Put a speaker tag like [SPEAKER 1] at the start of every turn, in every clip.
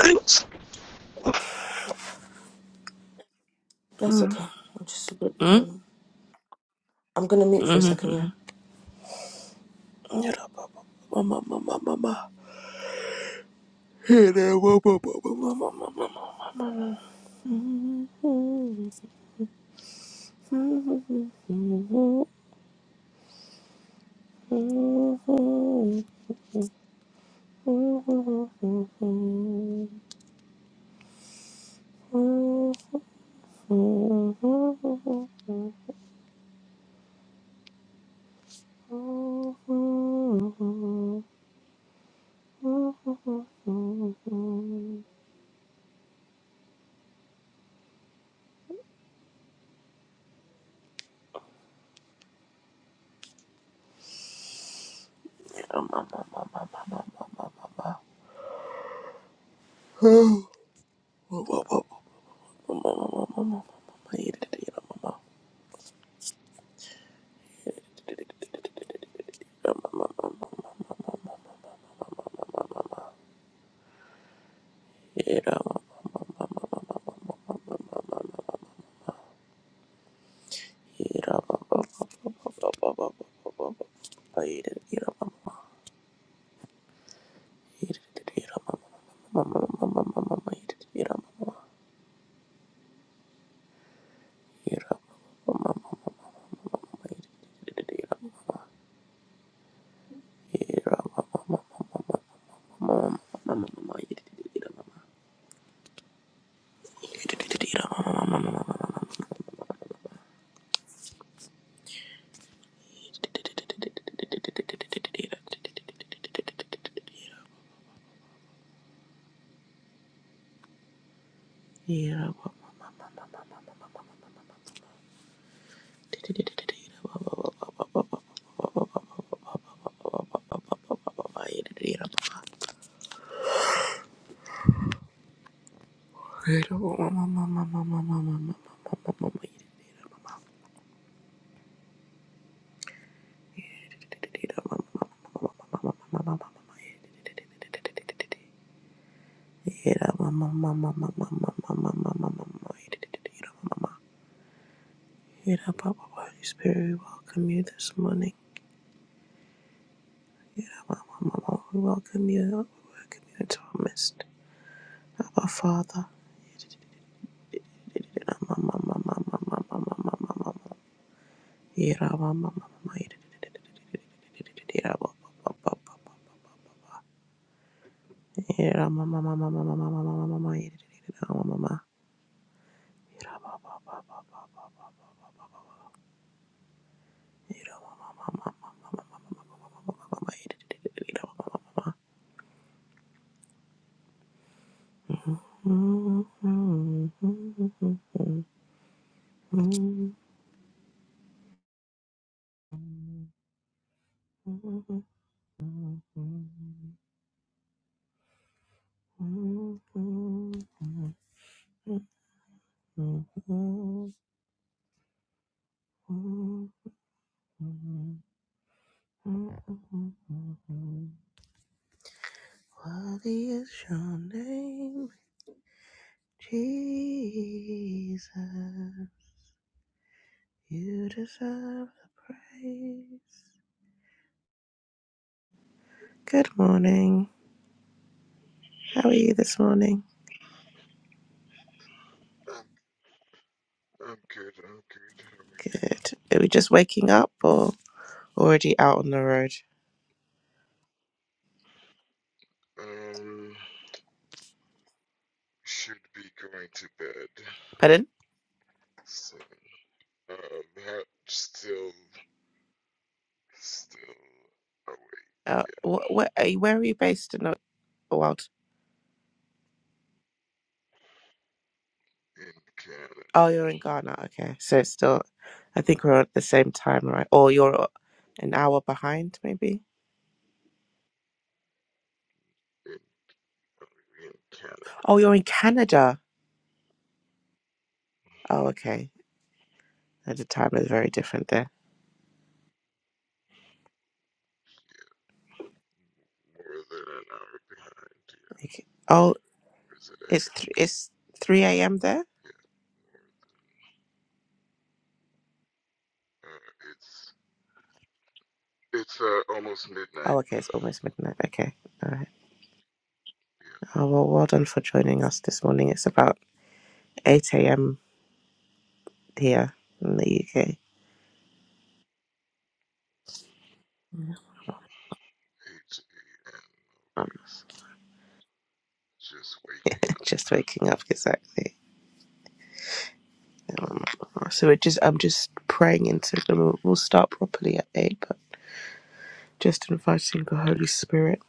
[SPEAKER 1] Mm,
[SPEAKER 2] That's okay. I'm just a bit.
[SPEAKER 1] mhm.
[SPEAKER 2] Um, I'm gonna mute for a second. Yeah.
[SPEAKER 1] Mama, mama, mama. Hey there, mama, mama, mama, mama. Holy Spirit, we welcome you this morning. We welcome you. We welcome you into our midst. Abba Father. Mm-hmm. Mm-mm-mm-mm. Worthy is your name, Jesus. You deserve the praise. Good morning. How are you this morning?
[SPEAKER 3] I'm good, I'm good.
[SPEAKER 1] Good. Are we just waking up or already out on the road?
[SPEAKER 3] How are you? Um, should be going to bed.
[SPEAKER 1] Pardon?
[SPEAKER 3] So, um, ha- still, still awake.
[SPEAKER 1] Uh, wh- where, are you, where are you based in the world?
[SPEAKER 3] Yeah, in Canada.
[SPEAKER 1] Oh, you're in Ghana. Okay. So it's still, I think we're at the same time, right? Or you're an hour behind, maybe?
[SPEAKER 3] In, oh, in Canada.
[SPEAKER 1] Oh, you're in Canada. Oh, okay. Uh, The time is very different there.
[SPEAKER 3] More than an hour behind. Yeah,
[SPEAKER 1] Okay. Oh,
[SPEAKER 3] or is it?
[SPEAKER 1] it's th- it's three a.m. there.
[SPEAKER 3] at? Yeah, more, uh, it's, it's, uh, almost midnight.
[SPEAKER 1] Oh, okay. It's almost midnight. Okay. All right.
[SPEAKER 3] Yeah,
[SPEAKER 1] Oh, well, well done for joining us this morning. It's about eight a.m. here in the UK. Yeah.
[SPEAKER 3] 8 a.m.
[SPEAKER 1] I'm
[SPEAKER 3] Okay, so just waking up.
[SPEAKER 1] just waking up exactly. Um, so we're just I'm just praying into them. We'll we'll start properly at eight, but just inviting the Holy Spirit.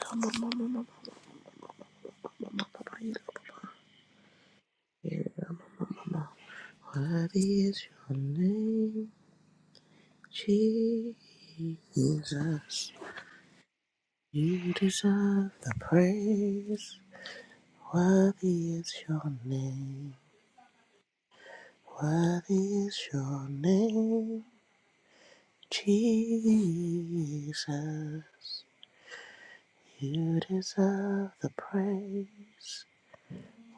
[SPEAKER 1] Come on, mama, mama, mama, mama, you know. Worthy is your name. Jesus, you deserve the praise. Worthy is your name. Worthy is your name. Jesus, you deserve the praise.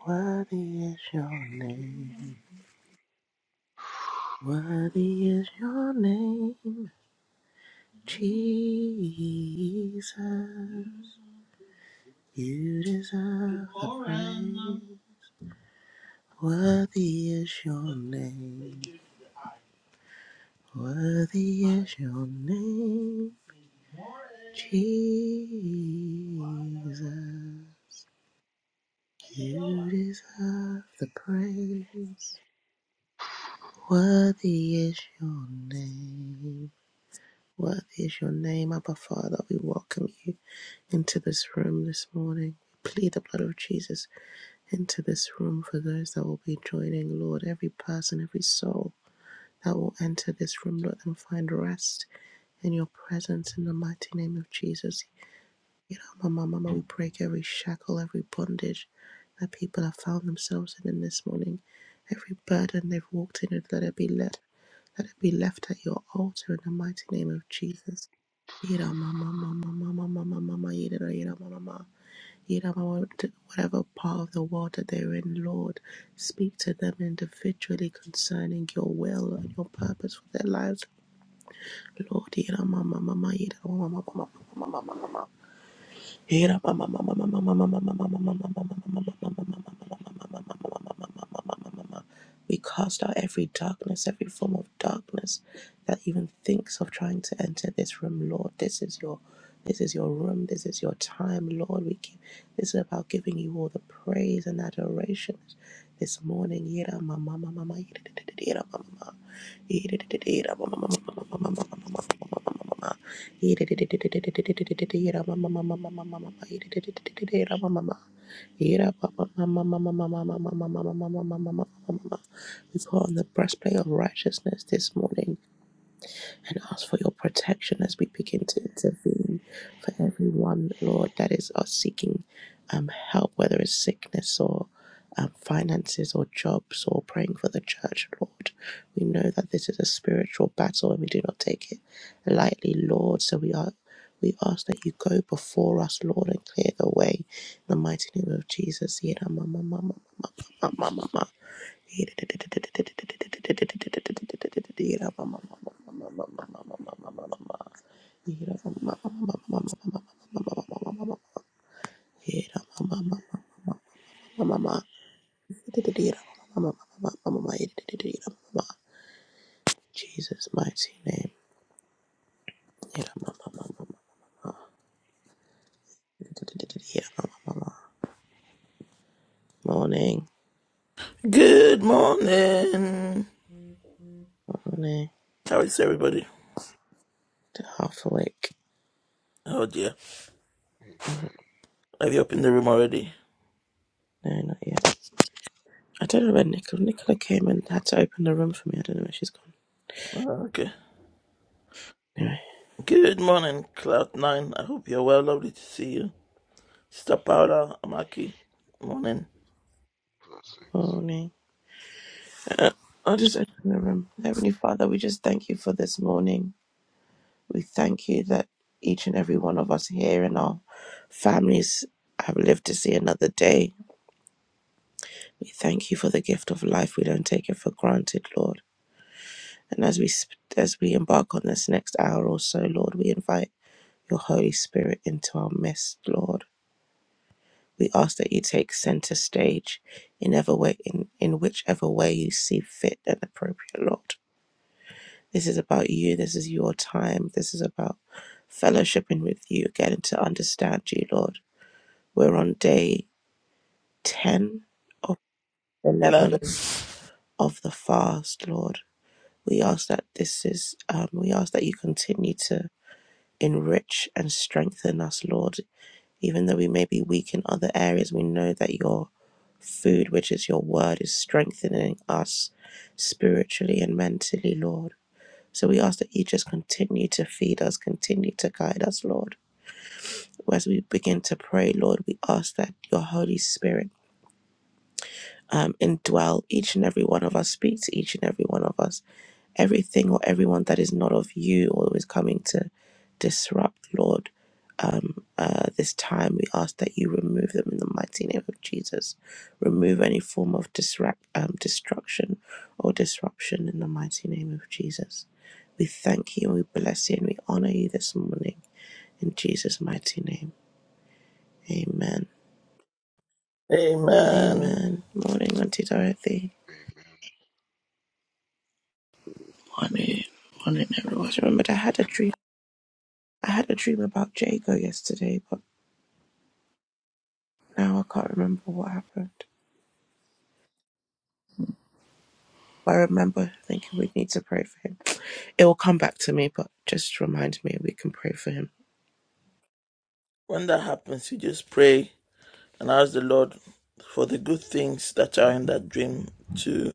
[SPEAKER 1] Worthy is your name. Worthy is your name. Jesus, you deserve the praise. Worthy is your name. Worthy is your name. Jesus. You deserve the praise. Worthy is your name. Worthy is your name, Abba Father. We welcome you into this room this morning. We plead the blood of Jesus into this room for those that will be joining, Lord. Every person, every soul that will enter this room, let them find rest in your presence in the mighty name of Jesus. Mama, mama, we break every shackle, every bondage that people have found themselves in, in this morning. Every burden they've walked in, let it be let, let it be left at your altar in the mighty name of Jesus. Yira, mama, mama, mama, mama, mama, yira, yira, mama, mama. Yira, mama, whatever part of the world that they're in, Lord, speak to them individually concerning your will and your purpose for their lives Lord, yera mama mama yera mama mama mama mama mama mama. We cast out every darkness, every form of darkness that even thinks of trying to enter this room, Lord. This is your this is your room. This is your time, Lord. We give, this is about giving you all the praise and adoration this morning. Yira ma ma ma ma ma, yira di di di di, yira ma ma ma. Yira di di di di, yira ma ma ma ma ma ma ma ma ma ma ma ma ma ma ma. We put on the breastplate of righteousness this morning and ask for your protection as we begin to intervene for everyone, Lord, that is uh, seeking um, help, whether it's sickness or um, finances or jobs or praying for the church, Lord. We know that this is a spiritual battle and we do not take it lightly, Lord. So we are. We ask that you go before us, Lord, and clear the way. In the mighty name of Jesus. Jesus' mighty name. Morning,
[SPEAKER 4] Good morning.
[SPEAKER 1] morning.
[SPEAKER 4] How is everybody?
[SPEAKER 1] Half awake.
[SPEAKER 4] Oh dear.
[SPEAKER 3] Amen.
[SPEAKER 4] Have you opened the room already?
[SPEAKER 1] No, not yet. I don't know where Nicola. Nicola came and had
[SPEAKER 3] Yeah,
[SPEAKER 1] to open the room for me. I don't know where she's gone.
[SPEAKER 4] Oh, okay.
[SPEAKER 1] Anyway,
[SPEAKER 4] Good morning, Cloud9. I hope you're well. Lovely to see you. Sister Paula Amaki. Morning.
[SPEAKER 3] blessings.
[SPEAKER 1] morning. Uh, I'll just open the room. Heavenly Father, we just thank you for this morning. We thank you that each and every one of us here and our families have lived to see another day. We thank you for the gift of life. We don't take it for granted, Lord. And as we sp- as we embark on this next hour or so, Lord, we invite your Holy Spirit into our midst, Lord. We ask that you take center stage in ever way in, in whichever way you see fit and appropriate, Lord. This is about you. This is your time. This is about fellowshipping with you, getting to understand you, Lord. We're on day 10 of
[SPEAKER 4] Eleven.
[SPEAKER 1] 11 of the fast, Lord. We ask that this is, um, we ask that you continue to enrich and strengthen us, Lord. Even though we may be weak in other areas, we know that your food, which is your word, is strengthening us spiritually and mentally, Lord. So we ask that you just continue to feed us, continue to guide us, Lord. As we begin to pray, Lord, we ask that your Holy Spirit um, indwell each and every one of us, speak to each and every one of us everything or everyone that is not of you or is coming to disrupt, Lord. Um, uh, this time we ask that you remove them in the mighty name of Jesus. Remove any form of disrupt, um, destruction or disruption in the mighty name of Jesus. We thank you and we bless you and we honor you this morning in Jesus' mighty name. Amen.
[SPEAKER 4] Amen.
[SPEAKER 1] Amen. Morning, Auntie Dorothy.
[SPEAKER 3] Amen.
[SPEAKER 5] Morning,
[SPEAKER 1] I
[SPEAKER 5] morning, everyone.
[SPEAKER 1] just remembered I had a dream. I had a dream about Jago yesterday, but. Now I can't remember what happened. I remember thinking we need to pray for him. It will come back to me, but just remind me we can pray for him.
[SPEAKER 4] When that happens, you just pray and ask the Lord for the good things that are in that dream to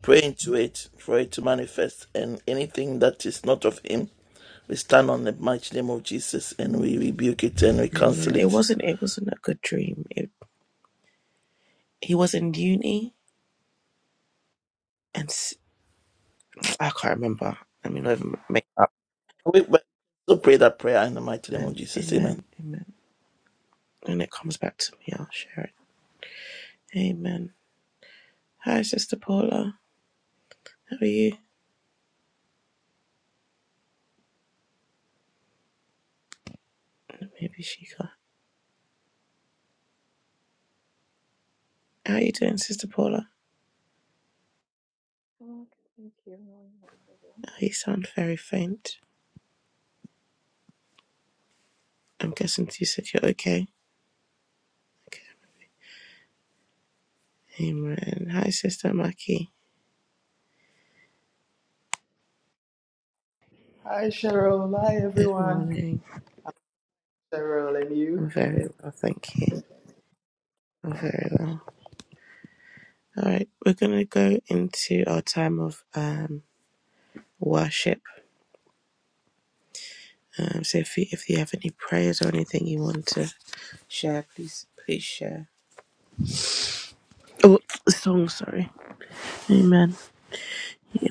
[SPEAKER 4] pray into it, for it to manifest, and anything that is not of Him. We stand on the mighty name of Jesus and we rebuke it and we
[SPEAKER 1] Amen.
[SPEAKER 4] cancel
[SPEAKER 1] It
[SPEAKER 4] it
[SPEAKER 1] wasn't. It wasn't a good dream. It, he was in uni, and s- I can't remember. I mean, not even make up.
[SPEAKER 4] We we also pray that prayer in the mighty name of
[SPEAKER 1] Amen.
[SPEAKER 4] Jesus. Amen.
[SPEAKER 1] Amen. Amen. When it comes back to me, I'll share it. Amen. Hi, Sister Paula. How are you? Maybe she can. How are you doing, Sister Paula?
[SPEAKER 6] God, thank you, Lord, for your love
[SPEAKER 1] Oh, you sound very faint. I'm guessing you said you're okay. Okay. Amen. Hi, Sister Maki.
[SPEAKER 7] Hi, Cheryl. Hi,
[SPEAKER 1] Good
[SPEAKER 7] everyone.
[SPEAKER 1] morning.
[SPEAKER 7] Cheryl and you.
[SPEAKER 1] I'm very well, thank you. I'm very well. All right, we're gonna go into our time of um, worship. Um, so if you if you have any prayers or anything you want to share, please please share. Oh, the song. Sorry. Amen. Yeah,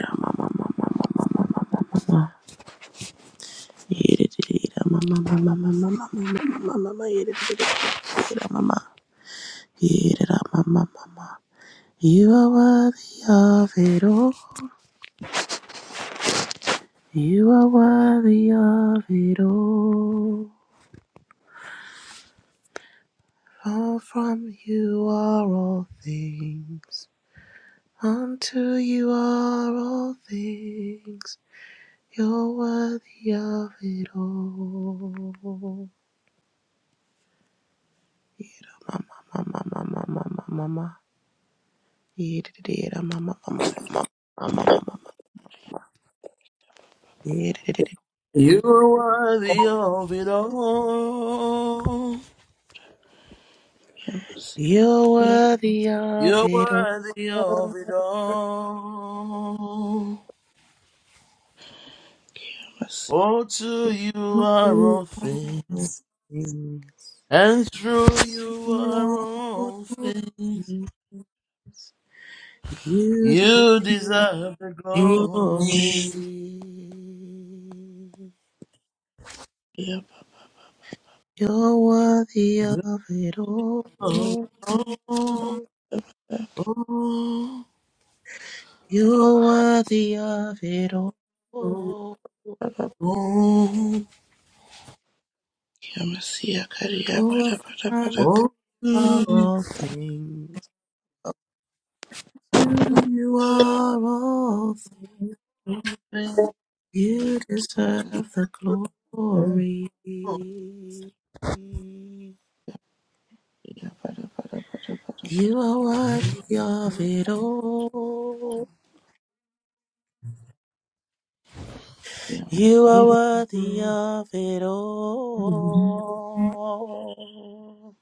[SPEAKER 1] mama. Yeah, da, da, da, da, mama, mama, mama, mama, mama, mama, yeah, da, da, da, da, da, da, mama. Yeah, da, da, mama, mama. You are worthy of it all. You are worthy of it all. For from you are all things, unto you are all things, you're worthy of it all. Yera mama mama mama mama mama. Yera yera mama mama mama mama mama mama. Yera yera yera.
[SPEAKER 4] You are worthy of it all.
[SPEAKER 5] Kiamasia,
[SPEAKER 1] You're worthy of
[SPEAKER 4] You're
[SPEAKER 1] it all.
[SPEAKER 4] worthy of it all. For to you are
[SPEAKER 1] You
[SPEAKER 4] all
[SPEAKER 1] are
[SPEAKER 4] things,
[SPEAKER 1] all things.
[SPEAKER 4] and through you
[SPEAKER 1] You
[SPEAKER 4] are
[SPEAKER 1] are all
[SPEAKER 4] all things.
[SPEAKER 1] things. You
[SPEAKER 4] You
[SPEAKER 1] do.
[SPEAKER 4] deserve the glory.
[SPEAKER 1] Glory,
[SPEAKER 5] Kiamasia,
[SPEAKER 1] you're worthy of it all.
[SPEAKER 4] Oh, oh, oh,
[SPEAKER 1] You're worthy of it all.
[SPEAKER 4] oh,
[SPEAKER 1] For
[SPEAKER 5] Parada,
[SPEAKER 4] oh,
[SPEAKER 5] Kiamasia, Karia, Parada, Parada,
[SPEAKER 1] from you
[SPEAKER 5] Parada,
[SPEAKER 4] oh,
[SPEAKER 1] are
[SPEAKER 4] to
[SPEAKER 1] all things. To you
[SPEAKER 4] you.
[SPEAKER 1] are all things.
[SPEAKER 4] Ye baba karaba
[SPEAKER 1] You deserve
[SPEAKER 5] Kiamasia,
[SPEAKER 1] the glory.
[SPEAKER 5] Parada, Parada, Parada, Parada,
[SPEAKER 1] You are worthy of
[SPEAKER 5] Parada,
[SPEAKER 1] it all. You are
[SPEAKER 5] Kiamasia,
[SPEAKER 1] worthy of it all.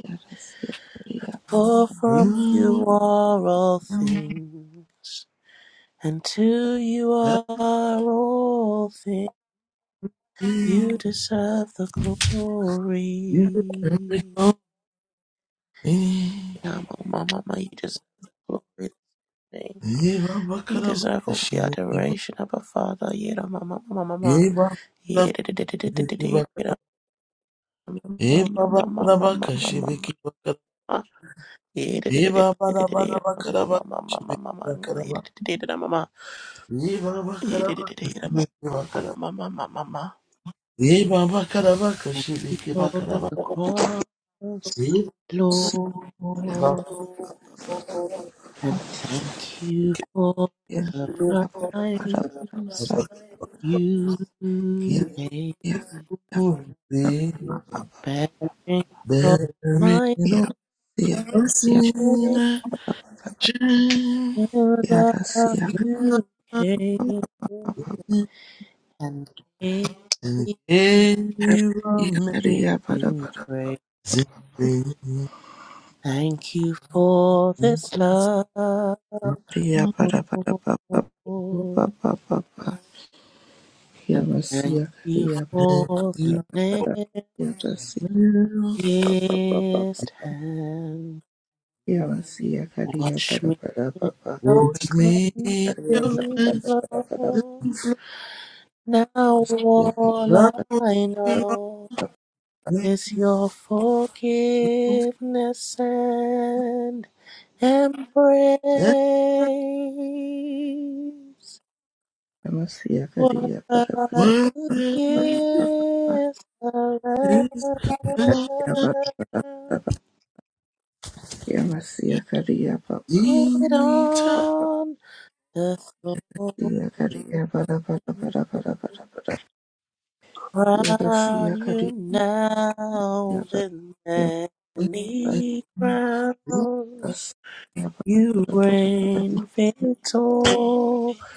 [SPEAKER 5] Kiamasia, Karia,
[SPEAKER 1] For from you are all things, and to you are all things. You deserve the glory. Now, Mama, Mama, you deserve the glory. today. You deserve all the
[SPEAKER 4] kaşibiki
[SPEAKER 1] adoration of our Father. Yera, Mama, Mama, Mama. Yera, Mama, Mama, Mama, Mama, Mama.
[SPEAKER 4] bakaraba.
[SPEAKER 1] Thank
[SPEAKER 4] Ye
[SPEAKER 1] you,
[SPEAKER 4] baba karaba kashibiki
[SPEAKER 1] Lord of the cross,
[SPEAKER 5] Parada,
[SPEAKER 1] Lord, and thank you for the
[SPEAKER 5] Kiamasia, Parada, Parada, Parada, Kiamasia, Karia, Kiamasia, Karia, Parada, Parada, Karia, Parada, Parada, Parada,
[SPEAKER 1] price
[SPEAKER 5] Parada, Parada,
[SPEAKER 1] you
[SPEAKER 5] Parada,
[SPEAKER 1] paid,
[SPEAKER 4] Holy Mary,
[SPEAKER 1] bearing of my
[SPEAKER 4] no mercy,
[SPEAKER 1] shame
[SPEAKER 4] I
[SPEAKER 1] of you came and gave
[SPEAKER 4] and
[SPEAKER 1] me.
[SPEAKER 4] gave amazing
[SPEAKER 1] Sing praise.
[SPEAKER 4] grace.
[SPEAKER 1] Thank you for
[SPEAKER 4] You
[SPEAKER 1] this love, Lord. And thank you
[SPEAKER 5] Kiamasia,
[SPEAKER 1] for the
[SPEAKER 5] Yabasi pa pa pa pa pa.
[SPEAKER 1] nearest hand.
[SPEAKER 5] Yabasi yakariya
[SPEAKER 1] Wash
[SPEAKER 5] para
[SPEAKER 1] me
[SPEAKER 5] para
[SPEAKER 1] in
[SPEAKER 5] pa pa.
[SPEAKER 1] your
[SPEAKER 4] will wash me in
[SPEAKER 5] Kariya
[SPEAKER 4] your
[SPEAKER 5] para
[SPEAKER 1] cleansing
[SPEAKER 5] para
[SPEAKER 4] cleansing
[SPEAKER 5] para para.
[SPEAKER 1] flow. Now all
[SPEAKER 5] Yakariya
[SPEAKER 4] flood.
[SPEAKER 1] I
[SPEAKER 4] And
[SPEAKER 1] know
[SPEAKER 5] pa.
[SPEAKER 1] is your
[SPEAKER 4] the
[SPEAKER 1] forgiveness and embrace.
[SPEAKER 5] Yabasi
[SPEAKER 1] What
[SPEAKER 5] yakariya para
[SPEAKER 1] a
[SPEAKER 5] para
[SPEAKER 4] word
[SPEAKER 5] pa pa pa pa pa.
[SPEAKER 1] gift of love.
[SPEAKER 4] is life.
[SPEAKER 5] Yabara pa. Yabasi
[SPEAKER 1] Get
[SPEAKER 5] yakariya pa pa.
[SPEAKER 1] on the
[SPEAKER 5] Yakariya
[SPEAKER 1] throne,
[SPEAKER 5] para Yabasi
[SPEAKER 1] crown you
[SPEAKER 5] yakariya para para para.
[SPEAKER 1] now
[SPEAKER 5] Yabara para Yabasi yakariya para para para para. Yabasi
[SPEAKER 1] with
[SPEAKER 4] we live,
[SPEAKER 1] many
[SPEAKER 4] we
[SPEAKER 1] crowns. You
[SPEAKER 4] live,
[SPEAKER 1] reign victorious.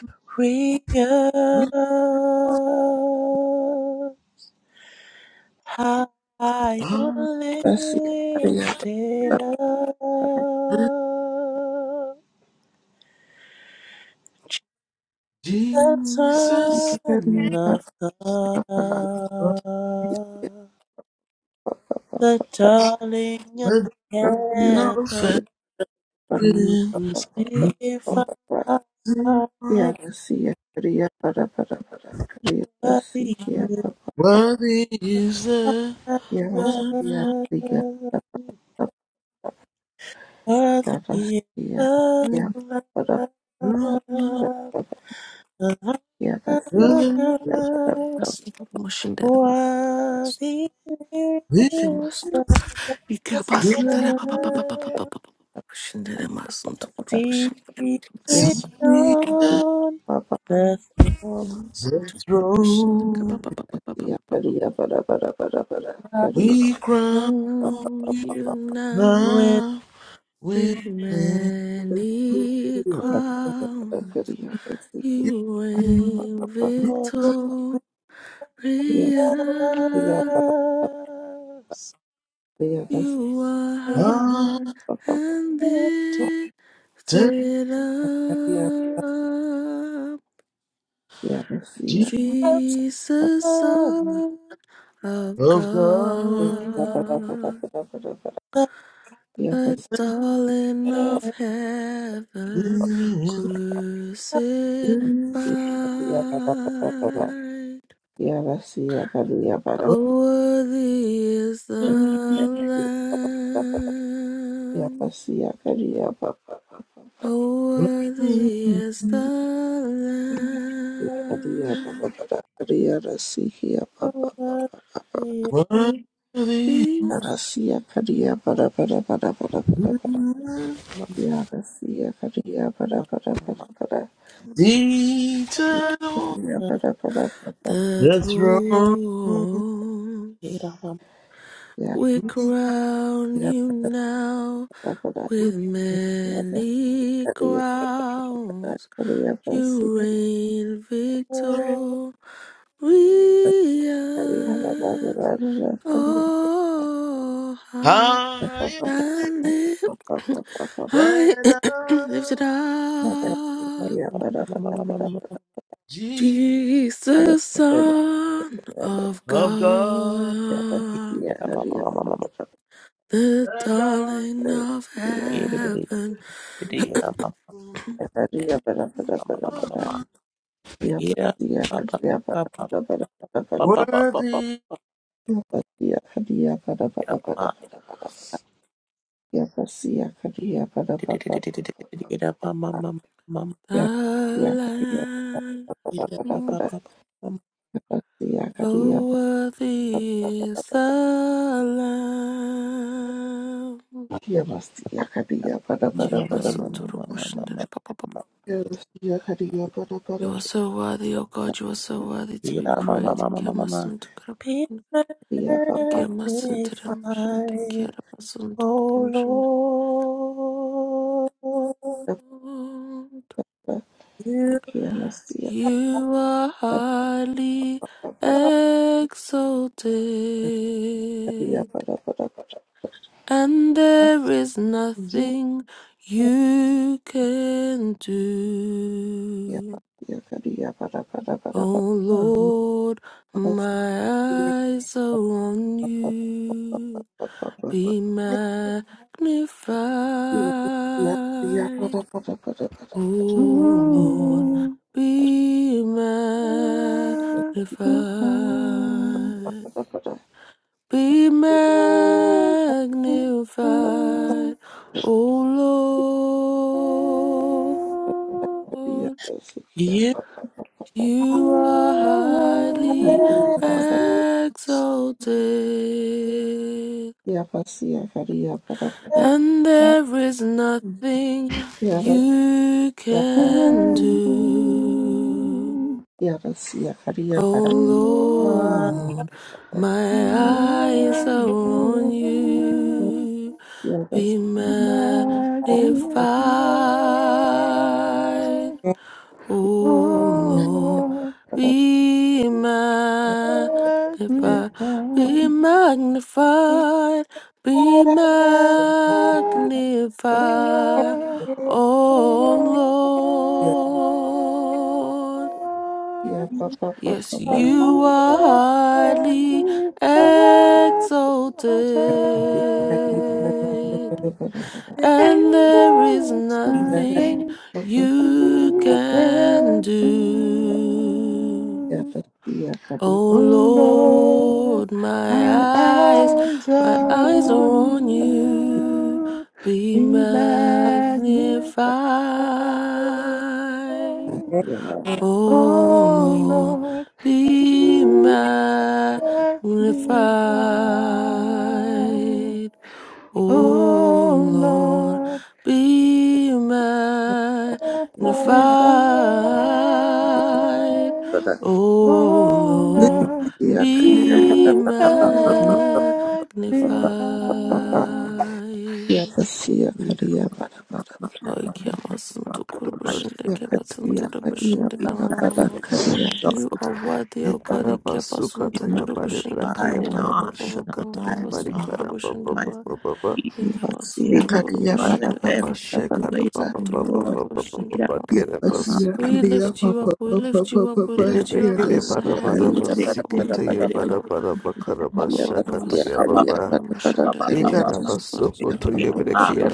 [SPEAKER 1] High
[SPEAKER 4] our
[SPEAKER 1] lifted up, the
[SPEAKER 4] Jesus,
[SPEAKER 1] Son of God,
[SPEAKER 4] of
[SPEAKER 1] the darling of
[SPEAKER 4] the garden of
[SPEAKER 1] heaven,
[SPEAKER 4] Eden,
[SPEAKER 1] crucified,
[SPEAKER 4] crucified,
[SPEAKER 5] Yarasia Kriya Para Para Para Kriya
[SPEAKER 1] worthy
[SPEAKER 5] Rasia
[SPEAKER 1] you
[SPEAKER 5] Papa
[SPEAKER 4] worthy is the
[SPEAKER 5] Yarasia
[SPEAKER 4] Lamb.
[SPEAKER 5] Kriya
[SPEAKER 1] are,
[SPEAKER 5] Papa Yarasia
[SPEAKER 1] worthy is
[SPEAKER 5] Kriya
[SPEAKER 1] the
[SPEAKER 5] Para
[SPEAKER 1] Lamb. Worthy
[SPEAKER 4] We
[SPEAKER 5] Yarasia Para Para
[SPEAKER 2] Basi promotion dada baba. Ike
[SPEAKER 1] is
[SPEAKER 2] masunto.
[SPEAKER 1] the
[SPEAKER 2] Ike
[SPEAKER 1] Lamb
[SPEAKER 2] masunto dada baba
[SPEAKER 4] will
[SPEAKER 2] baba baba baba. Promotion dada masunto kuru
[SPEAKER 5] Para
[SPEAKER 2] promotion. Ike
[SPEAKER 1] seated
[SPEAKER 4] see
[SPEAKER 5] Yarasia
[SPEAKER 4] the
[SPEAKER 1] on
[SPEAKER 5] Papa
[SPEAKER 1] the throne
[SPEAKER 2] masunto kuru promotion dada baba
[SPEAKER 4] throne,
[SPEAKER 2] baba baba baba.
[SPEAKER 5] Yarasia Para Para Para Para Kriya
[SPEAKER 4] we crown
[SPEAKER 2] Round
[SPEAKER 4] you
[SPEAKER 2] you now
[SPEAKER 1] with
[SPEAKER 4] now with
[SPEAKER 2] with many
[SPEAKER 5] Kriya Para Para
[SPEAKER 2] crown.
[SPEAKER 5] Kriya Rasia Yarasia Para Yarasia Papa Yarasia Yarasia Para Para Para
[SPEAKER 2] You
[SPEAKER 4] you.
[SPEAKER 2] ain't
[SPEAKER 4] It's
[SPEAKER 1] us.
[SPEAKER 2] victorious.
[SPEAKER 4] Protecting
[SPEAKER 2] You are
[SPEAKER 1] I
[SPEAKER 2] high and
[SPEAKER 1] lifted
[SPEAKER 2] lifted up,
[SPEAKER 1] up some
[SPEAKER 2] Jesus,
[SPEAKER 1] of
[SPEAKER 2] Son of
[SPEAKER 4] of God
[SPEAKER 2] God,
[SPEAKER 5] Para Para
[SPEAKER 1] the
[SPEAKER 2] the
[SPEAKER 5] Yavasia
[SPEAKER 2] darling of
[SPEAKER 1] heavens.
[SPEAKER 2] heaven,
[SPEAKER 4] in
[SPEAKER 2] crucified.
[SPEAKER 4] this
[SPEAKER 5] Kriya Para Yarasia Yabasiya Kariya Bada
[SPEAKER 4] world.
[SPEAKER 2] Oh, worthy is the Lamb.
[SPEAKER 5] Yabasiya Kariya Baba
[SPEAKER 2] How worthy is the
[SPEAKER 1] worthy,
[SPEAKER 5] Kariya Baba
[SPEAKER 2] Lamb
[SPEAKER 5] Kariya Rasiya Baba
[SPEAKER 1] is
[SPEAKER 2] who
[SPEAKER 4] worthy
[SPEAKER 2] becomes
[SPEAKER 5] Rasiya Kariya Bada Kadia Rasikia Papa Rasia Kadia Bada Bada Bada Bada Bada Yabasiya Kariya Bada
[SPEAKER 1] the
[SPEAKER 5] Yavasia Kadia
[SPEAKER 4] is eternal
[SPEAKER 1] Lamb.
[SPEAKER 5] Bada Bada Bada Kariya Bada Kadia Bada Bada
[SPEAKER 2] the
[SPEAKER 4] the throne
[SPEAKER 2] throne.
[SPEAKER 1] Mama,
[SPEAKER 5] Ya
[SPEAKER 2] We crown
[SPEAKER 5] Ya
[SPEAKER 2] you now
[SPEAKER 5] Bada
[SPEAKER 4] with
[SPEAKER 2] with
[SPEAKER 4] the
[SPEAKER 5] Bada
[SPEAKER 2] many
[SPEAKER 5] Yabasiya Bada
[SPEAKER 2] crowns.
[SPEAKER 5] Kariya Basi
[SPEAKER 2] You reign victorious.
[SPEAKER 5] Kariya Bada Bada Bada Kariya
[SPEAKER 2] Oh,
[SPEAKER 4] high
[SPEAKER 5] Baba
[SPEAKER 4] and
[SPEAKER 2] And lift,
[SPEAKER 5] Baba Baba Baba
[SPEAKER 2] I
[SPEAKER 4] lifted
[SPEAKER 2] lift it
[SPEAKER 4] up
[SPEAKER 2] up.
[SPEAKER 5] Bada Bada Bada
[SPEAKER 4] G
[SPEAKER 2] Jesus,
[SPEAKER 5] Bada
[SPEAKER 2] Son of
[SPEAKER 4] of God
[SPEAKER 5] Yeah,
[SPEAKER 2] God, the
[SPEAKER 4] the
[SPEAKER 2] darling of
[SPEAKER 4] Diamond.
[SPEAKER 2] heaven,
[SPEAKER 4] worthy
[SPEAKER 2] the Lamb. Oh, worthy is the Lamb. Yeah, awesome, doodle motion, You are so worthy, O God, you are so worthy to be praised.
[SPEAKER 1] Peter, magnify Oh Lord, you
[SPEAKER 2] You are highly
[SPEAKER 1] are,
[SPEAKER 2] exalted, and there is
[SPEAKER 1] you
[SPEAKER 2] nothing
[SPEAKER 1] are
[SPEAKER 2] you can
[SPEAKER 5] Yeah,
[SPEAKER 2] do. Oh Lord, my eyes are on you. Be
[SPEAKER 1] mighty.
[SPEAKER 2] magnified. O Lord,
[SPEAKER 8] Magnificat,
[SPEAKER 2] be magnified.
[SPEAKER 5] Iya
[SPEAKER 2] Be magnified. O Lord.
[SPEAKER 5] kariya
[SPEAKER 1] You
[SPEAKER 5] para,
[SPEAKER 1] are
[SPEAKER 2] You are highly
[SPEAKER 1] excellent.
[SPEAKER 2] exalted,
[SPEAKER 5] iya pasi
[SPEAKER 2] and there is nothing you can do. Oh
[SPEAKER 1] My
[SPEAKER 2] Lord, my eyes are on
[SPEAKER 1] Lord,
[SPEAKER 2] you. Be
[SPEAKER 1] you
[SPEAKER 2] magnified. O
[SPEAKER 8] O
[SPEAKER 2] Lord,
[SPEAKER 8] Lord,
[SPEAKER 2] be magnified, be magnified, be
[SPEAKER 8] magnify. Nothing
[SPEAKER 2] magnified,
[SPEAKER 8] you can
[SPEAKER 2] O Lord. Yes, you are highly exalted and there is nothing you can
[SPEAKER 8] do.
[SPEAKER 2] do. Oh
[SPEAKER 8] Oh Lord,
[SPEAKER 2] Lord,
[SPEAKER 8] my
[SPEAKER 2] my eyes,
[SPEAKER 8] eyes
[SPEAKER 2] my
[SPEAKER 8] are
[SPEAKER 2] eyes are
[SPEAKER 8] on
[SPEAKER 2] on you.
[SPEAKER 8] you.
[SPEAKER 2] Be
[SPEAKER 8] Be
[SPEAKER 2] magnified.
[SPEAKER 8] magnified
[SPEAKER 2] Oh
[SPEAKER 8] Oh
[SPEAKER 2] Lord,
[SPEAKER 8] Lord,
[SPEAKER 2] be
[SPEAKER 8] who hath been thine?
[SPEAKER 2] magnified. O
[SPEAKER 8] Oh
[SPEAKER 2] Lord,
[SPEAKER 8] Lord,
[SPEAKER 2] be magnified.
[SPEAKER 8] hath been thine?
[SPEAKER 2] O
[SPEAKER 8] Oh
[SPEAKER 2] Lord,
[SPEAKER 8] Lord,
[SPEAKER 2] be
[SPEAKER 8] you
[SPEAKER 2] magnified.
[SPEAKER 8] hath been thine.
[SPEAKER 5] iya kariya para
[SPEAKER 2] Ay ki amasın, dokur başında,
[SPEAKER 1] are
[SPEAKER 2] kebatın,
[SPEAKER 8] Karabashikataya
[SPEAKER 5] Yakaria
[SPEAKER 2] dura
[SPEAKER 5] karia
[SPEAKER 1] be
[SPEAKER 5] para para
[SPEAKER 8] barakaya
[SPEAKER 2] başında,
[SPEAKER 1] magnified, be
[SPEAKER 8] baba.
[SPEAKER 5] karia
[SPEAKER 2] you
[SPEAKER 1] exalted,
[SPEAKER 2] are worthy, O God.
[SPEAKER 1] Lord,
[SPEAKER 2] Ike
[SPEAKER 1] be
[SPEAKER 2] basundu
[SPEAKER 8] Ekarabasukataya
[SPEAKER 2] kuru
[SPEAKER 8] barebrakaya
[SPEAKER 1] magnified
[SPEAKER 2] baba
[SPEAKER 1] in
[SPEAKER 2] baba
[SPEAKER 1] our eyes,
[SPEAKER 2] baba
[SPEAKER 1] in our
[SPEAKER 2] baba
[SPEAKER 8] barabashakataya
[SPEAKER 1] lives, in
[SPEAKER 2] basundu
[SPEAKER 1] our
[SPEAKER 2] kuru
[SPEAKER 1] hearts, mighty
[SPEAKER 2] baba.
[SPEAKER 1] name.
[SPEAKER 8] barikarababa.
[SPEAKER 1] Be
[SPEAKER 2] Ike
[SPEAKER 1] be
[SPEAKER 5] kasia
[SPEAKER 2] basundu kuru
[SPEAKER 5] karia
[SPEAKER 1] magnified
[SPEAKER 5] para
[SPEAKER 1] in
[SPEAKER 8] Ekara bara
[SPEAKER 5] para
[SPEAKER 2] baba
[SPEAKER 1] every
[SPEAKER 5] para
[SPEAKER 2] baba
[SPEAKER 8] bara
[SPEAKER 1] situation,
[SPEAKER 8] bara
[SPEAKER 5] para
[SPEAKER 2] basundu kuru
[SPEAKER 1] Lord.
[SPEAKER 8] bara
[SPEAKER 1] Get up,
[SPEAKER 2] baba.
[SPEAKER 1] mama,
[SPEAKER 5] yakasia
[SPEAKER 1] mama,
[SPEAKER 2] We
[SPEAKER 5] karia
[SPEAKER 2] lift you
[SPEAKER 5] papa
[SPEAKER 2] up. We
[SPEAKER 5] papa
[SPEAKER 2] lift
[SPEAKER 5] papa
[SPEAKER 2] you up. We
[SPEAKER 5] papa
[SPEAKER 2] lift you up
[SPEAKER 1] mama.
[SPEAKER 2] in
[SPEAKER 5] yakasia
[SPEAKER 1] Get
[SPEAKER 2] heaven.
[SPEAKER 1] it, get
[SPEAKER 5] karia
[SPEAKER 2] Ike
[SPEAKER 1] it,
[SPEAKER 5] para
[SPEAKER 2] baba
[SPEAKER 1] get
[SPEAKER 5] para
[SPEAKER 1] it,
[SPEAKER 2] baba
[SPEAKER 1] get it, get it,
[SPEAKER 5] para
[SPEAKER 2] baba
[SPEAKER 1] get
[SPEAKER 5] para
[SPEAKER 1] it,
[SPEAKER 2] baba
[SPEAKER 1] get it,
[SPEAKER 2] Ike baba
[SPEAKER 5] yakasia
[SPEAKER 1] ba, ba,
[SPEAKER 2] basundu
[SPEAKER 5] karia
[SPEAKER 2] kuru
[SPEAKER 5] para para
[SPEAKER 1] ba, ba, ba,
[SPEAKER 2] bushindika
[SPEAKER 1] ba,
[SPEAKER 5] karia
[SPEAKER 1] ba.
[SPEAKER 2] baba baba
[SPEAKER 5] kasia
[SPEAKER 2] basundu
[SPEAKER 1] Get up,
[SPEAKER 2] kuru
[SPEAKER 1] ma.
[SPEAKER 5] papa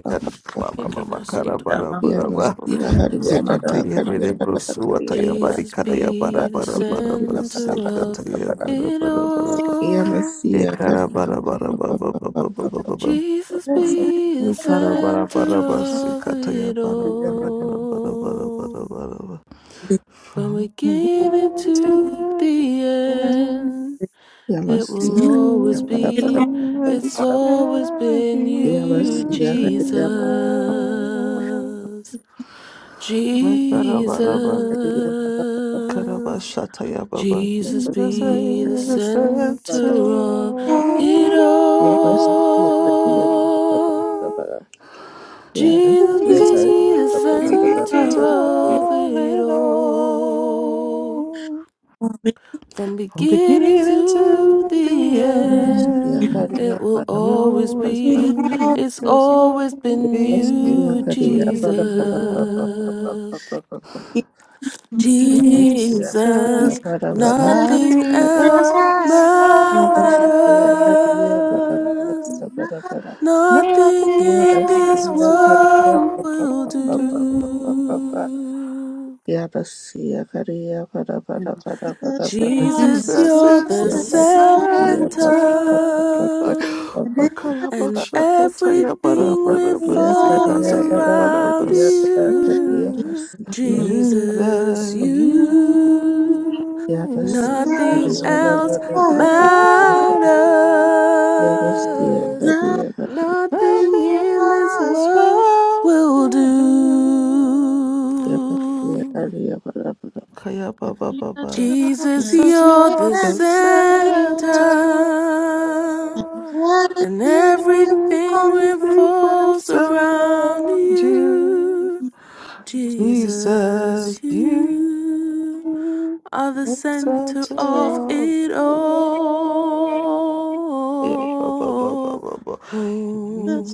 [SPEAKER 5] papa papa
[SPEAKER 2] Ike
[SPEAKER 1] Get
[SPEAKER 2] basundu
[SPEAKER 1] up,
[SPEAKER 8] bara
[SPEAKER 2] kuru
[SPEAKER 1] ma,
[SPEAKER 5] yakasia
[SPEAKER 1] ma,
[SPEAKER 5] karia
[SPEAKER 2] baba.
[SPEAKER 1] ma,
[SPEAKER 5] para
[SPEAKER 1] ma, ma, ma.
[SPEAKER 5] karia para karia para karia
[SPEAKER 2] Jesus be
[SPEAKER 5] para
[SPEAKER 2] the
[SPEAKER 1] Get it, get it, get it. Be- be-
[SPEAKER 5] para
[SPEAKER 2] center
[SPEAKER 5] para
[SPEAKER 2] of
[SPEAKER 5] para
[SPEAKER 2] it all.
[SPEAKER 5] yakasia karia papa papa
[SPEAKER 8] bara
[SPEAKER 5] papa
[SPEAKER 8] bara
[SPEAKER 2] Jesus be the
[SPEAKER 8] Ikara bara
[SPEAKER 2] center
[SPEAKER 8] bara basi
[SPEAKER 2] of
[SPEAKER 8] kata ya
[SPEAKER 2] it
[SPEAKER 8] bara
[SPEAKER 5] papa
[SPEAKER 8] bara bara bara bara bara
[SPEAKER 2] all.
[SPEAKER 8] bara bara.
[SPEAKER 2] From
[SPEAKER 8] From here
[SPEAKER 2] beginning
[SPEAKER 8] to there,
[SPEAKER 1] be-
[SPEAKER 2] to the
[SPEAKER 1] be-
[SPEAKER 2] end, it will
[SPEAKER 5] Yamasiya
[SPEAKER 1] be-
[SPEAKER 5] Kariya
[SPEAKER 2] always
[SPEAKER 8] you
[SPEAKER 5] Para Para
[SPEAKER 2] be,
[SPEAKER 8] will
[SPEAKER 2] it's
[SPEAKER 1] kind.
[SPEAKER 5] Para
[SPEAKER 2] always
[SPEAKER 8] never
[SPEAKER 2] been
[SPEAKER 8] give you
[SPEAKER 2] you,
[SPEAKER 5] Yamasiya
[SPEAKER 2] Jesus.
[SPEAKER 5] Kariya Para Para
[SPEAKER 8] Jesus. Ikara bara bara,
[SPEAKER 5] Kariya Para
[SPEAKER 8] ikara
[SPEAKER 2] Jesus.
[SPEAKER 8] bashata ya baba.
[SPEAKER 2] Jesus
[SPEAKER 5] Para
[SPEAKER 8] Jesus is
[SPEAKER 2] be the
[SPEAKER 8] the
[SPEAKER 5] Para
[SPEAKER 8] center
[SPEAKER 2] center of
[SPEAKER 8] of
[SPEAKER 2] it
[SPEAKER 8] it
[SPEAKER 1] be- kind.
[SPEAKER 5] Yamasiya Kariya Para Para
[SPEAKER 2] all.
[SPEAKER 8] all.
[SPEAKER 5] Para
[SPEAKER 2] Jesus
[SPEAKER 5] Yamasiya
[SPEAKER 8] Jesus
[SPEAKER 5] Kariya
[SPEAKER 2] be
[SPEAKER 1] Thank
[SPEAKER 2] the
[SPEAKER 5] Para
[SPEAKER 8] is into
[SPEAKER 5] Para
[SPEAKER 2] center
[SPEAKER 5] Para
[SPEAKER 2] of
[SPEAKER 8] all
[SPEAKER 2] it
[SPEAKER 8] in
[SPEAKER 2] all.
[SPEAKER 8] all.
[SPEAKER 2] From
[SPEAKER 8] From
[SPEAKER 2] beginning
[SPEAKER 8] beginning
[SPEAKER 2] to
[SPEAKER 8] to the
[SPEAKER 2] the end,
[SPEAKER 5] Yamasiya
[SPEAKER 8] end,
[SPEAKER 5] Kariya
[SPEAKER 2] it
[SPEAKER 5] Para Para Para Yamasiya Kariya Para Para Para Yamasiya Kariya
[SPEAKER 2] will
[SPEAKER 5] Para
[SPEAKER 8] you'll
[SPEAKER 2] always
[SPEAKER 8] always
[SPEAKER 5] Para
[SPEAKER 2] be,
[SPEAKER 5] Para
[SPEAKER 8] be
[SPEAKER 2] it's
[SPEAKER 8] this
[SPEAKER 2] always
[SPEAKER 8] love
[SPEAKER 2] been
[SPEAKER 8] in
[SPEAKER 2] you,
[SPEAKER 5] Yamasiya
[SPEAKER 8] you,
[SPEAKER 5] Kariya
[SPEAKER 8] Jesus.
[SPEAKER 2] Jesus.
[SPEAKER 8] Jesus,
[SPEAKER 2] Jesus,
[SPEAKER 8] there's
[SPEAKER 2] nothing
[SPEAKER 8] nothing
[SPEAKER 2] else
[SPEAKER 8] else matters.
[SPEAKER 2] matters.
[SPEAKER 5] Para Para Para
[SPEAKER 2] Nothing
[SPEAKER 8] Nothing
[SPEAKER 2] in
[SPEAKER 8] in
[SPEAKER 2] this
[SPEAKER 5] Yarasia
[SPEAKER 8] this
[SPEAKER 5] kariya
[SPEAKER 2] world
[SPEAKER 8] world
[SPEAKER 5] para
[SPEAKER 2] will
[SPEAKER 5] para
[SPEAKER 8] will
[SPEAKER 5] para para
[SPEAKER 8] do.
[SPEAKER 5] para
[SPEAKER 2] do.
[SPEAKER 5] Yarasia kariya para para para para para
[SPEAKER 2] Jesus,
[SPEAKER 8] Jesus
[SPEAKER 2] you're
[SPEAKER 8] is
[SPEAKER 2] the
[SPEAKER 8] the
[SPEAKER 5] Yarasia
[SPEAKER 2] center,
[SPEAKER 5] para
[SPEAKER 8] center.
[SPEAKER 5] para
[SPEAKER 8] Like,
[SPEAKER 5] para para
[SPEAKER 8] Bakaya
[SPEAKER 2] and
[SPEAKER 8] bakshaka taya bara
[SPEAKER 2] everything
[SPEAKER 5] para
[SPEAKER 8] bara
[SPEAKER 5] Yarasia
[SPEAKER 8] basika
[SPEAKER 2] revolves
[SPEAKER 5] kariya
[SPEAKER 8] taya
[SPEAKER 5] para
[SPEAKER 8] bara
[SPEAKER 2] around
[SPEAKER 5] kariya
[SPEAKER 8] bas.
[SPEAKER 5] para
[SPEAKER 2] you.
[SPEAKER 5] kariya pasia
[SPEAKER 2] Jesus,
[SPEAKER 8] Without you,
[SPEAKER 2] you.
[SPEAKER 8] I-
[SPEAKER 5] Yarasia
[SPEAKER 2] Nothing
[SPEAKER 5] kariya para
[SPEAKER 2] else
[SPEAKER 5] para para Yarasia
[SPEAKER 2] matters.
[SPEAKER 5] kariya kariya
[SPEAKER 2] Nothing
[SPEAKER 8] nothing
[SPEAKER 2] in this
[SPEAKER 1] you.
[SPEAKER 8] is
[SPEAKER 2] world
[SPEAKER 8] found
[SPEAKER 2] will
[SPEAKER 8] to do.
[SPEAKER 5] pasia
[SPEAKER 2] do.
[SPEAKER 5] kariya para para
[SPEAKER 8] Kaya ba ba ba
[SPEAKER 1] Jesus
[SPEAKER 8] ba.
[SPEAKER 1] took
[SPEAKER 2] Jesus,
[SPEAKER 1] the
[SPEAKER 8] Since
[SPEAKER 2] you're
[SPEAKER 1] center
[SPEAKER 8] you're
[SPEAKER 2] the
[SPEAKER 8] the
[SPEAKER 2] center,
[SPEAKER 8] center,
[SPEAKER 1] and
[SPEAKER 2] and
[SPEAKER 1] everything
[SPEAKER 2] everything
[SPEAKER 8] everything before
[SPEAKER 2] revolves around
[SPEAKER 8] surround you.
[SPEAKER 2] you. Jesus,
[SPEAKER 8] Jesus, you
[SPEAKER 2] you are the
[SPEAKER 8] the
[SPEAKER 2] center
[SPEAKER 8] center
[SPEAKER 2] of
[SPEAKER 8] of
[SPEAKER 2] it
[SPEAKER 8] all. Kaya ba ba ba ba
[SPEAKER 2] all.
[SPEAKER 8] ba ba.
[SPEAKER 2] Oh,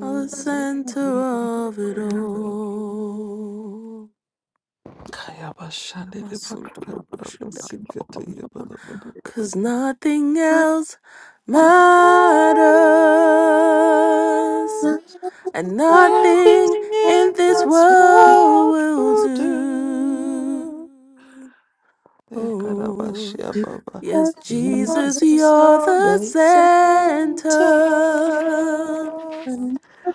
[SPEAKER 2] are the center of it all.
[SPEAKER 8] Kaya ba shande de ba kara ba da ba singa ta ya ba da ba da ba.
[SPEAKER 2] Because nothing else
[SPEAKER 8] Nothing
[SPEAKER 2] matters, and nothing
[SPEAKER 8] in
[SPEAKER 2] in this
[SPEAKER 8] this
[SPEAKER 2] world
[SPEAKER 8] world
[SPEAKER 2] will
[SPEAKER 8] will
[SPEAKER 2] do.
[SPEAKER 8] do.
[SPEAKER 2] Oh,
[SPEAKER 8] Ekarabashia Baba.
[SPEAKER 2] yes, Jesus,
[SPEAKER 8] Jesus,
[SPEAKER 2] you're
[SPEAKER 8] you're
[SPEAKER 2] the
[SPEAKER 8] the center.
[SPEAKER 2] center,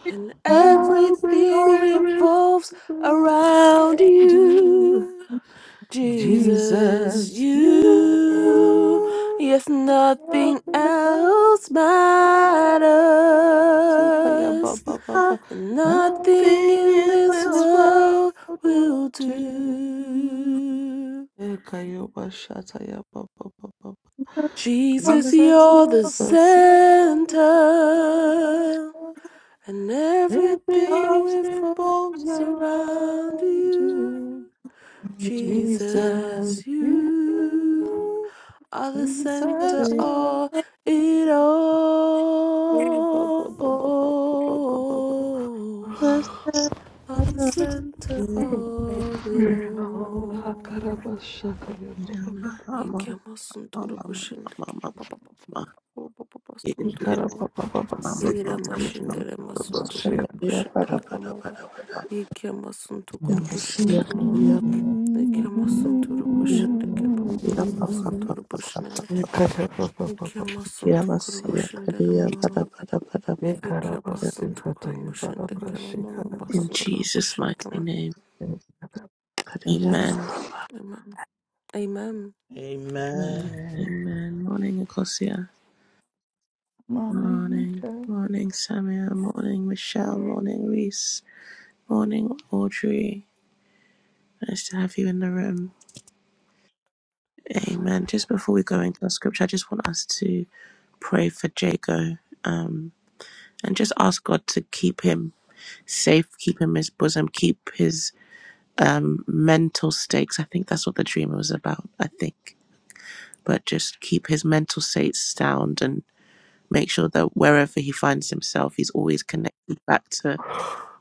[SPEAKER 2] and everything
[SPEAKER 8] Everything
[SPEAKER 2] revolves
[SPEAKER 8] around
[SPEAKER 2] around
[SPEAKER 8] do,
[SPEAKER 2] you. Jesus,
[SPEAKER 8] Jesus,
[SPEAKER 2] you,
[SPEAKER 8] you
[SPEAKER 2] yes,
[SPEAKER 8] are
[SPEAKER 2] nothing
[SPEAKER 8] the
[SPEAKER 2] else
[SPEAKER 8] Nothing
[SPEAKER 2] matters, and nothing in
[SPEAKER 8] in
[SPEAKER 2] this
[SPEAKER 1] falls
[SPEAKER 8] this world
[SPEAKER 2] world
[SPEAKER 8] will
[SPEAKER 2] will
[SPEAKER 8] do.
[SPEAKER 2] do.
[SPEAKER 8] Ekayoba shataya ba ba
[SPEAKER 2] Jesus,
[SPEAKER 8] Jesus,
[SPEAKER 2] you're the
[SPEAKER 8] you're the center.
[SPEAKER 2] center, and everything
[SPEAKER 8] Everything revolves
[SPEAKER 2] revolves around
[SPEAKER 8] around
[SPEAKER 2] you.
[SPEAKER 8] you. Jesus,
[SPEAKER 2] Jesus,
[SPEAKER 8] you
[SPEAKER 2] you are the
[SPEAKER 8] the
[SPEAKER 2] center
[SPEAKER 8] center.
[SPEAKER 2] of it
[SPEAKER 8] Ekayoba ba ba
[SPEAKER 2] all. Are the center of it
[SPEAKER 8] Oh,
[SPEAKER 2] all.
[SPEAKER 8] akaraba shakaya ba
[SPEAKER 2] Ikiamo sunturubushinde.
[SPEAKER 8] Ikara
[SPEAKER 2] Obobobosunturuma
[SPEAKER 8] papa papa
[SPEAKER 2] iyira
[SPEAKER 8] sekatami
[SPEAKER 2] masindere
[SPEAKER 8] papa
[SPEAKER 5] pasia
[SPEAKER 8] shira.
[SPEAKER 2] masuntukuru
[SPEAKER 5] kariya para
[SPEAKER 2] bushindaka
[SPEAKER 5] para
[SPEAKER 2] mama
[SPEAKER 5] para para
[SPEAKER 2] iki amasuntukuru
[SPEAKER 5] Yarasia
[SPEAKER 2] bushindaka mama
[SPEAKER 5] kariya
[SPEAKER 2] iki amasunturu bushindaka
[SPEAKER 5] Ya pa pa pa
[SPEAKER 2] bobobobosunturu
[SPEAKER 5] pa pa pa.
[SPEAKER 2] bushindaka
[SPEAKER 8] Ikara papa
[SPEAKER 2] iki
[SPEAKER 8] papa.
[SPEAKER 5] Ya
[SPEAKER 2] amasuntukuru
[SPEAKER 5] masiya
[SPEAKER 2] bushindere
[SPEAKER 5] kariya pa
[SPEAKER 2] mama
[SPEAKER 5] da pa da pa da pa da.
[SPEAKER 2] iki
[SPEAKER 8] Ikara
[SPEAKER 5] Ya
[SPEAKER 8] basikata
[SPEAKER 2] abasuntukuru
[SPEAKER 8] yabara
[SPEAKER 2] mushindaka mama
[SPEAKER 8] brashika na
[SPEAKER 1] In
[SPEAKER 8] papa.
[SPEAKER 2] masunturu
[SPEAKER 1] Jesus'
[SPEAKER 2] bushindaka
[SPEAKER 1] mighty
[SPEAKER 2] mama
[SPEAKER 1] name.
[SPEAKER 5] kariya pa
[SPEAKER 1] Amen.
[SPEAKER 2] amen amen
[SPEAKER 1] Amen.
[SPEAKER 4] Amen.
[SPEAKER 1] Amen. Morning, Ecosia.
[SPEAKER 8] Mane
[SPEAKER 1] Morning.
[SPEAKER 8] hingsha.
[SPEAKER 1] Morning, Samuel. Morning, Michelle. Morning, Reese. Morning, Audrey. Nice to have you in the room. Amen. Just before we go into our scripture, I just want us to pray for Jago um, and just ask God to keep him safe, keep him in his bosom, keep his um, mental stakes. I think that's what the dream was about, I think. But just keep his mental states sound and make sure that wherever he finds himself, he's always connected back to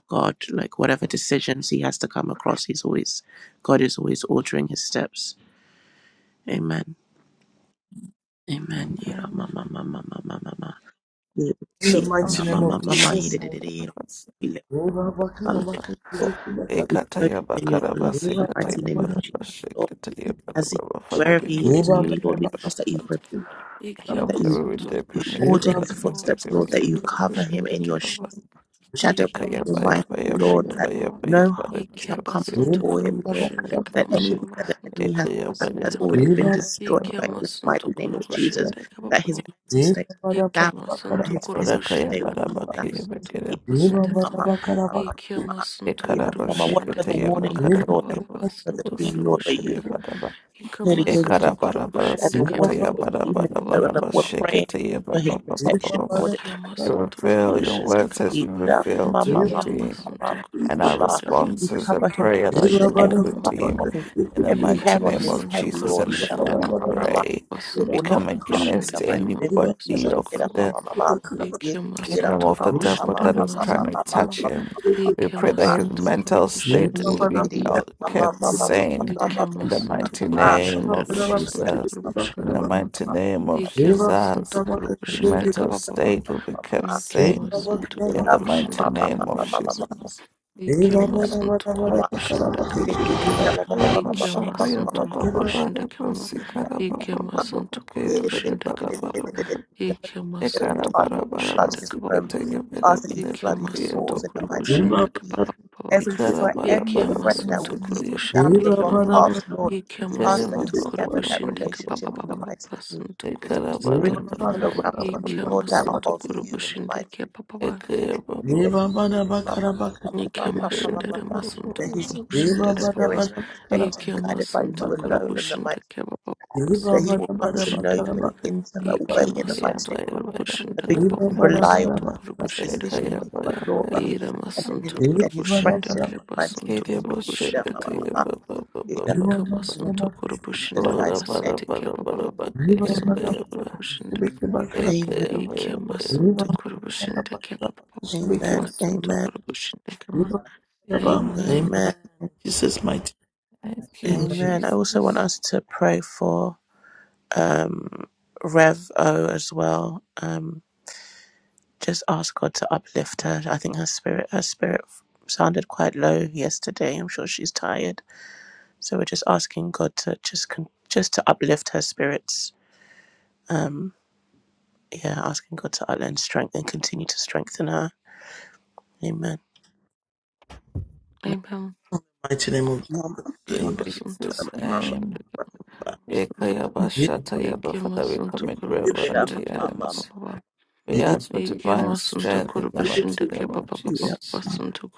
[SPEAKER 1] God. Like whatever decisions he has to come across, he's always, God is always ordering his steps. Amen. Amen. Yira ma ma ma ma ma ma ma ma.
[SPEAKER 4] In the
[SPEAKER 1] Yira
[SPEAKER 4] mighty
[SPEAKER 1] ma ma
[SPEAKER 4] name
[SPEAKER 8] Ikara
[SPEAKER 4] of
[SPEAKER 1] ma ma ma.
[SPEAKER 4] Jesus.
[SPEAKER 1] Yira
[SPEAKER 8] papa
[SPEAKER 1] yira yira yira.
[SPEAKER 8] papa.
[SPEAKER 1] We lift
[SPEAKER 4] Eba baka na
[SPEAKER 1] something.
[SPEAKER 4] baka
[SPEAKER 1] Lord,
[SPEAKER 4] shiri ki baka.
[SPEAKER 1] we
[SPEAKER 8] Ikata
[SPEAKER 1] soak him in your
[SPEAKER 8] yabakara
[SPEAKER 1] blood, in the
[SPEAKER 4] Eba
[SPEAKER 8] basikata
[SPEAKER 1] mighty
[SPEAKER 4] baka
[SPEAKER 1] name of
[SPEAKER 8] yabara
[SPEAKER 4] baka.
[SPEAKER 1] Jesus. Lord,
[SPEAKER 8] brashika yabara
[SPEAKER 1] as he
[SPEAKER 8] baba. Father,
[SPEAKER 1] wherever
[SPEAKER 8] we
[SPEAKER 2] shindere
[SPEAKER 1] he is
[SPEAKER 8] take
[SPEAKER 1] in
[SPEAKER 4] Eba
[SPEAKER 8] the
[SPEAKER 1] you,
[SPEAKER 4] baka
[SPEAKER 1] Lord, we
[SPEAKER 2] masuntukuru
[SPEAKER 4] baka
[SPEAKER 1] ask that you
[SPEAKER 8] blood.
[SPEAKER 1] put-
[SPEAKER 4] shiri.
[SPEAKER 2] Iki
[SPEAKER 8] No
[SPEAKER 1] that you
[SPEAKER 8] glory, we
[SPEAKER 2] amasuntur
[SPEAKER 8] dip
[SPEAKER 1] you
[SPEAKER 8] him in me your
[SPEAKER 1] order
[SPEAKER 4] Eba
[SPEAKER 2] başındaki
[SPEAKER 8] blood,
[SPEAKER 1] his
[SPEAKER 4] baka
[SPEAKER 8] we
[SPEAKER 2] baba,
[SPEAKER 4] baka
[SPEAKER 1] footsteps,
[SPEAKER 8] dip him in me
[SPEAKER 1] Lord,
[SPEAKER 4] baka
[SPEAKER 1] that
[SPEAKER 8] your
[SPEAKER 1] you
[SPEAKER 8] blood,
[SPEAKER 2] basuntur
[SPEAKER 8] we
[SPEAKER 1] cover him
[SPEAKER 8] dip him
[SPEAKER 1] in
[SPEAKER 8] in
[SPEAKER 2] başındaki
[SPEAKER 8] me
[SPEAKER 1] your
[SPEAKER 8] your blood.
[SPEAKER 2] baba,
[SPEAKER 1] Shadow of
[SPEAKER 2] iki
[SPEAKER 8] Ekaya
[SPEAKER 1] the
[SPEAKER 8] baya
[SPEAKER 1] Almighty
[SPEAKER 2] amasuntur
[SPEAKER 8] baya
[SPEAKER 1] Lord,
[SPEAKER 8] baya baya
[SPEAKER 2] başındaki
[SPEAKER 1] that
[SPEAKER 8] baya
[SPEAKER 2] baba,
[SPEAKER 8] baya
[SPEAKER 1] no harm
[SPEAKER 2] iki
[SPEAKER 1] shall
[SPEAKER 8] baya
[SPEAKER 1] come
[SPEAKER 8] baya
[SPEAKER 4] shiri.
[SPEAKER 2] basuntur
[SPEAKER 1] before him,
[SPEAKER 4] Eba
[SPEAKER 1] Lord,
[SPEAKER 4] baka
[SPEAKER 8] baya
[SPEAKER 2] başındaki
[SPEAKER 1] that
[SPEAKER 4] baka shiri.
[SPEAKER 1] anything
[SPEAKER 2] mama,
[SPEAKER 1] that the
[SPEAKER 2] basuntur
[SPEAKER 1] enemy has
[SPEAKER 8] Ekaya
[SPEAKER 1] planned
[SPEAKER 8] baya
[SPEAKER 2] başındaki
[SPEAKER 1] has
[SPEAKER 2] mama,
[SPEAKER 8] baya
[SPEAKER 1] already been
[SPEAKER 8] baya
[SPEAKER 4] Eba
[SPEAKER 1] destroyed
[SPEAKER 2] iki
[SPEAKER 1] by
[SPEAKER 4] baka
[SPEAKER 1] you in the
[SPEAKER 4] baka
[SPEAKER 1] mighty
[SPEAKER 2] amasuntur
[SPEAKER 4] shiri
[SPEAKER 1] name
[SPEAKER 4] ki
[SPEAKER 1] of
[SPEAKER 4] baka.
[SPEAKER 1] Jesus,
[SPEAKER 2] başındaki
[SPEAKER 1] that his
[SPEAKER 2] baba,
[SPEAKER 1] mental state
[SPEAKER 4] Eba baka
[SPEAKER 1] would
[SPEAKER 2] iki
[SPEAKER 1] sound,
[SPEAKER 4] baka baka
[SPEAKER 1] that
[SPEAKER 4] baka.
[SPEAKER 1] his
[SPEAKER 2] amasuntur
[SPEAKER 8] baya
[SPEAKER 1] physical
[SPEAKER 8] kaya
[SPEAKER 1] state
[SPEAKER 2] başındaki
[SPEAKER 1] would
[SPEAKER 8] baya
[SPEAKER 1] be
[SPEAKER 2] mama,
[SPEAKER 1] sound.
[SPEAKER 8] baya
[SPEAKER 2] basuntur
[SPEAKER 8] baya
[SPEAKER 1] Yeah,
[SPEAKER 4] Eba
[SPEAKER 2] başındaki
[SPEAKER 4] baka baka baka shiri. Eba eba baka eba baka baka. Eba
[SPEAKER 2] mama,
[SPEAKER 1] mama,
[SPEAKER 4] baka
[SPEAKER 8] baya
[SPEAKER 4] eba baka
[SPEAKER 1] mama,
[SPEAKER 4] baka
[SPEAKER 1] mama,
[SPEAKER 2] iki
[SPEAKER 4] shiri
[SPEAKER 1] mama.
[SPEAKER 2] amasuntur
[SPEAKER 1] you know,
[SPEAKER 8] Ekara baya
[SPEAKER 1] mama, whatever the
[SPEAKER 2] başındaki
[SPEAKER 8] sekataya
[SPEAKER 2] baba,
[SPEAKER 1] warning
[SPEAKER 8] makara
[SPEAKER 2] baba,
[SPEAKER 1] is, Lord,
[SPEAKER 2] baba,
[SPEAKER 1] I
[SPEAKER 8] baya
[SPEAKER 1] don't remember
[SPEAKER 8] baya
[SPEAKER 2] basuntur
[SPEAKER 1] the dream, Lord, but you,
[SPEAKER 8] sekataya
[SPEAKER 2] başındaki,
[SPEAKER 8] baya baya
[SPEAKER 1] you
[SPEAKER 2] iki
[SPEAKER 1] clearly gave it to
[SPEAKER 8] Ekara
[SPEAKER 2] amasuntur
[SPEAKER 1] me
[SPEAKER 8] baya baya
[SPEAKER 1] as a
[SPEAKER 2] başındaki baba,
[SPEAKER 1] warning,
[SPEAKER 8] sekataya
[SPEAKER 1] Lord,
[SPEAKER 2] baba,
[SPEAKER 8] baya
[SPEAKER 2] baba,
[SPEAKER 1] even
[SPEAKER 8] baya
[SPEAKER 1] if you
[SPEAKER 2] baba.
[SPEAKER 1] don't
[SPEAKER 8] baya
[SPEAKER 1] remember,
[SPEAKER 8] baya
[SPEAKER 1] we're praying
[SPEAKER 8] sekataya
[SPEAKER 1] for
[SPEAKER 8] baya
[SPEAKER 1] his
[SPEAKER 8] baya
[SPEAKER 1] protection,
[SPEAKER 8] baya baya
[SPEAKER 1] Lord,
[SPEAKER 8] You will
[SPEAKER 2] Gyamasunto
[SPEAKER 8] fail your
[SPEAKER 1] Jesus.
[SPEAKER 2] kurubushinda
[SPEAKER 8] words as you
[SPEAKER 2] kababa.
[SPEAKER 8] will
[SPEAKER 1] Ira,
[SPEAKER 8] fail
[SPEAKER 1] ma,
[SPEAKER 8] to
[SPEAKER 1] ma, mama,
[SPEAKER 8] redeem.
[SPEAKER 1] mama,
[SPEAKER 2] Gyamasunto
[SPEAKER 1] mama, ma, ma,
[SPEAKER 8] and our
[SPEAKER 2] kurubushinda
[SPEAKER 1] We
[SPEAKER 8] responses
[SPEAKER 1] cover
[SPEAKER 8] and
[SPEAKER 2] gyamasunto
[SPEAKER 1] him
[SPEAKER 8] prayer
[SPEAKER 1] from the,
[SPEAKER 8] that
[SPEAKER 1] the-
[SPEAKER 8] you
[SPEAKER 2] kurubushinda
[SPEAKER 8] will
[SPEAKER 1] every
[SPEAKER 2] kababa.
[SPEAKER 1] fiber
[SPEAKER 8] redeem
[SPEAKER 1] of his,
[SPEAKER 8] in
[SPEAKER 4] ki
[SPEAKER 8] the
[SPEAKER 1] every
[SPEAKER 8] mighty
[SPEAKER 1] hair on
[SPEAKER 8] name
[SPEAKER 1] his
[SPEAKER 8] of
[SPEAKER 2] Gyamasunto
[SPEAKER 1] head,
[SPEAKER 8] Jesus.
[SPEAKER 1] Lord.
[SPEAKER 8] And
[SPEAKER 1] Ira,
[SPEAKER 8] therefore,
[SPEAKER 1] ma,
[SPEAKER 2] kurubushinda
[SPEAKER 4] baka
[SPEAKER 8] we
[SPEAKER 1] mama, mama,
[SPEAKER 4] baka
[SPEAKER 2] kababa.
[SPEAKER 1] ma,
[SPEAKER 8] pray.
[SPEAKER 1] It
[SPEAKER 4] baka.
[SPEAKER 8] We
[SPEAKER 1] will
[SPEAKER 2] Basunto
[SPEAKER 1] not
[SPEAKER 8] come
[SPEAKER 1] be harmed in
[SPEAKER 2] kurubushinda
[SPEAKER 1] the
[SPEAKER 8] against
[SPEAKER 1] mighty name of
[SPEAKER 4] Eva bada bada
[SPEAKER 8] anybody
[SPEAKER 1] Jesus.
[SPEAKER 2] gyamasunto
[SPEAKER 8] of
[SPEAKER 1] Ira,
[SPEAKER 2] kurubu.
[SPEAKER 1] ma,
[SPEAKER 8] the
[SPEAKER 1] mama, ma, ma. Ira,
[SPEAKER 8] kingdom
[SPEAKER 2] Gyamasunto
[SPEAKER 8] of the
[SPEAKER 1] mama,
[SPEAKER 8] devil
[SPEAKER 2] kurubushinda
[SPEAKER 1] mama,
[SPEAKER 8] that is
[SPEAKER 1] mama,
[SPEAKER 8] trying to
[SPEAKER 2] gyamasunto
[SPEAKER 1] mama, mama, mama,
[SPEAKER 2] kama.
[SPEAKER 8] touch
[SPEAKER 1] mama, mama.
[SPEAKER 8] him.
[SPEAKER 1] ma, ma, ma, ma, ma, ma,
[SPEAKER 8] We
[SPEAKER 1] ma.
[SPEAKER 8] pray that his
[SPEAKER 2] Gyamasunto
[SPEAKER 8] mental state
[SPEAKER 2] kurubushinda
[SPEAKER 8] will
[SPEAKER 1] Ira,
[SPEAKER 8] be
[SPEAKER 2] kababa.
[SPEAKER 1] ira,
[SPEAKER 8] held,
[SPEAKER 1] ma, ma, ma, ma, mama,
[SPEAKER 8] kept
[SPEAKER 1] ma, ma,
[SPEAKER 8] sane
[SPEAKER 1] ma. Ira, ira, mama, mama.
[SPEAKER 8] in the
[SPEAKER 2] Gyamasunto
[SPEAKER 1] ma,
[SPEAKER 8] mighty
[SPEAKER 1] ma, ma, ma, ma.
[SPEAKER 8] name
[SPEAKER 2] kurubushinda
[SPEAKER 8] of
[SPEAKER 2] gyamasunto
[SPEAKER 1] Ira, mama, mama. ma,
[SPEAKER 8] Jesus.
[SPEAKER 1] ma,
[SPEAKER 8] In
[SPEAKER 2] kurubushinda
[SPEAKER 8] the
[SPEAKER 2] kama.
[SPEAKER 8] mighty name of
[SPEAKER 2] Ikemosuntu
[SPEAKER 8] Jesus. His
[SPEAKER 2] kurubushinda
[SPEAKER 8] mental
[SPEAKER 2] kababa.
[SPEAKER 8] state will be kept sane
[SPEAKER 2] Ikemosuntu
[SPEAKER 8] in the mighty
[SPEAKER 2] kurubushinda
[SPEAKER 8] name
[SPEAKER 2] kababa.
[SPEAKER 8] of
[SPEAKER 1] ma, ma,
[SPEAKER 8] Jesus.
[SPEAKER 2] Ikemosuntu
[SPEAKER 4] bada
[SPEAKER 2] kurubushinda
[SPEAKER 1] Flood
[SPEAKER 2] kababa.
[SPEAKER 1] his
[SPEAKER 8] Yabashakaya
[SPEAKER 2] Ikemosuntu
[SPEAKER 8] Baba Baba
[SPEAKER 2] kurubushinda kababa.
[SPEAKER 8] Sikara Baba
[SPEAKER 2] Ikemosuntu
[SPEAKER 8] Baba Kere Bere
[SPEAKER 2] kurubushinda
[SPEAKER 8] Bara Bara
[SPEAKER 2] kababa.
[SPEAKER 8] Bara
[SPEAKER 2] Ikemosuntu
[SPEAKER 8] Ekara Bara Bara
[SPEAKER 2] kurubushinda kababa.
[SPEAKER 1] room.
[SPEAKER 8] Basikataya
[SPEAKER 1] We
[SPEAKER 8] Bere
[SPEAKER 1] ask that you
[SPEAKER 8] Bere
[SPEAKER 2] Yeke
[SPEAKER 1] flood his
[SPEAKER 8] Prakaya
[SPEAKER 2] masunto
[SPEAKER 1] walls in
[SPEAKER 8] Baba
[SPEAKER 1] the mighty name
[SPEAKER 8] Baba
[SPEAKER 2] kurubushinda
[SPEAKER 1] of Jesus.
[SPEAKER 2] kapapa papa.
[SPEAKER 1] Every
[SPEAKER 8] Ikara
[SPEAKER 1] friend,
[SPEAKER 8] Bara
[SPEAKER 1] any
[SPEAKER 2] Yeke
[SPEAKER 8] Bara
[SPEAKER 1] friend that
[SPEAKER 2] masunto
[SPEAKER 1] will lead
[SPEAKER 8] Basikriya
[SPEAKER 1] down
[SPEAKER 8] Bara
[SPEAKER 2] kurubushinda
[SPEAKER 1] the
[SPEAKER 8] Bara
[SPEAKER 1] wrong
[SPEAKER 2] kemama.
[SPEAKER 1] path, Lord,
[SPEAKER 2] Yeke
[SPEAKER 1] we ask
[SPEAKER 8] Ikara
[SPEAKER 1] that you
[SPEAKER 2] masunto
[SPEAKER 8] Baba
[SPEAKER 1] sever
[SPEAKER 8] Baba
[SPEAKER 1] that
[SPEAKER 2] kurubushinda
[SPEAKER 8] Baba
[SPEAKER 1] relationship
[SPEAKER 2] kapapa
[SPEAKER 1] in the
[SPEAKER 2] papa
[SPEAKER 8] Baba
[SPEAKER 1] mighty
[SPEAKER 2] papa
[SPEAKER 1] name of
[SPEAKER 2] sunto
[SPEAKER 1] Jesus.
[SPEAKER 8] Ekara Bara
[SPEAKER 1] Bring
[SPEAKER 2] kurubusinterma.
[SPEAKER 8] Bara
[SPEAKER 1] people around him,
[SPEAKER 2] Yeke
[SPEAKER 1] Lord, that are
[SPEAKER 2] masunto
[SPEAKER 1] of you in the mighty
[SPEAKER 2] kurubushinda
[SPEAKER 1] name.
[SPEAKER 2] kapapa.
[SPEAKER 1] Ma- ma- ma- ma- ma- ma-
[SPEAKER 2] Yeke
[SPEAKER 1] ma- ma- ma-
[SPEAKER 2] mashinda
[SPEAKER 1] ma- ma.
[SPEAKER 2] masunto
[SPEAKER 1] That his unique
[SPEAKER 2] kurubushinda papa.
[SPEAKER 1] experience
[SPEAKER 4] bada
[SPEAKER 1] will be shaped and
[SPEAKER 2] Yeke
[SPEAKER 1] guided by
[SPEAKER 2] masunto
[SPEAKER 1] you alone
[SPEAKER 4] bada
[SPEAKER 1] in the
[SPEAKER 2] kurubushinda
[SPEAKER 1] mighty name of
[SPEAKER 2] kapapa
[SPEAKER 1] Jesus. That he
[SPEAKER 2] sunto
[SPEAKER 1] will come to know
[SPEAKER 2] kurubushinda
[SPEAKER 1] you in
[SPEAKER 2] kama.
[SPEAKER 1] an intimate way
[SPEAKER 2] Yeke
[SPEAKER 1] in the mighty
[SPEAKER 2] masunto
[SPEAKER 1] name of Jesus. And
[SPEAKER 2] kurubushinda
[SPEAKER 1] begin
[SPEAKER 2] kapapa
[SPEAKER 1] to rely on
[SPEAKER 2] sunto
[SPEAKER 1] you in his
[SPEAKER 2] kurubushinda
[SPEAKER 1] decision
[SPEAKER 2] kama.
[SPEAKER 8] Ekaya
[SPEAKER 1] making,
[SPEAKER 8] baya
[SPEAKER 1] Lord,
[SPEAKER 8] baya
[SPEAKER 1] and his
[SPEAKER 8] baya.
[SPEAKER 1] and, and, and,
[SPEAKER 2] Iramasunto
[SPEAKER 1] and and his
[SPEAKER 2] Kurubushindak
[SPEAKER 1] friendships in the mighty name
[SPEAKER 2] Basunto
[SPEAKER 1] of
[SPEAKER 8] Kiribo
[SPEAKER 1] Jesus. You know, ma,
[SPEAKER 2] Kurubushindak
[SPEAKER 1] ma, ma,
[SPEAKER 8] shakataya
[SPEAKER 1] ma.
[SPEAKER 2] Baba
[SPEAKER 8] baba Yaba Yaba Kere Boshakataya baba
[SPEAKER 1] You
[SPEAKER 8] baba.
[SPEAKER 1] know, in
[SPEAKER 2] Ikamasunto
[SPEAKER 1] Jesus'
[SPEAKER 2] Kurubushindar
[SPEAKER 8] Ora
[SPEAKER 1] mighty
[SPEAKER 8] bara
[SPEAKER 1] name.
[SPEAKER 2] Basantike
[SPEAKER 8] bara bara
[SPEAKER 2] Baba
[SPEAKER 8] bakaya
[SPEAKER 2] Sunto
[SPEAKER 8] bara bara
[SPEAKER 2] Kurubushindak
[SPEAKER 1] Amen.
[SPEAKER 8] ekaya bara bara.
[SPEAKER 2] Ikamasunto Kurubushindak Baba
[SPEAKER 1] Amen.
[SPEAKER 2] Watunto
[SPEAKER 1] Amen.
[SPEAKER 2] Kurubushindak
[SPEAKER 8] Eka-
[SPEAKER 2] Amen
[SPEAKER 1] Amen.
[SPEAKER 4] Amen. Jesus mighty.
[SPEAKER 8] Thank you,
[SPEAKER 4] Amen.
[SPEAKER 1] Amen. I also want
[SPEAKER 8] Jesus.
[SPEAKER 1] us to pray for. um, Rev O as well. Um, just ask God to uplift her. I think her spirit her spirit sounded quite low yesterday. I'm sure she's tired. So we're just asking God to just con- just to uplift her spirits. Um, yeah, asking God to uplift and strength and continue to strengthen her. Amen.
[SPEAKER 2] Amen
[SPEAKER 4] Mighty name of
[SPEAKER 1] Mama,
[SPEAKER 4] Jesus.
[SPEAKER 8] In
[SPEAKER 4] Amen.
[SPEAKER 2] Kamasunto
[SPEAKER 8] Jesus'
[SPEAKER 1] mama,
[SPEAKER 8] name.
[SPEAKER 2] Kurubushindak Basunto
[SPEAKER 8] Ekaya
[SPEAKER 1] mama,
[SPEAKER 8] bashataya ba. Father, we
[SPEAKER 2] Ikamasunto
[SPEAKER 8] commit Reverend
[SPEAKER 1] get up,
[SPEAKER 8] into
[SPEAKER 2] Kurubushindak
[SPEAKER 8] your
[SPEAKER 2] Baba
[SPEAKER 1] mama,
[SPEAKER 8] hands.
[SPEAKER 2] Baba
[SPEAKER 8] We ask for divine
[SPEAKER 2] Ikamasunto
[SPEAKER 8] strength in the mighty name
[SPEAKER 2] Kurubushindak
[SPEAKER 8] of
[SPEAKER 2] Baba
[SPEAKER 1] mira, mama, get
[SPEAKER 2] Baba
[SPEAKER 1] up,
[SPEAKER 8] Jesus.
[SPEAKER 1] mama,
[SPEAKER 2] Basunto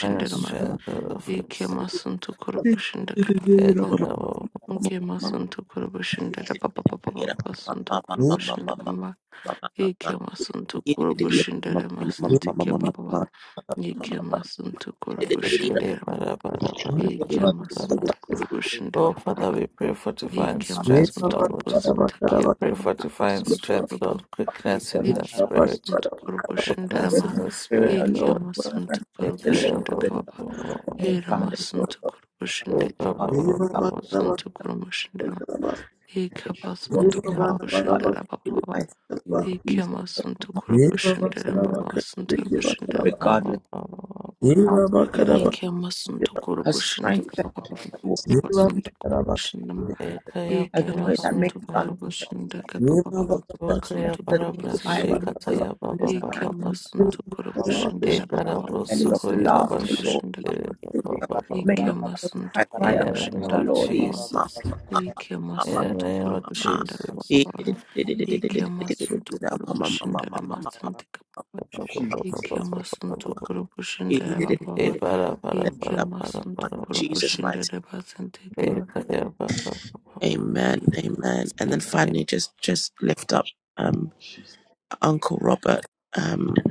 [SPEAKER 8] And
[SPEAKER 2] ma.
[SPEAKER 8] strength out of
[SPEAKER 2] Ike
[SPEAKER 8] us.
[SPEAKER 2] masunto
[SPEAKER 1] mama.
[SPEAKER 2] kurubushinda
[SPEAKER 1] mama,
[SPEAKER 2] kapapapa.
[SPEAKER 1] mama,
[SPEAKER 8] Ekaya ba-
[SPEAKER 2] Ike
[SPEAKER 1] mama,
[SPEAKER 2] masunto kurubushinda da papapapa sunto kurubushinda kamba. Ike masunto kurubushinda da masunto ke papapa. Ike masunto kurubushinda
[SPEAKER 8] ekaya
[SPEAKER 2] da ma.
[SPEAKER 8] bara bara bara
[SPEAKER 2] Ike
[SPEAKER 8] bara bara.
[SPEAKER 2] masunto
[SPEAKER 1] Spirit
[SPEAKER 2] kurubushinda
[SPEAKER 8] Oh, Father, we pray for divine
[SPEAKER 2] Iki
[SPEAKER 8] strength,
[SPEAKER 2] amasunturbo
[SPEAKER 8] Lord. I
[SPEAKER 2] sintekiye
[SPEAKER 8] pray
[SPEAKER 2] baba
[SPEAKER 8] for divine strength,
[SPEAKER 2] basunturbo.
[SPEAKER 8] Lord, quickness in the
[SPEAKER 2] Iki
[SPEAKER 8] spirit,
[SPEAKER 2] amasunturbo
[SPEAKER 8] quickness
[SPEAKER 2] shindarama.
[SPEAKER 8] in the spirit,
[SPEAKER 2] Iki
[SPEAKER 1] alone
[SPEAKER 8] Lord. I
[SPEAKER 2] amasunturbo
[SPEAKER 1] the
[SPEAKER 8] pray, oh,
[SPEAKER 2] shindaka
[SPEAKER 1] that
[SPEAKER 8] oh, oh,
[SPEAKER 2] baba.
[SPEAKER 1] I have
[SPEAKER 8] oh,
[SPEAKER 2] Ira
[SPEAKER 1] found it so
[SPEAKER 2] amasunturbo
[SPEAKER 8] oh. I pray,
[SPEAKER 2] shindaki
[SPEAKER 8] oh,
[SPEAKER 1] far
[SPEAKER 2] baba
[SPEAKER 4] Eva
[SPEAKER 1] in the
[SPEAKER 4] Bakaraba
[SPEAKER 2] basunturbo shindama.
[SPEAKER 4] Bakaraba
[SPEAKER 1] Jesus.
[SPEAKER 2] Iki
[SPEAKER 1] If I walk in
[SPEAKER 4] Eva
[SPEAKER 1] her
[SPEAKER 2] amasunturbo
[SPEAKER 1] heart,
[SPEAKER 4] Bakaraba
[SPEAKER 2] shindara baba baba.
[SPEAKER 1] my sin
[SPEAKER 4] Bakaraba
[SPEAKER 1] will
[SPEAKER 2] Iki
[SPEAKER 1] please her. My
[SPEAKER 2] amasunturbo
[SPEAKER 4] Eva
[SPEAKER 1] lips,
[SPEAKER 2] shindara
[SPEAKER 4] Bakaraba
[SPEAKER 2] mama basunturbo
[SPEAKER 1] Jesus,
[SPEAKER 2] shindama.
[SPEAKER 4] Bakaraba
[SPEAKER 1] Regardless,
[SPEAKER 8] oh, oh, oh, oh.
[SPEAKER 4] Eva
[SPEAKER 1] of how,
[SPEAKER 4] Bakaraba Eva Bakaraba
[SPEAKER 1] Lord,
[SPEAKER 2] Iki
[SPEAKER 1] her
[SPEAKER 2] amasunturbo shindaka
[SPEAKER 1] strength that
[SPEAKER 2] baba
[SPEAKER 1] I will
[SPEAKER 4] Eva
[SPEAKER 1] be
[SPEAKER 4] Bakaraba Bakaraba Eva Bakaraba
[SPEAKER 2] basunturbo shindama.
[SPEAKER 4] Amen.
[SPEAKER 8] I pray, oh, oh, oh, oh, oh. I pray, oh,
[SPEAKER 1] a
[SPEAKER 2] Iki
[SPEAKER 8] pray, oh,
[SPEAKER 1] joy that
[SPEAKER 8] pray,
[SPEAKER 1] may
[SPEAKER 8] oh,
[SPEAKER 2] masunto
[SPEAKER 1] be
[SPEAKER 8] pray,
[SPEAKER 1] unexplainable
[SPEAKER 8] oh.
[SPEAKER 2] koroboshinda kapa papa
[SPEAKER 4] Eva
[SPEAKER 2] papa
[SPEAKER 1] to
[SPEAKER 8] O
[SPEAKER 4] Eva
[SPEAKER 1] the, to
[SPEAKER 8] pray,
[SPEAKER 4] Bakaraba
[SPEAKER 8] oh,
[SPEAKER 2] masunto
[SPEAKER 1] the
[SPEAKER 8] Bara,
[SPEAKER 1] naked
[SPEAKER 8] Bara,
[SPEAKER 1] eye, Lord,
[SPEAKER 2] koroboshinda
[SPEAKER 1] but you
[SPEAKER 8] Shikataya, Ba, Ba, Ba,
[SPEAKER 2] iki
[SPEAKER 8] Ba,
[SPEAKER 1] understand and
[SPEAKER 8] Ba,
[SPEAKER 4] Eva Eva
[SPEAKER 8] Ba.
[SPEAKER 2] masunto
[SPEAKER 1] the
[SPEAKER 4] Eva
[SPEAKER 2] koroboshinda
[SPEAKER 8] I
[SPEAKER 2] kapa
[SPEAKER 4] Bakaraba
[SPEAKER 8] pray, oh,
[SPEAKER 2] papa
[SPEAKER 8] Bro,
[SPEAKER 2] papa
[SPEAKER 1] belly of
[SPEAKER 8] Sukro,
[SPEAKER 2] masunto
[SPEAKER 8] Yara, Ba,
[SPEAKER 1] laughter,
[SPEAKER 8] Shik,
[SPEAKER 1] Lord.
[SPEAKER 2] koroboshinda
[SPEAKER 1] Even
[SPEAKER 8] Tere,
[SPEAKER 2] kapa
[SPEAKER 8] Ba,
[SPEAKER 1] things
[SPEAKER 8] Ba,
[SPEAKER 1] that
[SPEAKER 8] Ba, Ba,
[SPEAKER 1] may
[SPEAKER 2] iki
[SPEAKER 8] Ba.
[SPEAKER 1] not seem
[SPEAKER 2] masunto
[SPEAKER 1] quite right
[SPEAKER 8] In the name
[SPEAKER 1] around her,
[SPEAKER 2] koroboshinda
[SPEAKER 8] of
[SPEAKER 2] kapa
[SPEAKER 1] Lord. Eh,
[SPEAKER 2] papa
[SPEAKER 1] ma,
[SPEAKER 8] Jesus.
[SPEAKER 1] ma, ma,
[SPEAKER 2] iki
[SPEAKER 1] ma,
[SPEAKER 8] In
[SPEAKER 1] ma,
[SPEAKER 8] the
[SPEAKER 2] masunto
[SPEAKER 8] name
[SPEAKER 1] ma, ma,
[SPEAKER 8] of
[SPEAKER 1] ma.
[SPEAKER 2] koroboshinda kapa
[SPEAKER 8] Jesus.
[SPEAKER 1] Eh, eh,
[SPEAKER 2] papa
[SPEAKER 1] eh, eh, eh, eh, eh, eh, eh, eh,
[SPEAKER 2] iki
[SPEAKER 1] eh, eh,
[SPEAKER 2] masunto
[SPEAKER 1] eh, eh, ma, ma, ma, ma,
[SPEAKER 2] koroboshinda
[SPEAKER 1] ma, ma, ma, ma, ma, ma,
[SPEAKER 2] masunto kapa
[SPEAKER 1] ma,
[SPEAKER 2] papa
[SPEAKER 1] ma, ma.
[SPEAKER 8] Ba, Ba,
[SPEAKER 2] iki
[SPEAKER 8] Ba, Ba,
[SPEAKER 2] masunto
[SPEAKER 8] Ba, Ba.
[SPEAKER 1] Eh, eh, eh,
[SPEAKER 2] koroboshinda
[SPEAKER 1] eh, eh,
[SPEAKER 2] kapa
[SPEAKER 1] eh,
[SPEAKER 2] papa
[SPEAKER 8] Eh,
[SPEAKER 1] eh, eh,
[SPEAKER 8] bara, bara,
[SPEAKER 1] eh,
[SPEAKER 2] iki
[SPEAKER 1] eh,
[SPEAKER 8] bara, bara,
[SPEAKER 2] masunto
[SPEAKER 1] my
[SPEAKER 8] bara, bara.
[SPEAKER 1] Jesus,
[SPEAKER 2] koroboshinda
[SPEAKER 1] mighty.
[SPEAKER 2] masunto kapa.
[SPEAKER 8] Eh, kaya, ba, ba,
[SPEAKER 1] Amen, amen. And then
[SPEAKER 8] ba.
[SPEAKER 1] finally, just just lift up um Uncle Robert. Um,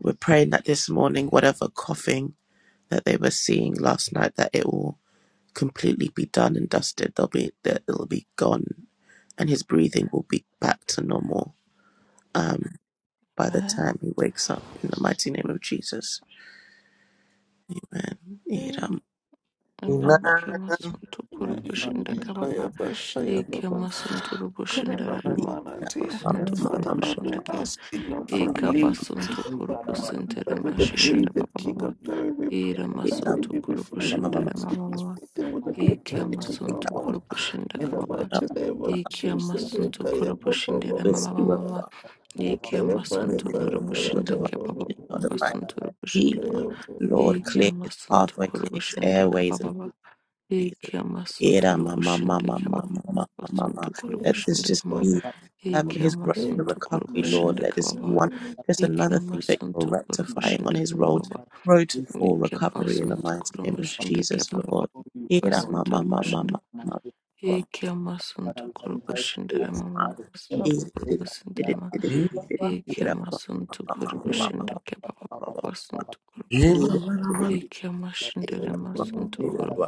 [SPEAKER 1] We're praying that this morning, whatever coughing that they were seeing last night, that it will completely be done and dusted. They'll be that it'll be gone, and his breathing will be back to normal um, by the time he wakes up. In the mighty name of Jesus, Amen.
[SPEAKER 2] Ke masunto kuri bushinda kababa
[SPEAKER 8] Kaya, ba, shaya, ba,
[SPEAKER 2] ike
[SPEAKER 8] ba.
[SPEAKER 2] masunto ru
[SPEAKER 8] Kaya,
[SPEAKER 2] bushinda
[SPEAKER 8] ba, ba,
[SPEAKER 2] rababa
[SPEAKER 8] ba, ba, dear.
[SPEAKER 2] basunto kuri
[SPEAKER 8] Father, Lord, we
[SPEAKER 7] And
[SPEAKER 2] bushinda ke
[SPEAKER 8] ask you, Lord, for
[SPEAKER 2] ike
[SPEAKER 8] relief.
[SPEAKER 2] basunto kuri
[SPEAKER 7] Father,
[SPEAKER 2] busintere
[SPEAKER 8] With the
[SPEAKER 2] mashinda
[SPEAKER 8] breathing,
[SPEAKER 2] rababa
[SPEAKER 8] King
[SPEAKER 2] baba
[SPEAKER 8] of glory, we
[SPEAKER 2] ire
[SPEAKER 8] pray that they
[SPEAKER 2] masunto
[SPEAKER 8] be
[SPEAKER 2] kuri
[SPEAKER 8] before he
[SPEAKER 2] bushinda
[SPEAKER 8] wakes up his
[SPEAKER 2] rababa
[SPEAKER 8] breathing with a
[SPEAKER 2] iki
[SPEAKER 8] return to
[SPEAKER 2] amasunzu
[SPEAKER 8] normal.
[SPEAKER 2] kurubushinda
[SPEAKER 8] In the
[SPEAKER 2] kababa
[SPEAKER 8] mighty name of
[SPEAKER 2] iki
[SPEAKER 8] Jesus, eh,
[SPEAKER 2] amasunzu
[SPEAKER 8] kaya, ba, ba,
[SPEAKER 2] kurubushinda
[SPEAKER 8] ba, ba,
[SPEAKER 2] mama
[SPEAKER 8] ba, ba.
[SPEAKER 2] mama
[SPEAKER 8] Eh,
[SPEAKER 2] iki
[SPEAKER 8] kaya, ba, ba,
[SPEAKER 2] amasunzu
[SPEAKER 8] ba, ba, ba,
[SPEAKER 2] kurubushinda
[SPEAKER 8] ba, ba,
[SPEAKER 2] kababa
[SPEAKER 8] ba.
[SPEAKER 2] amasunzu
[SPEAKER 8] Eh,
[SPEAKER 2] kurubushinda kama
[SPEAKER 1] Lord,
[SPEAKER 2] iki
[SPEAKER 1] clear his
[SPEAKER 2] amasunzu
[SPEAKER 1] pathway, clear his
[SPEAKER 2] kurubushinda
[SPEAKER 1] airways and
[SPEAKER 2] kababa iki
[SPEAKER 1] Jesus.
[SPEAKER 2] amasunzu
[SPEAKER 1] Era ma ma ma
[SPEAKER 2] kurubushinda
[SPEAKER 1] ma ma ma
[SPEAKER 2] kababa
[SPEAKER 1] ma ma ma
[SPEAKER 2] amasunzu
[SPEAKER 1] ma. Let this
[SPEAKER 2] kurubushinda
[SPEAKER 1] just
[SPEAKER 2] kama
[SPEAKER 1] be um
[SPEAKER 2] iki
[SPEAKER 1] his road to
[SPEAKER 8] Jesus,
[SPEAKER 2] amasunzu
[SPEAKER 8] Jesus,
[SPEAKER 1] recovery, Lord.
[SPEAKER 2] kurubushinda
[SPEAKER 1] Let this be
[SPEAKER 2] kababa
[SPEAKER 1] one just
[SPEAKER 2] iki
[SPEAKER 1] another thing that you're
[SPEAKER 2] amasunzu
[SPEAKER 1] rectifying on
[SPEAKER 2] kurubushinda
[SPEAKER 1] his road
[SPEAKER 2] kababa
[SPEAKER 1] road to full
[SPEAKER 2] Yeke
[SPEAKER 1] recovery in the
[SPEAKER 2] masuntu
[SPEAKER 1] mighty
[SPEAKER 2] kuru
[SPEAKER 1] name of
[SPEAKER 2] mushinda ke
[SPEAKER 1] Jesus,
[SPEAKER 2] papa
[SPEAKER 1] Lord.
[SPEAKER 2] papa
[SPEAKER 1] Era ma
[SPEAKER 2] basuntu
[SPEAKER 1] ma ma ma
[SPEAKER 2] mushinda.
[SPEAKER 1] ma ma ma ma.
[SPEAKER 2] Yeke masuntu
[SPEAKER 7] we
[SPEAKER 2] kuru
[SPEAKER 7] sanitize
[SPEAKER 2] mushinda
[SPEAKER 1] Era
[SPEAKER 7] blood with
[SPEAKER 2] rama
[SPEAKER 7] the
[SPEAKER 1] ma.
[SPEAKER 2] mama
[SPEAKER 7] blood of
[SPEAKER 2] masuntu
[SPEAKER 1] Era
[SPEAKER 7] Jesus.
[SPEAKER 2] kuru
[SPEAKER 1] ma
[SPEAKER 7] Take up
[SPEAKER 2] mushinda
[SPEAKER 7] that
[SPEAKER 2] rama.
[SPEAKER 1] ma
[SPEAKER 4] Eva
[SPEAKER 7] shake it.
[SPEAKER 2] Yeke
[SPEAKER 1] ma ma ma ma ma ma. Era ma
[SPEAKER 2] masuntu
[SPEAKER 1] ma
[SPEAKER 2] kuru
[SPEAKER 7] Lick
[SPEAKER 1] ma
[SPEAKER 2] mushinda ke papa basuntu kuru.
[SPEAKER 4] Bakaraba
[SPEAKER 2] Yeke mashinda rama suntu
[SPEAKER 1] ma
[SPEAKER 2] kuru
[SPEAKER 1] ma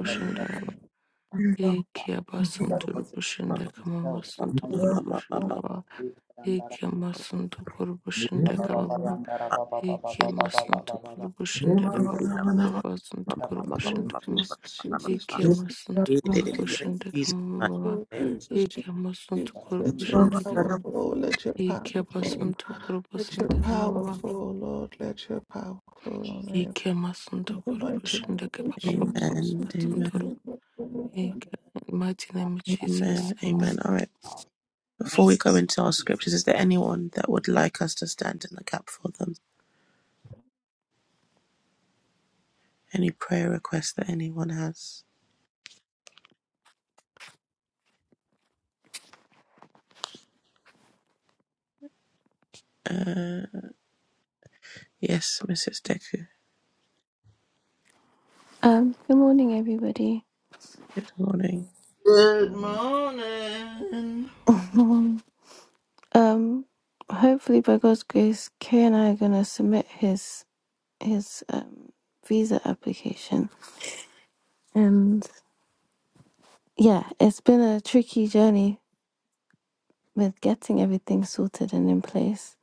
[SPEAKER 2] Ekia
[SPEAKER 1] ma
[SPEAKER 2] basanto
[SPEAKER 1] ma. ma.
[SPEAKER 2] rubushinde kama masanto kurubushinde kaba. Ekia masanto kurubushinde kaba baba. Ekia masanto kurubushinde kaba baba santo kurubushinde kama.
[SPEAKER 8] Jesus,
[SPEAKER 2] Ekia masanto kurubushinde
[SPEAKER 1] Jesus,
[SPEAKER 2] kama
[SPEAKER 1] my
[SPEAKER 2] baba.
[SPEAKER 1] name.
[SPEAKER 8] Jesus,
[SPEAKER 2] Ekia masanto
[SPEAKER 8] Jesus, let your
[SPEAKER 2] kurubushinde
[SPEAKER 8] power
[SPEAKER 2] kama.
[SPEAKER 8] flow, let your power
[SPEAKER 2] Ekia
[SPEAKER 8] flow,
[SPEAKER 1] Amen.
[SPEAKER 2] basanto
[SPEAKER 8] let your
[SPEAKER 2] kurubushinde kama
[SPEAKER 8] power
[SPEAKER 2] baba.
[SPEAKER 8] flow, Lord, let your power flow on
[SPEAKER 7] Jesus.
[SPEAKER 8] every
[SPEAKER 2] Ekia masanto
[SPEAKER 8] The mighty name
[SPEAKER 7] my
[SPEAKER 2] kurubushinde kaba
[SPEAKER 8] of
[SPEAKER 7] that
[SPEAKER 2] baba baba
[SPEAKER 8] Jesus, we
[SPEAKER 1] Amen.
[SPEAKER 8] pray in your
[SPEAKER 2] santo.
[SPEAKER 1] Amen.
[SPEAKER 2] Ekia mighty name of Jesus.
[SPEAKER 1] Amen.
[SPEAKER 2] Amen.
[SPEAKER 1] Amen. All right. Before
[SPEAKER 7] now.
[SPEAKER 1] we go into our scriptures,
[SPEAKER 7] Jesus
[SPEAKER 1] is there
[SPEAKER 7] name.
[SPEAKER 1] anyone that would like us to stand in the gap for them? Any prayer requests that anyone has? Uh, yes, Mrs. Deku.
[SPEAKER 9] Um, good morning, everybody.
[SPEAKER 1] Good morning.
[SPEAKER 4] Good morning.
[SPEAKER 9] um, hopefully, by God's grace, Kay and I are gonna submit his his um visa application. And yeah, it's been a tricky journey with getting everything sorted and in place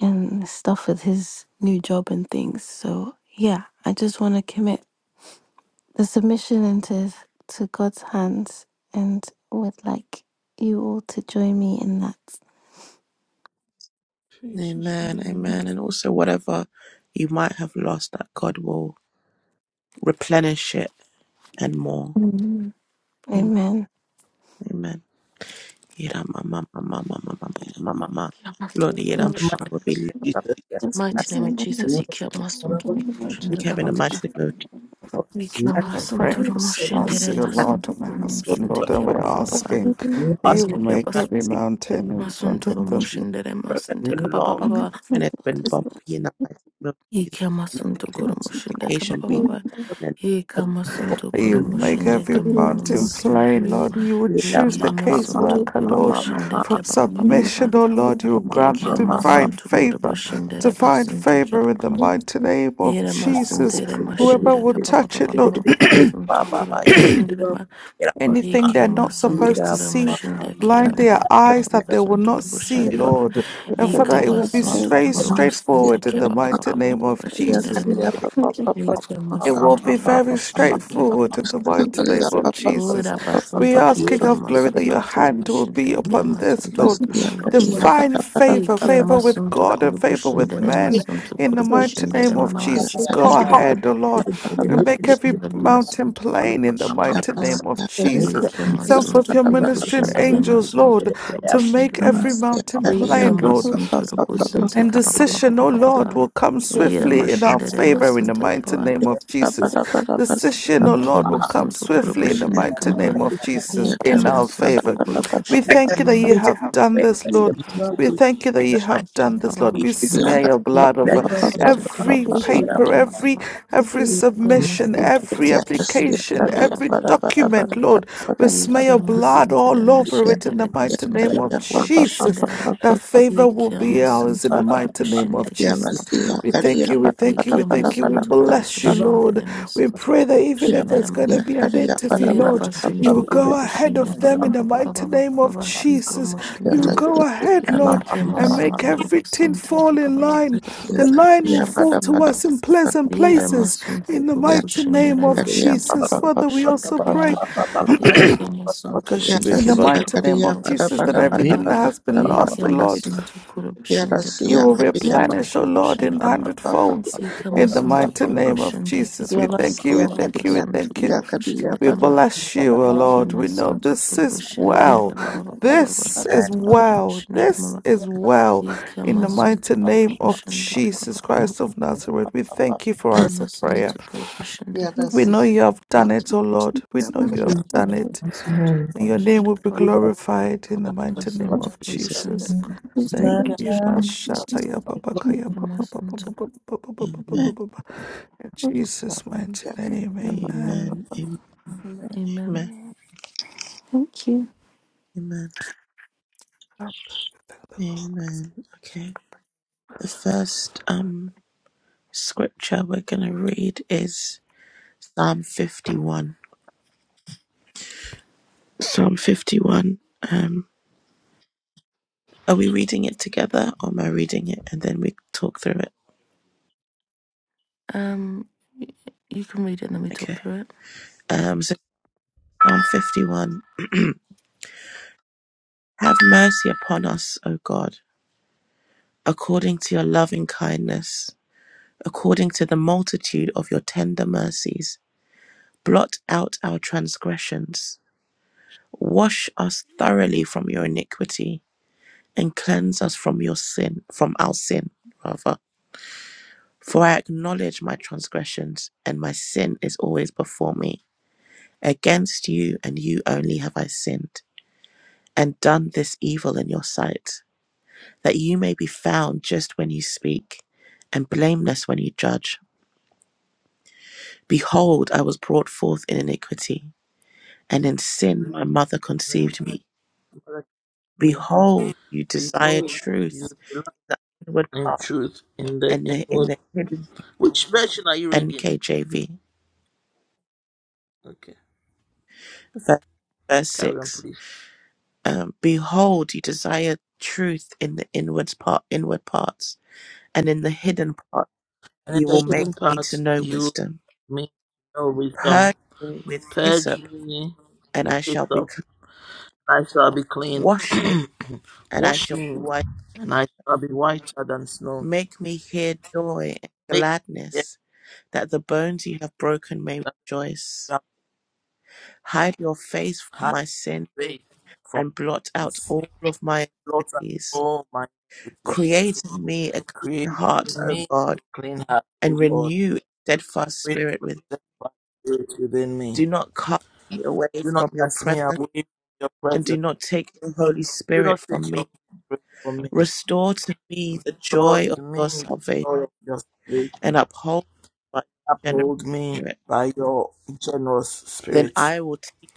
[SPEAKER 9] and stuff with his new job and things. So yeah, I just want to commit the submission into to God's hands and would like you all to join me in that.
[SPEAKER 8] Jesus'
[SPEAKER 1] Amen.
[SPEAKER 8] name,
[SPEAKER 1] Amen. And also, whatever you might have lost, that God will replenish it and more.
[SPEAKER 9] Amen. Amen.
[SPEAKER 1] Amen. Yera mama mama mama mama mama mama. Lord,
[SPEAKER 8] we
[SPEAKER 1] yera
[SPEAKER 8] in
[SPEAKER 9] Lord,
[SPEAKER 8] the
[SPEAKER 1] mama will be lifted up.
[SPEAKER 4] Jesus.
[SPEAKER 1] Yes,
[SPEAKER 9] just the
[SPEAKER 2] Mighty
[SPEAKER 1] that's
[SPEAKER 2] name
[SPEAKER 1] it.
[SPEAKER 2] of
[SPEAKER 9] name of the Lord,
[SPEAKER 2] Jesus, you kill Masum
[SPEAKER 8] mighty
[SPEAKER 1] You
[SPEAKER 2] Shunda
[SPEAKER 8] name
[SPEAKER 1] came in the
[SPEAKER 8] of
[SPEAKER 1] mighty
[SPEAKER 2] Kababa.
[SPEAKER 8] Jesus.
[SPEAKER 1] name of Jesus. Lord,
[SPEAKER 2] We kill
[SPEAKER 1] I
[SPEAKER 8] I
[SPEAKER 1] pray for
[SPEAKER 2] Masum
[SPEAKER 8] pray for
[SPEAKER 2] Turumushin,
[SPEAKER 1] the
[SPEAKER 2] Dere
[SPEAKER 8] Spasi, O
[SPEAKER 1] mercies and
[SPEAKER 2] Masum
[SPEAKER 8] Lord, and my
[SPEAKER 1] Lord,
[SPEAKER 8] husband,
[SPEAKER 2] Turumushin,
[SPEAKER 8] Lord,
[SPEAKER 1] but
[SPEAKER 8] and
[SPEAKER 2] Takia
[SPEAKER 8] we're
[SPEAKER 1] for
[SPEAKER 2] Baba.
[SPEAKER 8] asking
[SPEAKER 1] for
[SPEAKER 8] that you
[SPEAKER 1] asking
[SPEAKER 8] will
[SPEAKER 1] for
[SPEAKER 8] make
[SPEAKER 2] Kiabas
[SPEAKER 8] every
[SPEAKER 1] mercy in the
[SPEAKER 8] mountain
[SPEAKER 1] name
[SPEAKER 8] in
[SPEAKER 2] Masum
[SPEAKER 8] front of
[SPEAKER 1] of
[SPEAKER 8] them.
[SPEAKER 1] Jesus.
[SPEAKER 2] Turumushin, Dere
[SPEAKER 1] Road has
[SPEAKER 2] Masum
[SPEAKER 1] been long
[SPEAKER 9] I'm
[SPEAKER 2] Takababa.
[SPEAKER 9] so
[SPEAKER 1] and
[SPEAKER 9] glad
[SPEAKER 1] it's been
[SPEAKER 9] this
[SPEAKER 1] bumpy in the mighty name of
[SPEAKER 2] He
[SPEAKER 1] Jesus.
[SPEAKER 2] kill
[SPEAKER 1] But
[SPEAKER 2] Masum
[SPEAKER 1] let this
[SPEAKER 9] man has
[SPEAKER 2] Turumushin,
[SPEAKER 1] application be
[SPEAKER 2] Dekababa.
[SPEAKER 1] then
[SPEAKER 2] He
[SPEAKER 7] we
[SPEAKER 2] kill Masum
[SPEAKER 1] approval.
[SPEAKER 8] You make
[SPEAKER 2] Turumushin,
[SPEAKER 8] every
[SPEAKER 9] been
[SPEAKER 2] Dekamama
[SPEAKER 9] able to
[SPEAKER 8] mountain
[SPEAKER 2] Masum
[SPEAKER 8] plain,
[SPEAKER 2] Turumo.
[SPEAKER 8] Lord. You would
[SPEAKER 2] He
[SPEAKER 1] Yera
[SPEAKER 8] choose the
[SPEAKER 2] kill
[SPEAKER 1] mama
[SPEAKER 2] Masum
[SPEAKER 1] mama
[SPEAKER 9] speak.
[SPEAKER 8] caseworker, Lord,
[SPEAKER 1] mama
[SPEAKER 2] Turumushin,
[SPEAKER 1] mama.
[SPEAKER 8] from
[SPEAKER 2] Dekia
[SPEAKER 8] submission,
[SPEAKER 2] Baba.
[SPEAKER 8] oh Lord.
[SPEAKER 1] Yera
[SPEAKER 8] You will
[SPEAKER 1] mama
[SPEAKER 2] He
[SPEAKER 8] grant
[SPEAKER 1] mama
[SPEAKER 2] kill
[SPEAKER 1] mama
[SPEAKER 8] divine
[SPEAKER 2] Masum
[SPEAKER 8] favor,
[SPEAKER 2] Turumushin, Dere
[SPEAKER 8] divine
[SPEAKER 2] Basum Takia
[SPEAKER 8] favor in the
[SPEAKER 2] Baba.
[SPEAKER 8] mighty name of
[SPEAKER 2] Yere
[SPEAKER 8] Jesus.
[SPEAKER 2] masundere
[SPEAKER 8] Whoever
[SPEAKER 2] mashinde
[SPEAKER 8] will
[SPEAKER 2] kapa pa pa
[SPEAKER 8] touch it,
[SPEAKER 2] pa pa
[SPEAKER 8] Lord,
[SPEAKER 2] pa masunto kura mashindere ma
[SPEAKER 8] anything
[SPEAKER 2] yeke
[SPEAKER 8] they're not
[SPEAKER 2] masunto
[SPEAKER 8] supposed to
[SPEAKER 2] kura
[SPEAKER 8] see,
[SPEAKER 2] mashinde kia
[SPEAKER 8] blind
[SPEAKER 2] pa
[SPEAKER 8] their
[SPEAKER 2] pa pa
[SPEAKER 8] eyes
[SPEAKER 2] pa
[SPEAKER 8] that they will
[SPEAKER 2] masunto
[SPEAKER 8] not
[SPEAKER 2] rubo
[SPEAKER 5] pa
[SPEAKER 8] see,
[SPEAKER 5] pa
[SPEAKER 2] shindere ma
[SPEAKER 8] Lord.
[SPEAKER 5] pa
[SPEAKER 8] And
[SPEAKER 5] pa.
[SPEAKER 8] Father,
[SPEAKER 2] yika
[SPEAKER 8] it will be
[SPEAKER 2] masunto
[SPEAKER 8] very
[SPEAKER 2] kura
[SPEAKER 5] Ya masiya
[SPEAKER 2] masunto
[SPEAKER 8] straightforward in
[SPEAKER 2] kia
[SPEAKER 8] the
[SPEAKER 2] pa pa pa
[SPEAKER 8] mighty
[SPEAKER 2] pa pa
[SPEAKER 8] name of
[SPEAKER 2] pa
[SPEAKER 5] kariya
[SPEAKER 2] shindere
[SPEAKER 8] Jesus.
[SPEAKER 5] kariya
[SPEAKER 2] ma
[SPEAKER 5] pa pa pa pa
[SPEAKER 2] yeke
[SPEAKER 5] pa pa pa.
[SPEAKER 8] It will
[SPEAKER 2] masunto
[SPEAKER 8] be
[SPEAKER 2] kura
[SPEAKER 8] very
[SPEAKER 2] mashinde kia pa pa
[SPEAKER 8] straightforward
[SPEAKER 2] pa
[SPEAKER 8] in the
[SPEAKER 5] Ya
[SPEAKER 8] mighty
[SPEAKER 2] pa pa
[SPEAKER 5] kariya
[SPEAKER 8] name
[SPEAKER 5] pa
[SPEAKER 8] of
[SPEAKER 5] pa pa
[SPEAKER 8] Jesus.
[SPEAKER 5] pa
[SPEAKER 2] Ora
[SPEAKER 5] pa pa
[SPEAKER 8] We
[SPEAKER 5] pa.
[SPEAKER 2] masunto
[SPEAKER 8] ask, King
[SPEAKER 2] kia
[SPEAKER 8] of Glory, that your
[SPEAKER 2] masunto kura
[SPEAKER 8] hand will be
[SPEAKER 2] mashinde kia
[SPEAKER 8] upon this,
[SPEAKER 2] masunto
[SPEAKER 8] Lord.
[SPEAKER 2] rubo
[SPEAKER 5] Masiya
[SPEAKER 2] shindere
[SPEAKER 5] kariya
[SPEAKER 2] ma
[SPEAKER 5] pa
[SPEAKER 8] Divine
[SPEAKER 5] da pa da pa
[SPEAKER 8] favor,
[SPEAKER 5] da
[SPEAKER 2] yeke
[SPEAKER 5] pa da.
[SPEAKER 8] favor with
[SPEAKER 2] masunto
[SPEAKER 8] God
[SPEAKER 2] kura
[SPEAKER 8] and favor with
[SPEAKER 2] mashindere
[SPEAKER 8] men.
[SPEAKER 2] masunto
[SPEAKER 8] In the
[SPEAKER 2] kura
[SPEAKER 8] mighty
[SPEAKER 2] mashindere
[SPEAKER 8] name of
[SPEAKER 2] ma
[SPEAKER 5] Ya
[SPEAKER 8] Jesus, go
[SPEAKER 5] kariya
[SPEAKER 2] ma
[SPEAKER 8] ahead, O Lord, and make every
[SPEAKER 2] Shindele
[SPEAKER 8] mountain
[SPEAKER 2] masuntu kuru
[SPEAKER 8] plain in the
[SPEAKER 5] ya
[SPEAKER 8] mighty
[SPEAKER 2] kushindele mama.
[SPEAKER 8] name of
[SPEAKER 5] masiya kariya
[SPEAKER 8] Jesus.
[SPEAKER 2] Yeke
[SPEAKER 8] Send
[SPEAKER 2] masuntu
[SPEAKER 8] forth your
[SPEAKER 2] kuru
[SPEAKER 8] ministering
[SPEAKER 2] kushindele
[SPEAKER 8] angels,
[SPEAKER 2] masuntu
[SPEAKER 8] Lord,
[SPEAKER 2] kuru
[SPEAKER 8] to make
[SPEAKER 2] kushindele mama.
[SPEAKER 8] every
[SPEAKER 5] masiya
[SPEAKER 8] mountain
[SPEAKER 5] kariya
[SPEAKER 2] Yeke
[SPEAKER 8] plain,
[SPEAKER 5] pa
[SPEAKER 8] Lord.
[SPEAKER 5] pa
[SPEAKER 2] masuntu
[SPEAKER 5] pa
[SPEAKER 2] kuru
[SPEAKER 5] pa pa pa
[SPEAKER 2] kusinte
[SPEAKER 8] And
[SPEAKER 2] kapa pa pa pa
[SPEAKER 8] decision,
[SPEAKER 2] pa
[SPEAKER 8] oh
[SPEAKER 2] pa pa
[SPEAKER 8] Lord,
[SPEAKER 2] pa.
[SPEAKER 8] will come
[SPEAKER 2] Yere
[SPEAKER 8] swiftly in our
[SPEAKER 2] maşindele
[SPEAKER 8] favor in the
[SPEAKER 2] masuntu kapa
[SPEAKER 8] mighty
[SPEAKER 2] pa.
[SPEAKER 8] name of
[SPEAKER 5] pa pa
[SPEAKER 8] Jesus.
[SPEAKER 5] da pa da pa da.
[SPEAKER 8] Decision, oh
[SPEAKER 2] Yeke
[SPEAKER 8] Lord, will come
[SPEAKER 2] masuntu kuru
[SPEAKER 8] swiftly in the
[SPEAKER 2] kushindele
[SPEAKER 8] mighty
[SPEAKER 2] mama.
[SPEAKER 8] name of
[SPEAKER 5] Ya
[SPEAKER 8] Jesus
[SPEAKER 1] Amen.
[SPEAKER 2] Yeke
[SPEAKER 8] in
[SPEAKER 5] kariya
[SPEAKER 8] our
[SPEAKER 5] pa da
[SPEAKER 2] masuntu
[SPEAKER 8] favor.
[SPEAKER 5] pa da
[SPEAKER 2] kuru
[SPEAKER 5] pa da.
[SPEAKER 8] We
[SPEAKER 1] Let
[SPEAKER 8] thank
[SPEAKER 2] kushindele
[SPEAKER 8] you
[SPEAKER 1] them
[SPEAKER 8] that
[SPEAKER 2] mama.
[SPEAKER 8] you
[SPEAKER 1] prove
[SPEAKER 8] have
[SPEAKER 1] be
[SPEAKER 8] done
[SPEAKER 1] quick. Let
[SPEAKER 8] this,
[SPEAKER 1] them
[SPEAKER 8] Lord.
[SPEAKER 1] prove be
[SPEAKER 8] We thank you that
[SPEAKER 1] in
[SPEAKER 8] you
[SPEAKER 1] the
[SPEAKER 8] have
[SPEAKER 1] mighty name
[SPEAKER 8] done
[SPEAKER 2] Kapa
[SPEAKER 8] this,
[SPEAKER 2] pa
[SPEAKER 1] of
[SPEAKER 8] Lord.
[SPEAKER 2] pa.
[SPEAKER 1] Jesus,
[SPEAKER 8] We
[SPEAKER 5] Ya
[SPEAKER 1] Lord.
[SPEAKER 8] smear your
[SPEAKER 5] kariya pa
[SPEAKER 8] blood
[SPEAKER 2] Yeke
[SPEAKER 1] Let
[SPEAKER 8] over
[SPEAKER 1] it
[SPEAKER 5] pa
[SPEAKER 1] be the
[SPEAKER 5] pa
[SPEAKER 2] masuntu
[SPEAKER 1] time
[SPEAKER 2] kuru kushindele mama. Yeke masuntu
[SPEAKER 5] pa
[SPEAKER 2] kuru
[SPEAKER 8] every
[SPEAKER 5] pa
[SPEAKER 1] for
[SPEAKER 5] pa
[SPEAKER 1] you,
[SPEAKER 5] pa.
[SPEAKER 2] kushindele
[SPEAKER 1] Lord.
[SPEAKER 8] paper, every every submission, every
[SPEAKER 5] Yes, yeah,
[SPEAKER 8] application,
[SPEAKER 2] kapa pa
[SPEAKER 5] yeah,
[SPEAKER 2] pa
[SPEAKER 8] every
[SPEAKER 5] ba
[SPEAKER 2] pa
[SPEAKER 5] da
[SPEAKER 2] pa
[SPEAKER 5] ba da
[SPEAKER 2] pa pa.
[SPEAKER 5] ba
[SPEAKER 8] document,
[SPEAKER 5] da ba
[SPEAKER 8] Lord. We smear your blood
[SPEAKER 2] Yıkamasıntıra
[SPEAKER 8] all over
[SPEAKER 5] Yeah,
[SPEAKER 8] it in
[SPEAKER 2] maşındere
[SPEAKER 8] the
[SPEAKER 5] yeah,
[SPEAKER 8] mighty name mighty
[SPEAKER 1] Let
[SPEAKER 2] basıntı
[SPEAKER 8] name
[SPEAKER 1] it
[SPEAKER 8] of
[SPEAKER 1] be
[SPEAKER 5] yeah,
[SPEAKER 1] the
[SPEAKER 5] ba
[SPEAKER 1] time
[SPEAKER 2] kuru
[SPEAKER 5] ba ba
[SPEAKER 8] Jesus.
[SPEAKER 5] ba
[SPEAKER 2] başındere
[SPEAKER 5] ba ba
[SPEAKER 8] That
[SPEAKER 5] ba ba
[SPEAKER 8] favor will be ours in
[SPEAKER 2] yıkamasıntı
[SPEAKER 8] the
[SPEAKER 5] ba.
[SPEAKER 1] for
[SPEAKER 2] kuru
[SPEAKER 8] mighty
[SPEAKER 1] you,
[SPEAKER 8] name
[SPEAKER 2] başında
[SPEAKER 8] of
[SPEAKER 5] Yeah,
[SPEAKER 2] keba
[SPEAKER 8] Jesus.
[SPEAKER 5] must
[SPEAKER 2] baba
[SPEAKER 5] yeah,
[SPEAKER 8] We
[SPEAKER 2] baba
[SPEAKER 8] thank
[SPEAKER 5] yeah,
[SPEAKER 8] you,
[SPEAKER 5] ba
[SPEAKER 8] we
[SPEAKER 5] da ba
[SPEAKER 8] thank you,
[SPEAKER 5] da
[SPEAKER 8] we
[SPEAKER 5] ba da
[SPEAKER 8] thank you. We
[SPEAKER 2] yıkamasıntı kuru
[SPEAKER 8] bless you, Lord.
[SPEAKER 2] başındere
[SPEAKER 8] We
[SPEAKER 2] masıntı
[SPEAKER 8] pray that
[SPEAKER 2] kuru
[SPEAKER 8] even
[SPEAKER 5] Yeah,
[SPEAKER 8] if
[SPEAKER 5] must
[SPEAKER 2] başındere
[SPEAKER 8] there's going
[SPEAKER 2] ma
[SPEAKER 8] to
[SPEAKER 5] yeah,
[SPEAKER 8] be an
[SPEAKER 5] yeah, ba da
[SPEAKER 8] interview,
[SPEAKER 5] ba
[SPEAKER 2] nira
[SPEAKER 5] da
[SPEAKER 8] Lord,
[SPEAKER 5] ba ba
[SPEAKER 8] you will
[SPEAKER 2] basıntı
[SPEAKER 5] ba
[SPEAKER 1] Lord.
[SPEAKER 2] kuru
[SPEAKER 8] go ahead
[SPEAKER 2] başında
[SPEAKER 8] of them
[SPEAKER 2] keba
[SPEAKER 8] in the
[SPEAKER 2] baba
[SPEAKER 8] mighty
[SPEAKER 2] baba
[SPEAKER 8] name
[SPEAKER 2] baba
[SPEAKER 8] of
[SPEAKER 2] basıntı kuru
[SPEAKER 8] Jesus.
[SPEAKER 5] Yeah,
[SPEAKER 8] You
[SPEAKER 2] başında
[SPEAKER 8] will
[SPEAKER 5] must
[SPEAKER 8] go
[SPEAKER 5] yeah,
[SPEAKER 8] ahead,
[SPEAKER 2] we
[SPEAKER 8] Lord,
[SPEAKER 2] came as
[SPEAKER 8] and
[SPEAKER 2] soon
[SPEAKER 8] make
[SPEAKER 2] to the
[SPEAKER 8] everything
[SPEAKER 2] person to
[SPEAKER 8] fall
[SPEAKER 2] keep up
[SPEAKER 8] in
[SPEAKER 2] our
[SPEAKER 8] line.
[SPEAKER 2] person
[SPEAKER 8] The
[SPEAKER 2] to
[SPEAKER 8] line
[SPEAKER 2] push
[SPEAKER 8] will
[SPEAKER 5] yeah, ba yeah, yeah,
[SPEAKER 2] and
[SPEAKER 5] ba
[SPEAKER 8] fall
[SPEAKER 5] da ba
[SPEAKER 8] to
[SPEAKER 2] small.
[SPEAKER 5] da
[SPEAKER 8] us in
[SPEAKER 5] ba ba
[SPEAKER 8] pleasant
[SPEAKER 5] ba
[SPEAKER 2] We
[SPEAKER 5] ba.
[SPEAKER 8] places
[SPEAKER 2] Ramasun to
[SPEAKER 8] in the
[SPEAKER 5] Yeah,
[SPEAKER 8] mighty
[SPEAKER 2] Kurubushin, the
[SPEAKER 8] name of
[SPEAKER 5] mas, yeah,
[SPEAKER 2] Ramasun
[SPEAKER 5] ba
[SPEAKER 2] to
[SPEAKER 5] ba
[SPEAKER 8] Jesus.
[SPEAKER 5] ba ba ba ba
[SPEAKER 8] Father,
[SPEAKER 5] ba
[SPEAKER 8] we
[SPEAKER 2] Kurubushin, the
[SPEAKER 8] also
[SPEAKER 2] Kamama.
[SPEAKER 8] pray.
[SPEAKER 2] We came as soon to the
[SPEAKER 5] Yeah,
[SPEAKER 8] In the
[SPEAKER 2] person
[SPEAKER 5] must
[SPEAKER 2] to
[SPEAKER 5] yeah,
[SPEAKER 8] mighty
[SPEAKER 2] keep up
[SPEAKER 8] name
[SPEAKER 5] yeah,
[SPEAKER 8] of
[SPEAKER 2] our
[SPEAKER 5] ba da
[SPEAKER 8] Jesus,
[SPEAKER 5] ba
[SPEAKER 8] that
[SPEAKER 2] person
[SPEAKER 5] da
[SPEAKER 2] to
[SPEAKER 5] ba da
[SPEAKER 8] everything
[SPEAKER 2] Rama.
[SPEAKER 5] ba
[SPEAKER 8] that
[SPEAKER 5] da
[SPEAKER 8] has been
[SPEAKER 5] ba
[SPEAKER 2] We
[SPEAKER 8] lost, O
[SPEAKER 2] came as
[SPEAKER 8] Lord,
[SPEAKER 2] soon to
[SPEAKER 5] Yeah,
[SPEAKER 2] Kurubushin, the
[SPEAKER 8] you
[SPEAKER 2] Kababa
[SPEAKER 8] will
[SPEAKER 2] person
[SPEAKER 5] mas,
[SPEAKER 2] to
[SPEAKER 8] replenish, O Lord,
[SPEAKER 2] Kurubushin, the
[SPEAKER 8] in
[SPEAKER 2] Kama.
[SPEAKER 8] hundred
[SPEAKER 5] yeah, yeah, ba
[SPEAKER 8] folds.
[SPEAKER 2] We
[SPEAKER 5] ba.
[SPEAKER 2] came
[SPEAKER 8] In
[SPEAKER 2] as
[SPEAKER 8] the
[SPEAKER 2] soon to
[SPEAKER 8] mighty name of
[SPEAKER 2] Kurubushin, the
[SPEAKER 8] Jesus, we thank you,
[SPEAKER 5] Yamaskia
[SPEAKER 8] we
[SPEAKER 2] Kababa
[SPEAKER 8] thank you, we
[SPEAKER 5] Kadia
[SPEAKER 2] person to
[SPEAKER 8] thank you.
[SPEAKER 2] Kurubushin,
[SPEAKER 5] Yakadia
[SPEAKER 2] the
[SPEAKER 8] We
[SPEAKER 5] but
[SPEAKER 2] Kama.
[SPEAKER 8] bless you,
[SPEAKER 7] Thank
[SPEAKER 8] O
[SPEAKER 7] you.
[SPEAKER 2] We
[SPEAKER 8] Lord.
[SPEAKER 2] came
[SPEAKER 8] We
[SPEAKER 2] as
[SPEAKER 8] know
[SPEAKER 2] soon to
[SPEAKER 8] this is
[SPEAKER 2] Kurubushin, the
[SPEAKER 8] well.
[SPEAKER 2] Kababa
[SPEAKER 5] Yakadia
[SPEAKER 8] This
[SPEAKER 2] person
[SPEAKER 8] is
[SPEAKER 2] to
[SPEAKER 8] well.
[SPEAKER 2] Kurubushin, the Kama.
[SPEAKER 8] This is
[SPEAKER 5] Yakadia,
[SPEAKER 8] well. In the
[SPEAKER 2] Ikemasun to
[SPEAKER 8] mighty name of
[SPEAKER 2] Kurubushan de
[SPEAKER 8] Jesus
[SPEAKER 2] Kababa,
[SPEAKER 8] Christ of Nazareth, we thank you for answered
[SPEAKER 2] Kemasun
[SPEAKER 8] prayer.
[SPEAKER 2] to Kurubushan de
[SPEAKER 8] We
[SPEAKER 2] Rababa,
[SPEAKER 8] know you have done it, O Lord. We know you
[SPEAKER 9] Thank
[SPEAKER 8] have done it.
[SPEAKER 2] Sun to
[SPEAKER 8] And your name
[SPEAKER 2] Kurubushan de
[SPEAKER 8] will be
[SPEAKER 2] Kababa,
[SPEAKER 8] glorified in the mighty name
[SPEAKER 2] Kemasun to
[SPEAKER 8] of
[SPEAKER 1] Jesus.
[SPEAKER 2] Kurubushan
[SPEAKER 8] Jesus.
[SPEAKER 2] de
[SPEAKER 8] Thank you.
[SPEAKER 2] Kurubushan
[SPEAKER 8] Mashataya
[SPEAKER 2] de
[SPEAKER 8] babakaya
[SPEAKER 2] Kemasun to
[SPEAKER 1] Amen.
[SPEAKER 8] babababababababababababa. In Jesus' mighty
[SPEAKER 5] Yakadia,
[SPEAKER 8] name, amen.
[SPEAKER 1] Amen. Amen.
[SPEAKER 5] Yakadia,
[SPEAKER 2] Amen.
[SPEAKER 9] you.
[SPEAKER 1] Amen. Amen.
[SPEAKER 8] Thank the Lord.
[SPEAKER 1] Amen. Okay. The first um scripture we're going to read is Psalm 51. Psalm 51. Um, are we reading it together or am I reading it and then we talk through it?
[SPEAKER 2] Um, y- you can read it and then we talk
[SPEAKER 1] Okay.
[SPEAKER 2] through it.
[SPEAKER 1] Um, so Psalm 51. Have mercy upon us, O God, according to your loving kindness, according to the multitude of your tender mercies. Blot out our transgressions. Wash us thoroughly from your iniquity and cleanse us from your sin, from our sin, rather For I acknowledge my transgressions, and my sin is always before me. Against you and you only have I sinned, and done this evil in your sight, that you may be found just when you speak, and blameless when you judge. Behold, I was brought forth in iniquity, and in sin my mother conceived me.
[SPEAKER 4] me
[SPEAKER 1] Behold, you desire
[SPEAKER 4] people you
[SPEAKER 1] truth,
[SPEAKER 4] delight
[SPEAKER 1] the inward
[SPEAKER 4] in
[SPEAKER 1] part,
[SPEAKER 4] truth in the
[SPEAKER 1] and the, in
[SPEAKER 4] inward.
[SPEAKER 1] the hidden
[SPEAKER 4] Which version are you reading?
[SPEAKER 1] NKJV,
[SPEAKER 4] Okay,
[SPEAKER 1] verse, verse
[SPEAKER 4] carry on,
[SPEAKER 1] 6.
[SPEAKER 4] please.
[SPEAKER 1] Um, Behold, you desire truth in the inwards part, inward parts, and in the hidden part
[SPEAKER 4] And in
[SPEAKER 1] you will
[SPEAKER 4] the
[SPEAKER 1] make
[SPEAKER 4] hidden
[SPEAKER 1] me
[SPEAKER 4] part,
[SPEAKER 1] to know
[SPEAKER 4] you
[SPEAKER 1] wisdom.
[SPEAKER 4] may know wisdom.
[SPEAKER 1] Purge me with
[SPEAKER 4] Purge
[SPEAKER 1] hyssop,
[SPEAKER 4] me
[SPEAKER 1] and
[SPEAKER 4] with
[SPEAKER 1] I shall be
[SPEAKER 4] hyssop,
[SPEAKER 1] clean.
[SPEAKER 4] and I shall be clean.
[SPEAKER 1] Wash me, and I
[SPEAKER 4] Wash
[SPEAKER 1] shall be
[SPEAKER 4] me,
[SPEAKER 1] white.
[SPEAKER 4] and I shall be whiter than snow.
[SPEAKER 1] Make me hear joy and
[SPEAKER 4] Make me yet
[SPEAKER 1] gladness, that the bones you have broken may
[SPEAKER 4] that I
[SPEAKER 1] rejoice.
[SPEAKER 4] shall
[SPEAKER 1] Hide your face from
[SPEAKER 4] hide
[SPEAKER 1] my
[SPEAKER 4] your
[SPEAKER 1] sin,
[SPEAKER 4] face from
[SPEAKER 1] and blot
[SPEAKER 4] my
[SPEAKER 1] out
[SPEAKER 4] sins.
[SPEAKER 1] all of my
[SPEAKER 4] Blot out
[SPEAKER 1] iniquities.
[SPEAKER 4] all my iniquities.
[SPEAKER 1] Create in me a clean
[SPEAKER 4] Create
[SPEAKER 1] heart,
[SPEAKER 4] in
[SPEAKER 1] O
[SPEAKER 4] me a
[SPEAKER 1] God,
[SPEAKER 4] clean heart,
[SPEAKER 1] and
[SPEAKER 4] O Lord.
[SPEAKER 1] renew a steadfast
[SPEAKER 4] Renew
[SPEAKER 1] spirit
[SPEAKER 4] a
[SPEAKER 1] within
[SPEAKER 4] steadfast spirit within me.
[SPEAKER 1] Do not cast me away
[SPEAKER 4] Do not
[SPEAKER 1] from your
[SPEAKER 4] cast me away
[SPEAKER 1] presence,
[SPEAKER 4] from your
[SPEAKER 1] and do
[SPEAKER 4] presence.
[SPEAKER 1] not take your Holy
[SPEAKER 4] Do
[SPEAKER 1] Spirit
[SPEAKER 4] not take
[SPEAKER 1] from
[SPEAKER 4] your
[SPEAKER 1] me.
[SPEAKER 4] Spirit from me.
[SPEAKER 1] Restore to me the
[SPEAKER 4] Restore
[SPEAKER 1] joy of
[SPEAKER 4] to
[SPEAKER 1] your
[SPEAKER 4] me the
[SPEAKER 1] salvation,
[SPEAKER 4] joy of your salvation.
[SPEAKER 1] and uphold me by your generous
[SPEAKER 4] Uphold me
[SPEAKER 1] spirit.
[SPEAKER 4] by your generous
[SPEAKER 1] Then
[SPEAKER 4] spirit,
[SPEAKER 1] I will teach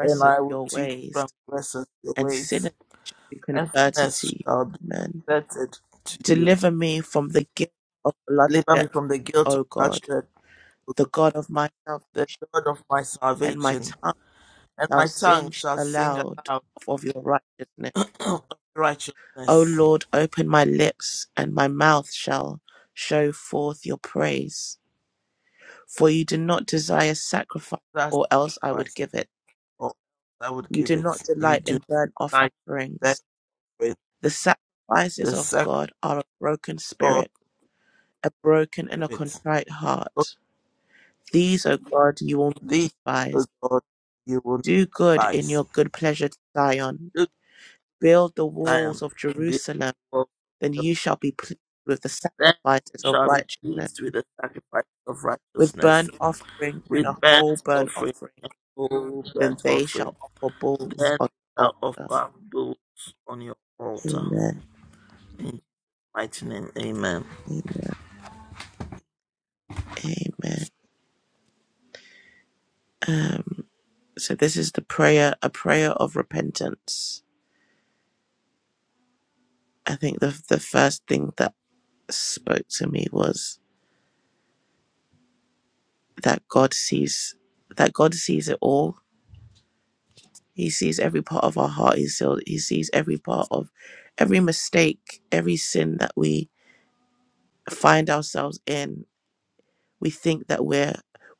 [SPEAKER 4] and I will
[SPEAKER 1] your
[SPEAKER 4] teach
[SPEAKER 1] ways,
[SPEAKER 4] transgressors your
[SPEAKER 1] and sinners
[SPEAKER 4] ways,
[SPEAKER 1] shall be
[SPEAKER 4] and
[SPEAKER 1] converted to
[SPEAKER 4] sinners
[SPEAKER 1] you.
[SPEAKER 4] shall be
[SPEAKER 1] Amen.
[SPEAKER 4] converted to you.
[SPEAKER 1] Deliver me from the guilt of
[SPEAKER 4] Deliver me
[SPEAKER 1] bloodshed,
[SPEAKER 4] from the guilt of
[SPEAKER 1] O God,
[SPEAKER 4] bloodshed, O
[SPEAKER 1] the
[SPEAKER 4] God,
[SPEAKER 1] God of myself,
[SPEAKER 4] the God of my
[SPEAKER 1] and my
[SPEAKER 4] salvation,
[SPEAKER 1] tongue
[SPEAKER 4] and
[SPEAKER 1] shall
[SPEAKER 4] my tongue
[SPEAKER 1] sing
[SPEAKER 4] shall sing
[SPEAKER 1] aloud
[SPEAKER 4] aloud
[SPEAKER 1] of your righteousness.
[SPEAKER 4] of
[SPEAKER 1] O
[SPEAKER 4] righteousness.
[SPEAKER 1] Lord, open my lips, and my mouth shall show forth your praise. For you do not desire sacrifice,
[SPEAKER 4] That
[SPEAKER 1] or else I would
[SPEAKER 4] sacrifice,
[SPEAKER 1] give it.
[SPEAKER 4] or else I would
[SPEAKER 1] You
[SPEAKER 4] give
[SPEAKER 1] do
[SPEAKER 4] it.
[SPEAKER 1] not
[SPEAKER 4] You
[SPEAKER 1] delight
[SPEAKER 4] do
[SPEAKER 1] in burnt
[SPEAKER 4] not delight
[SPEAKER 1] offerings.
[SPEAKER 4] with
[SPEAKER 1] The sacrifices
[SPEAKER 4] the
[SPEAKER 1] of
[SPEAKER 4] sacrifice
[SPEAKER 1] God are a broken
[SPEAKER 4] of
[SPEAKER 1] spirit, a broken and a
[SPEAKER 4] spirit.
[SPEAKER 1] contrite
[SPEAKER 4] But
[SPEAKER 1] heart. These, O God, you will not
[SPEAKER 4] thee, O
[SPEAKER 1] despise.
[SPEAKER 4] God, you will not
[SPEAKER 1] Do good in
[SPEAKER 4] despise.
[SPEAKER 1] your good pleasure to Zion.
[SPEAKER 4] do
[SPEAKER 1] Build the walls
[SPEAKER 4] Zion,
[SPEAKER 1] of
[SPEAKER 4] build the
[SPEAKER 1] Jerusalem,
[SPEAKER 4] wall
[SPEAKER 1] then
[SPEAKER 4] of
[SPEAKER 1] you shall be pleased with the
[SPEAKER 4] them
[SPEAKER 1] sacrifices of
[SPEAKER 4] shall be
[SPEAKER 1] righteousness
[SPEAKER 4] pleased with the sacrifice of
[SPEAKER 1] with
[SPEAKER 4] righteousness,
[SPEAKER 1] burnt offering and a
[SPEAKER 4] with
[SPEAKER 1] whole
[SPEAKER 4] burnt
[SPEAKER 1] burnt
[SPEAKER 4] offering
[SPEAKER 1] offering.
[SPEAKER 4] and whole
[SPEAKER 1] Then
[SPEAKER 4] burnt
[SPEAKER 1] they
[SPEAKER 4] offering.
[SPEAKER 1] shall offer bulls
[SPEAKER 4] Then
[SPEAKER 1] on the
[SPEAKER 4] shall
[SPEAKER 1] altar.
[SPEAKER 4] offer bulls on your altar.
[SPEAKER 1] Amen.
[SPEAKER 4] In mighty name, Amen.
[SPEAKER 1] Amen. Amen. Um, so this is the prayer, a prayer of repentance. I think the the first thing that spoke to me was that God sees that God sees it all. He sees every part of our heart. He sees, he sees every part of every mistake, every sin that we find ourselves in we think that we're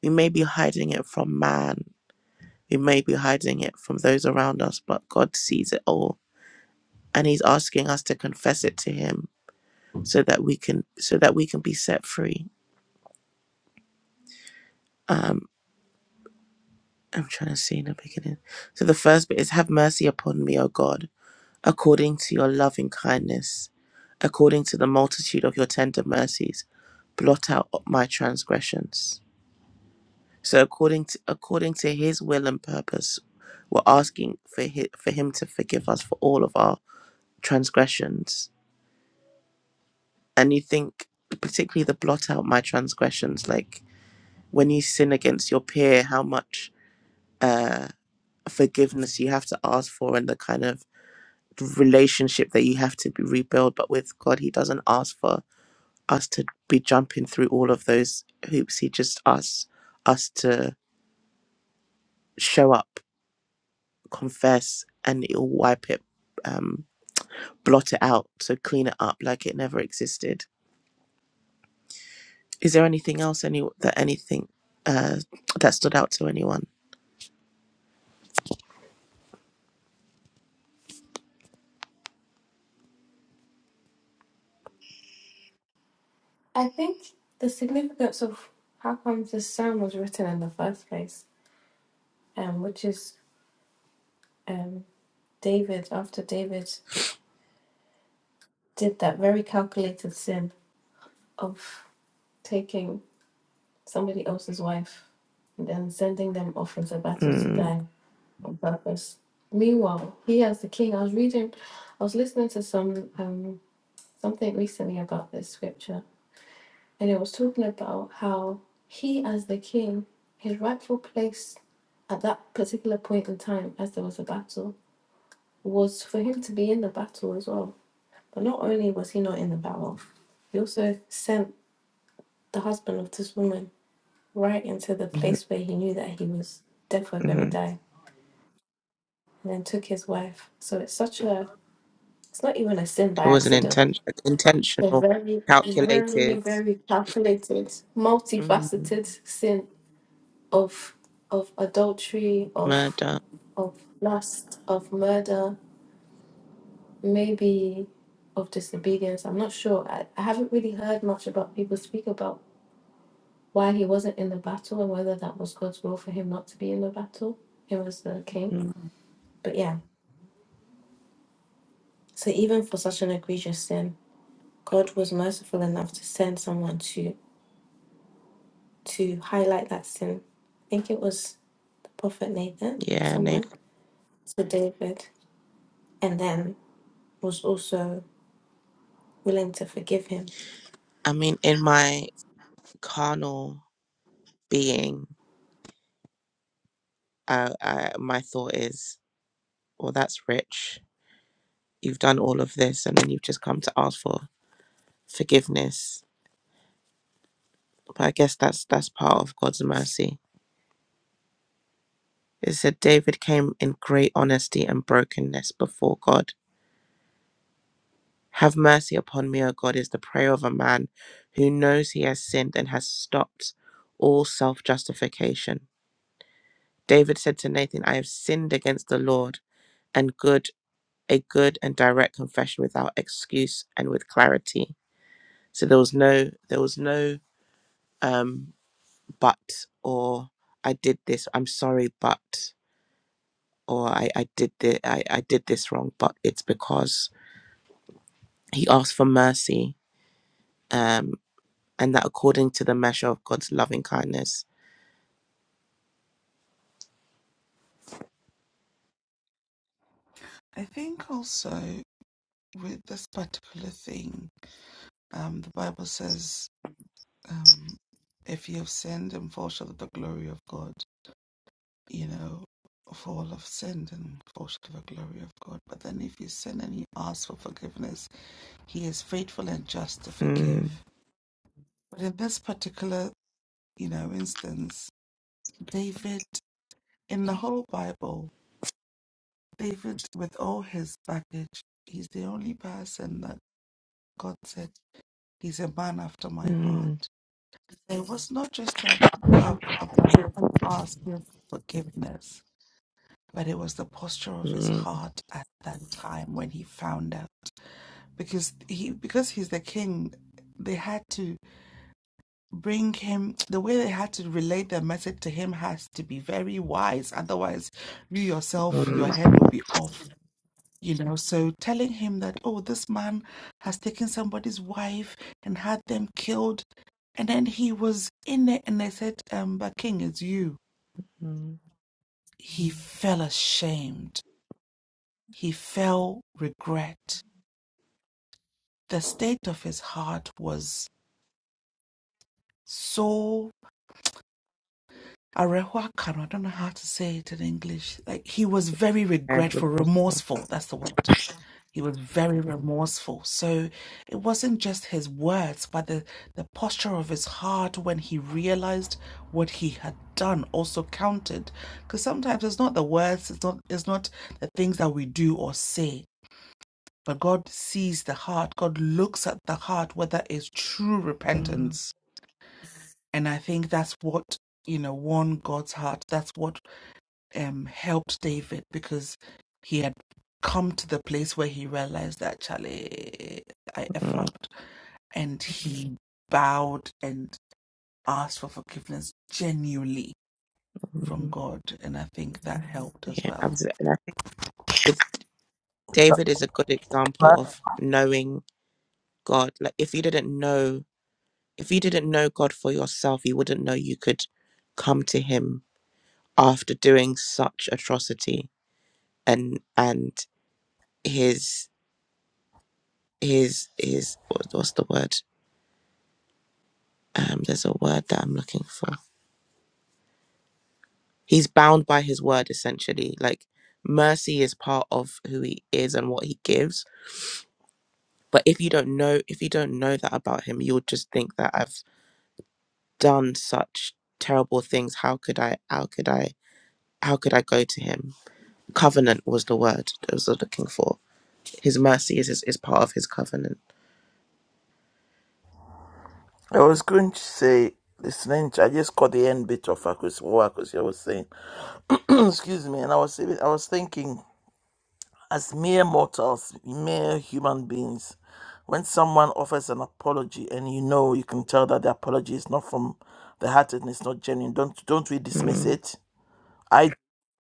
[SPEAKER 1] we may be hiding it from man we may be hiding it from those around us but god sees it all and he's asking us to confess it to him so that we can so that we can be set free um i'm trying to see in the beginning so the first bit is have mercy upon me o god according to your loving kindness according to the multitude of your tender mercies blot out my transgressions So according to, according to his will and purpose, we're asking for his, for him to forgive us for all of our transgressions. And you think particularly the blot out my transgressions, like when you sin against your peer, how much uh, forgiveness you have to ask for and the kind of relationship that you have to be rebuild. But with God, he doesn't ask for us to be jumping through all of those hoops. He just asks us to show up confess, and it'll wipe it, um, blot it out, so clean it up like it never existed. Is there anything else any that anything uh, that stood out to anyone?
[SPEAKER 9] I think the significance of how come this psalm was written in the first place, um, which is um, David, after David did that very calculated sin of taking somebody else's wife and then sending them off into battle to
[SPEAKER 1] Mm,
[SPEAKER 9] die. on purpose. Meanwhile, he as the king, I was reading, I was listening to some um something recently about this scripture, and it was talking about how he as the king, his rightful place at that particular point in time, as there was a battle, was for him to be in the battle as well. But not only was he not in the battle, he also sent the husband of this woman right into the
[SPEAKER 1] hmm
[SPEAKER 9] place where he knew that he was definitely going to
[SPEAKER 1] hmm
[SPEAKER 9] die, and then took his wife. So it's such a It's not even a sin by
[SPEAKER 1] It was an
[SPEAKER 9] accident.
[SPEAKER 1] intention,
[SPEAKER 9] It's a
[SPEAKER 1] intentional,
[SPEAKER 9] very, very,
[SPEAKER 1] calculated
[SPEAKER 9] very calculated,
[SPEAKER 1] mm,
[SPEAKER 9] multifaceted sin of of adultery, of
[SPEAKER 1] murder.
[SPEAKER 9] of lust, of murder, maybe of disobedience. I'm not sure. I, I haven't really heard much about people speak about why he wasn't in the battle and whether that was God's will for him not to be in the battle. He was the king.
[SPEAKER 1] Mm,
[SPEAKER 9] But yeah, so even for such an egregious sin, God was merciful enough to send someone to to highlight that sin. I think it was the prophet Nathan,
[SPEAKER 1] yeah,
[SPEAKER 9] someone,
[SPEAKER 1] Nathan.
[SPEAKER 9] to David, and then was also willing to forgive him.
[SPEAKER 1] I mean, in my carnal being, I, I, my thought is, well, that's rich. You've done all of this, and then you've just come to ask for forgiveness But I guess that's that's part of God's mercy. It said David came in great honesty and brokenness before God. Have mercy upon me, O God, is the prayer of a man who knows he has sinned and has stopped all self justification. David said to Nathan, I have sinned against the Lord, and good a good and direct confession without excuse and with clarity. So there was no there was no um but or I did this, I'm sorry, but or I, I did the I, I did this wrong, but it's because he asked for mercy, um, and that according to the measure of God's loving kindness.
[SPEAKER 8] I think also with this particular thing, um, the Bible says, um, if you have sinned and fall short of the glory of God, you know, for all have sinned and fall short of the glory of God. But then if you sin and you ask for forgiveness, He is faithful and just to
[SPEAKER 1] Mm,
[SPEAKER 8] forgive. But in this particular, you know, instance, David, in the whole Bible, David, with all his baggage, he's the only person that God said, He's a man after my heart.
[SPEAKER 1] mm,
[SPEAKER 8] It was not just a, a, about him asking for forgiveness, but it was the posture of his
[SPEAKER 1] mm,
[SPEAKER 8] heart at that time when he found out because he because he's the king they had to bring him the way they had to relate their message to him has to be very wise otherwise you yourself your
[SPEAKER 1] mm,
[SPEAKER 8] head will be off you know so telling him that oh this man has taken somebody's wife and had them killed and then he was in it and they said um but king it's you
[SPEAKER 1] Mm,
[SPEAKER 8] he felt ashamed he felt regret the state of his heart was so Arehuacano, I don't know how to say it in English. Like he was very
[SPEAKER 1] yeah,
[SPEAKER 8] regretful,
[SPEAKER 1] remorseful.
[SPEAKER 8] remorseful. That's the word. He was very remorseful. So it wasn't just his words, but the, the posture of his heart when he realized what he had done also counted. Because sometimes it's not the words, it's not it's not the things that we do or say. But God sees the heart. God looks at the heart, whether it's true
[SPEAKER 1] mm,
[SPEAKER 8] repentance. And I think that's what you know, won God's heart. That's what um, helped David because he had come to the place where he realized that Charlie, I f
[SPEAKER 1] Mm,
[SPEAKER 8] upped, and he bowed and asked for forgiveness genuinely from
[SPEAKER 1] mm.
[SPEAKER 8] God, and I think that helped as
[SPEAKER 1] Yeah,
[SPEAKER 8] well.
[SPEAKER 1] absolutely. And I think with David is a good example
[SPEAKER 4] But
[SPEAKER 1] of knowing God. Like if you didn't know if you didn't know God for yourself, you wouldn't know you could come to him after doing such atrocity. And and his his his what- what's the word um there's a word that i'm looking for he's bound by his word essentially like mercy is part of who he is and what he gives but if you don't know if you don't know that about him you'll just think that i've done such terrible things how could i how could i how could i go to him covenant was the word that i was looking for his mercy is is, is part of his covenant
[SPEAKER 4] I was going to say, listening, I just caught the end bit of Akus- what Akusia was saying. Excuse me, and I was even, I was thinking. As mere mortals, mere human beings, when someone offers an apology and you know you can tell that the apology is not from the heart and it's not genuine, don't don't we dismiss
[SPEAKER 1] mm,
[SPEAKER 4] it? I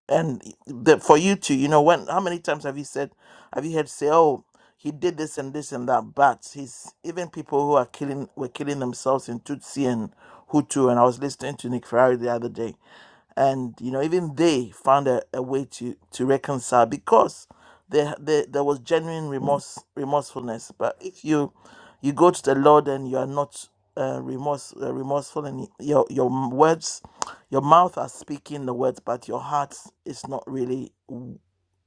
[SPEAKER 4] and the, for you too, you know when how many times have you said have you heard say oh he did this and this and that, but he's even people who are killing were killing themselves in Tutsi and Hutu and I was listening to Nick Ferrari the other day and you know even they found a, a way to to reconcile because there, there there was genuine remorse remorsefulness but if you you go to the lord and you are not uh, remorse uh, remorseful and your your m- words your mouth are speaking the words but your heart is not really w-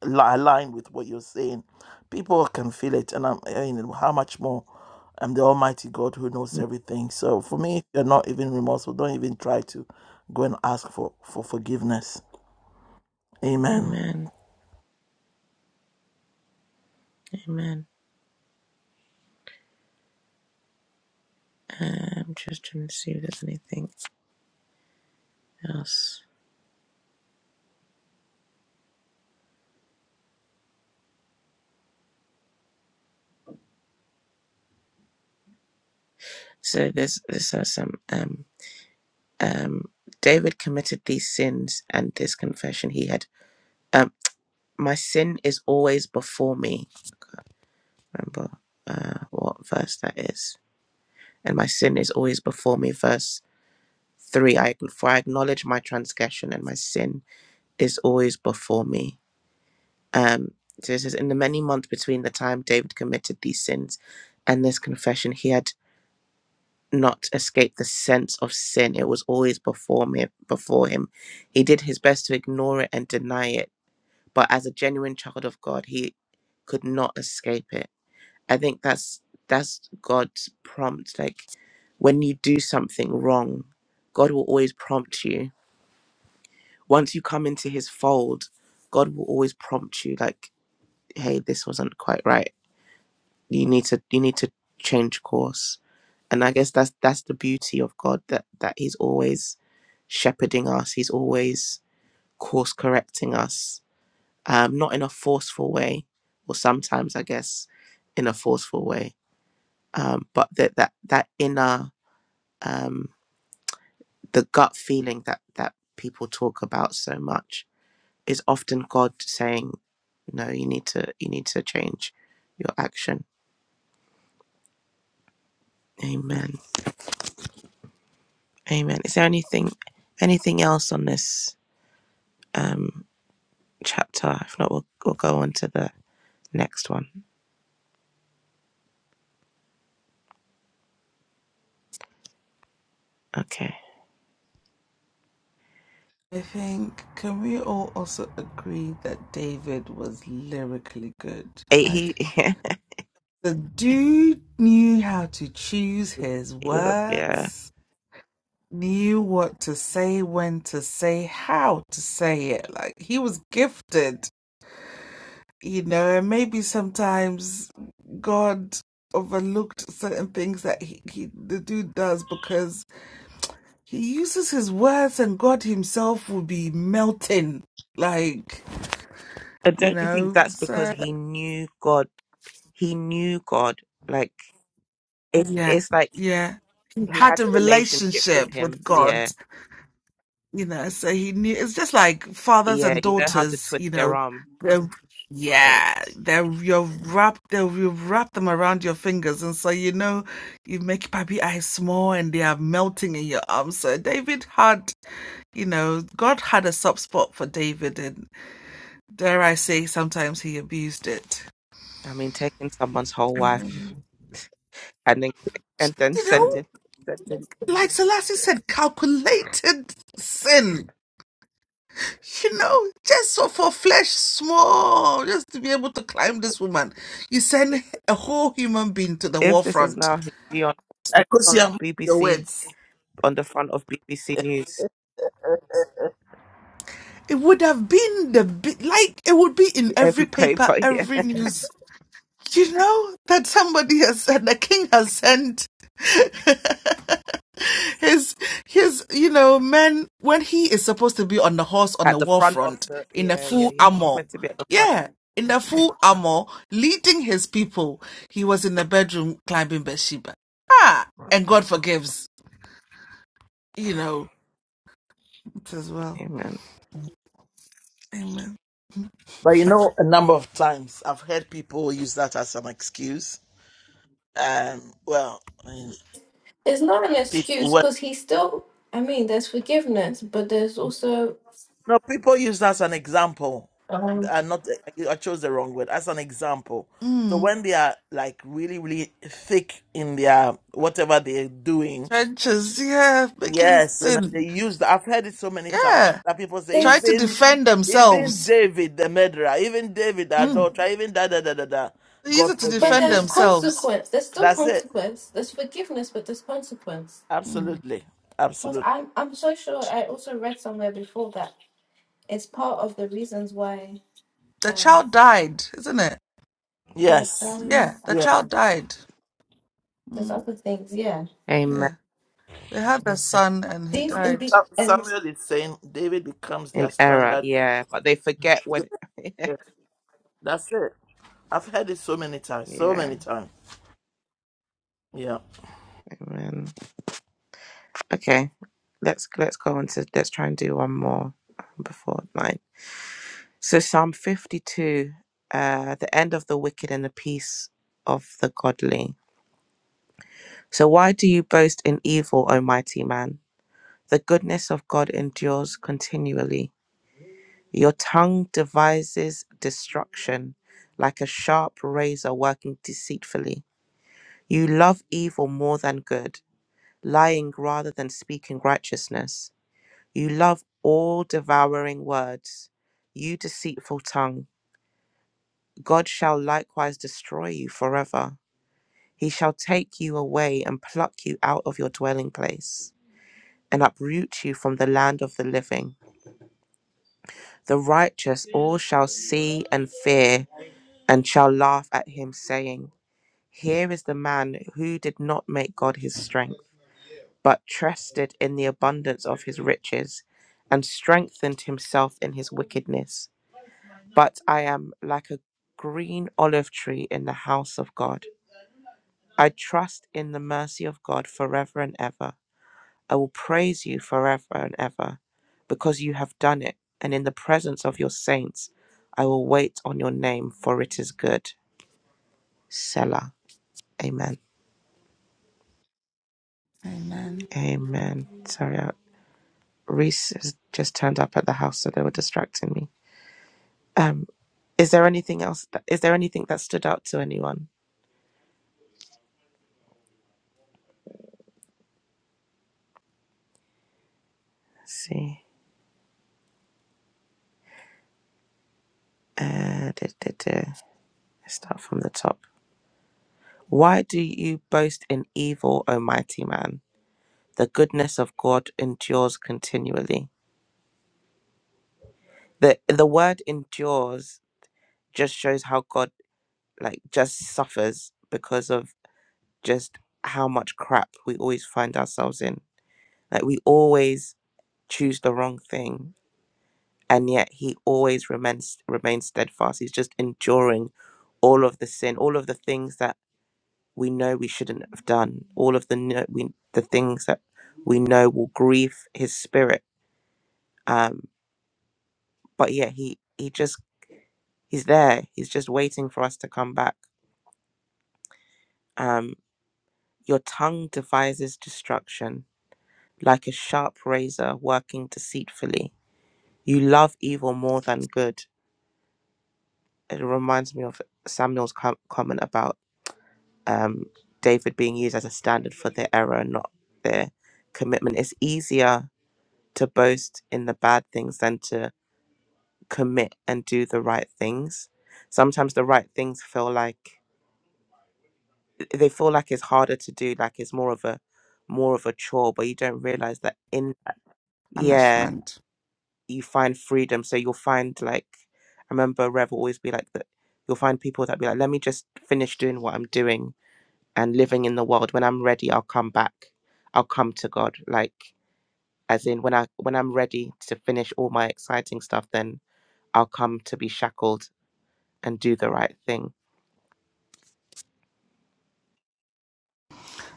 [SPEAKER 4] li- aligned with what you're saying people can feel it and i'm I mean, how much more i'm the almighty god who knows everything so for me if you're not even remorseful don't even try to Go and ask for, for forgiveness. Amen.
[SPEAKER 1] amen amen Uh, i'm just trying to see if there's anything Yes. So this this has some um um David committed these sins and this confession he had um my sin is always before me. Remember uh what verse that is. And my sin is always before me, verse three. I for I acknowledge my transgression and my sin is always before me. Um so it says in the many months between the time David committed these sins and this confession he had not escape the sense of sin. It was always before me before him. He did his best to ignore it and deny it, but as a genuine child of God, he could not escape it. I think that's that's God's prompt. Like when you do something wrong, God will always prompt you. Once you come into his fold, God will always prompt you like, hey, this wasn't quite right. You need to you need to change course and i guess that's that's the beauty of god that that he's always shepherding us he's always course correcting us um not in a forceful way or sometimes i guess in a forceful way um but that that that inner um the gut feeling that that people talk about so much is often god saying no you need to you need to change your action amen amen is there anything anything else on this um chapter. If not, we'll, we'll go on to the next one. Okay.
[SPEAKER 8] I think can we all also agree that David was lyrically good?
[SPEAKER 1] Eh, He,
[SPEAKER 8] Like
[SPEAKER 1] he
[SPEAKER 8] the dude knew how to choose his
[SPEAKER 1] was a, yeah.
[SPEAKER 8] words knew what to say, when to say, how to say it. Like he was gifted, you know, and maybe sometimes God overlooked certain things that he, he the dude does because he uses his words and God himself will be melting. Like,
[SPEAKER 1] And
[SPEAKER 8] you
[SPEAKER 1] don't you think
[SPEAKER 8] know,
[SPEAKER 1] that's because
[SPEAKER 8] so
[SPEAKER 1] he knew God? He knew God. Like, it's,
[SPEAKER 8] yeah,
[SPEAKER 1] it's like
[SPEAKER 8] yeah. He
[SPEAKER 1] he
[SPEAKER 8] had
[SPEAKER 1] had
[SPEAKER 8] a
[SPEAKER 1] a relationship with
[SPEAKER 8] relationship with
[SPEAKER 1] him.
[SPEAKER 8] God.
[SPEAKER 1] Yeah.
[SPEAKER 8] you know so he knew it's just like fathers
[SPEAKER 1] Yeah.
[SPEAKER 8] and
[SPEAKER 1] You know how to
[SPEAKER 8] daughters
[SPEAKER 1] twist
[SPEAKER 8] you
[SPEAKER 1] their
[SPEAKER 8] know
[SPEAKER 1] arm.
[SPEAKER 8] they're,
[SPEAKER 1] Yeah.
[SPEAKER 8] yeah they're you wrap they'll you wrap them around your fingers and so you know you make puppy eyes small and they are melting in your arms so david had you know god had a soft spot for david and dare i say sometimes he abused it
[SPEAKER 1] I mean, taking someone's whole wife and then, and then
[SPEAKER 8] you know
[SPEAKER 1] sending, sending.
[SPEAKER 8] like selassie said calculated sin You know, just so for flesh small, just to be able to climb this woman, you send a whole human being to the
[SPEAKER 1] If
[SPEAKER 8] war
[SPEAKER 1] this was
[SPEAKER 8] front.
[SPEAKER 1] now, he'd be on, he'd
[SPEAKER 4] I could
[SPEAKER 1] be
[SPEAKER 4] see
[SPEAKER 1] on
[SPEAKER 4] your
[SPEAKER 1] BBC,
[SPEAKER 4] words.
[SPEAKER 1] on the front of BBC News,
[SPEAKER 4] uh,
[SPEAKER 8] It would have been the bi- like it would be in every
[SPEAKER 1] every
[SPEAKER 8] paper,
[SPEAKER 1] paper. yeah.
[SPEAKER 8] every news. You know that somebody has said the king has sent his his you know men when he is supposed to be on the horse on the
[SPEAKER 1] at the
[SPEAKER 8] war
[SPEAKER 1] front of
[SPEAKER 8] front
[SPEAKER 1] the
[SPEAKER 8] in the
[SPEAKER 1] yeah yeah
[SPEAKER 8] full
[SPEAKER 1] yeah
[SPEAKER 8] armor
[SPEAKER 1] meant to be at the front
[SPEAKER 8] yeah in the full armor leading his people he was in the bedroom climbing bathsheba ah and god forgives you know it as well
[SPEAKER 1] amen
[SPEAKER 8] amen
[SPEAKER 4] But you know, a number of times I've heard people use that as an excuse. Um, well, I mean,
[SPEAKER 9] It's not an
[SPEAKER 4] people,
[SPEAKER 9] excuse
[SPEAKER 4] well,
[SPEAKER 9] because he still, I mean, there's forgiveness, but there's also,
[SPEAKER 4] no, people use that as an example.
[SPEAKER 9] um,
[SPEAKER 4] And not, I chose the wrong word, as an example. So
[SPEAKER 8] mm.
[SPEAKER 4] when they are like really, really thick in their whatever they're doing,
[SPEAKER 8] trenches yeah making
[SPEAKER 4] Yes, and they
[SPEAKER 8] sin
[SPEAKER 4] used. I've heard it so many times
[SPEAKER 8] yeah
[SPEAKER 4] that people say
[SPEAKER 8] try
[SPEAKER 9] there's,
[SPEAKER 8] to
[SPEAKER 4] even,
[SPEAKER 8] defend
[SPEAKER 4] even
[SPEAKER 8] themselves
[SPEAKER 4] David the murderer, even David the
[SPEAKER 8] mm.
[SPEAKER 4] adulterer, even da da da da da.
[SPEAKER 8] they use
[SPEAKER 4] God
[SPEAKER 8] it to
[SPEAKER 9] but
[SPEAKER 4] forgave
[SPEAKER 8] defend
[SPEAKER 9] there's
[SPEAKER 4] him.
[SPEAKER 8] themselves
[SPEAKER 9] consequence. There's still
[SPEAKER 4] That's it.
[SPEAKER 9] consequence. There's forgiveness, but there's consequence.
[SPEAKER 4] Absolutely,
[SPEAKER 9] Because
[SPEAKER 4] absolutely.
[SPEAKER 9] I'm, I'm so sure I also read somewhere before that it's part of the reasons why
[SPEAKER 8] the
[SPEAKER 9] um,
[SPEAKER 8] child died isn't it
[SPEAKER 9] child,
[SPEAKER 4] Yes,
[SPEAKER 8] yeah the
[SPEAKER 4] yeah.
[SPEAKER 8] child died
[SPEAKER 9] there's
[SPEAKER 8] mm.
[SPEAKER 9] yeah
[SPEAKER 1] amen
[SPEAKER 8] yeah They had a son and he died.
[SPEAKER 4] Sam- Samuel is saying David becomes their
[SPEAKER 1] in error
[SPEAKER 4] standard.
[SPEAKER 1] yeah but they forget when
[SPEAKER 4] Yes, that's it. I've heard it so many times, so
[SPEAKER 1] yeah
[SPEAKER 4] many times. Yeah.
[SPEAKER 1] amen okay let's let's go on to let's try and do one more before nine so psalm 52 uh the end of the wicked and the peace of the godly so why do you boast in evil o mighty man the goodness of god endures continually Your tongue devises destruction like a sharp razor working deceitfully. You love evil more than good, lying rather than speaking righteousness. You love all devouring words. You deceitful tongue, God shall likewise destroy you forever. He shall take you away and pluck you out of your dwelling place and uproot you from the land of the living. The righteous all shall see and fear and shall laugh at him, saying, Here is the man who did not make God his strength, but trusted in the abundance of his riches, and strengthened himself in his wickedness. But I am like a green olive tree in the house of God. I trust in the mercy of God forever and ever. I will praise you forever and ever, because you have done it, and in the presence of your saints I will wait on your name, for it is good. Selah. Amen. Amen. Sorry, I, Reese has just turned up at the house, so they were distracting me. Um, is there anything else? That, is there anything that stood out to anyone? Let's see, uh, duh, duh, duh. Let's start from the top. Why do you boast in evil, O mighty man? The goodness of God endures continually. the The word endures just shows how God like just suffers because of just how much crap we always find ourselves in. Like we always choose the wrong thing and yet he always remains remains steadfast he's just enduring all of the sin all of the things that we know we shouldn't have done all of the kno- we, the things that we know will grieve his spirit um but yeah he he just he's there he's just waiting for us to come back um your tongue devises destruction like a sharp razor working deceitfully you love evil more than good it reminds me of samuel's com- comment about um, David being used as a standard for their error, and not their commitment. It's easier to boast in the bad things than to commit and do the right things. Sometimes the right things feel like they feel like it's harder to do, like it's more of a more of a chore, but you don't realize that in yeah,
[SPEAKER 8] Punishment.
[SPEAKER 1] you find freedom. So you'll find like I remember Rev will always be like that you'll find people that be like, Let me just finish doing what I'm doing and living in the world when i'm ready i'll come back i'll come to god like as in when i when i'm ready to finish all my exciting stuff then i'll come to be shackled and do the right thing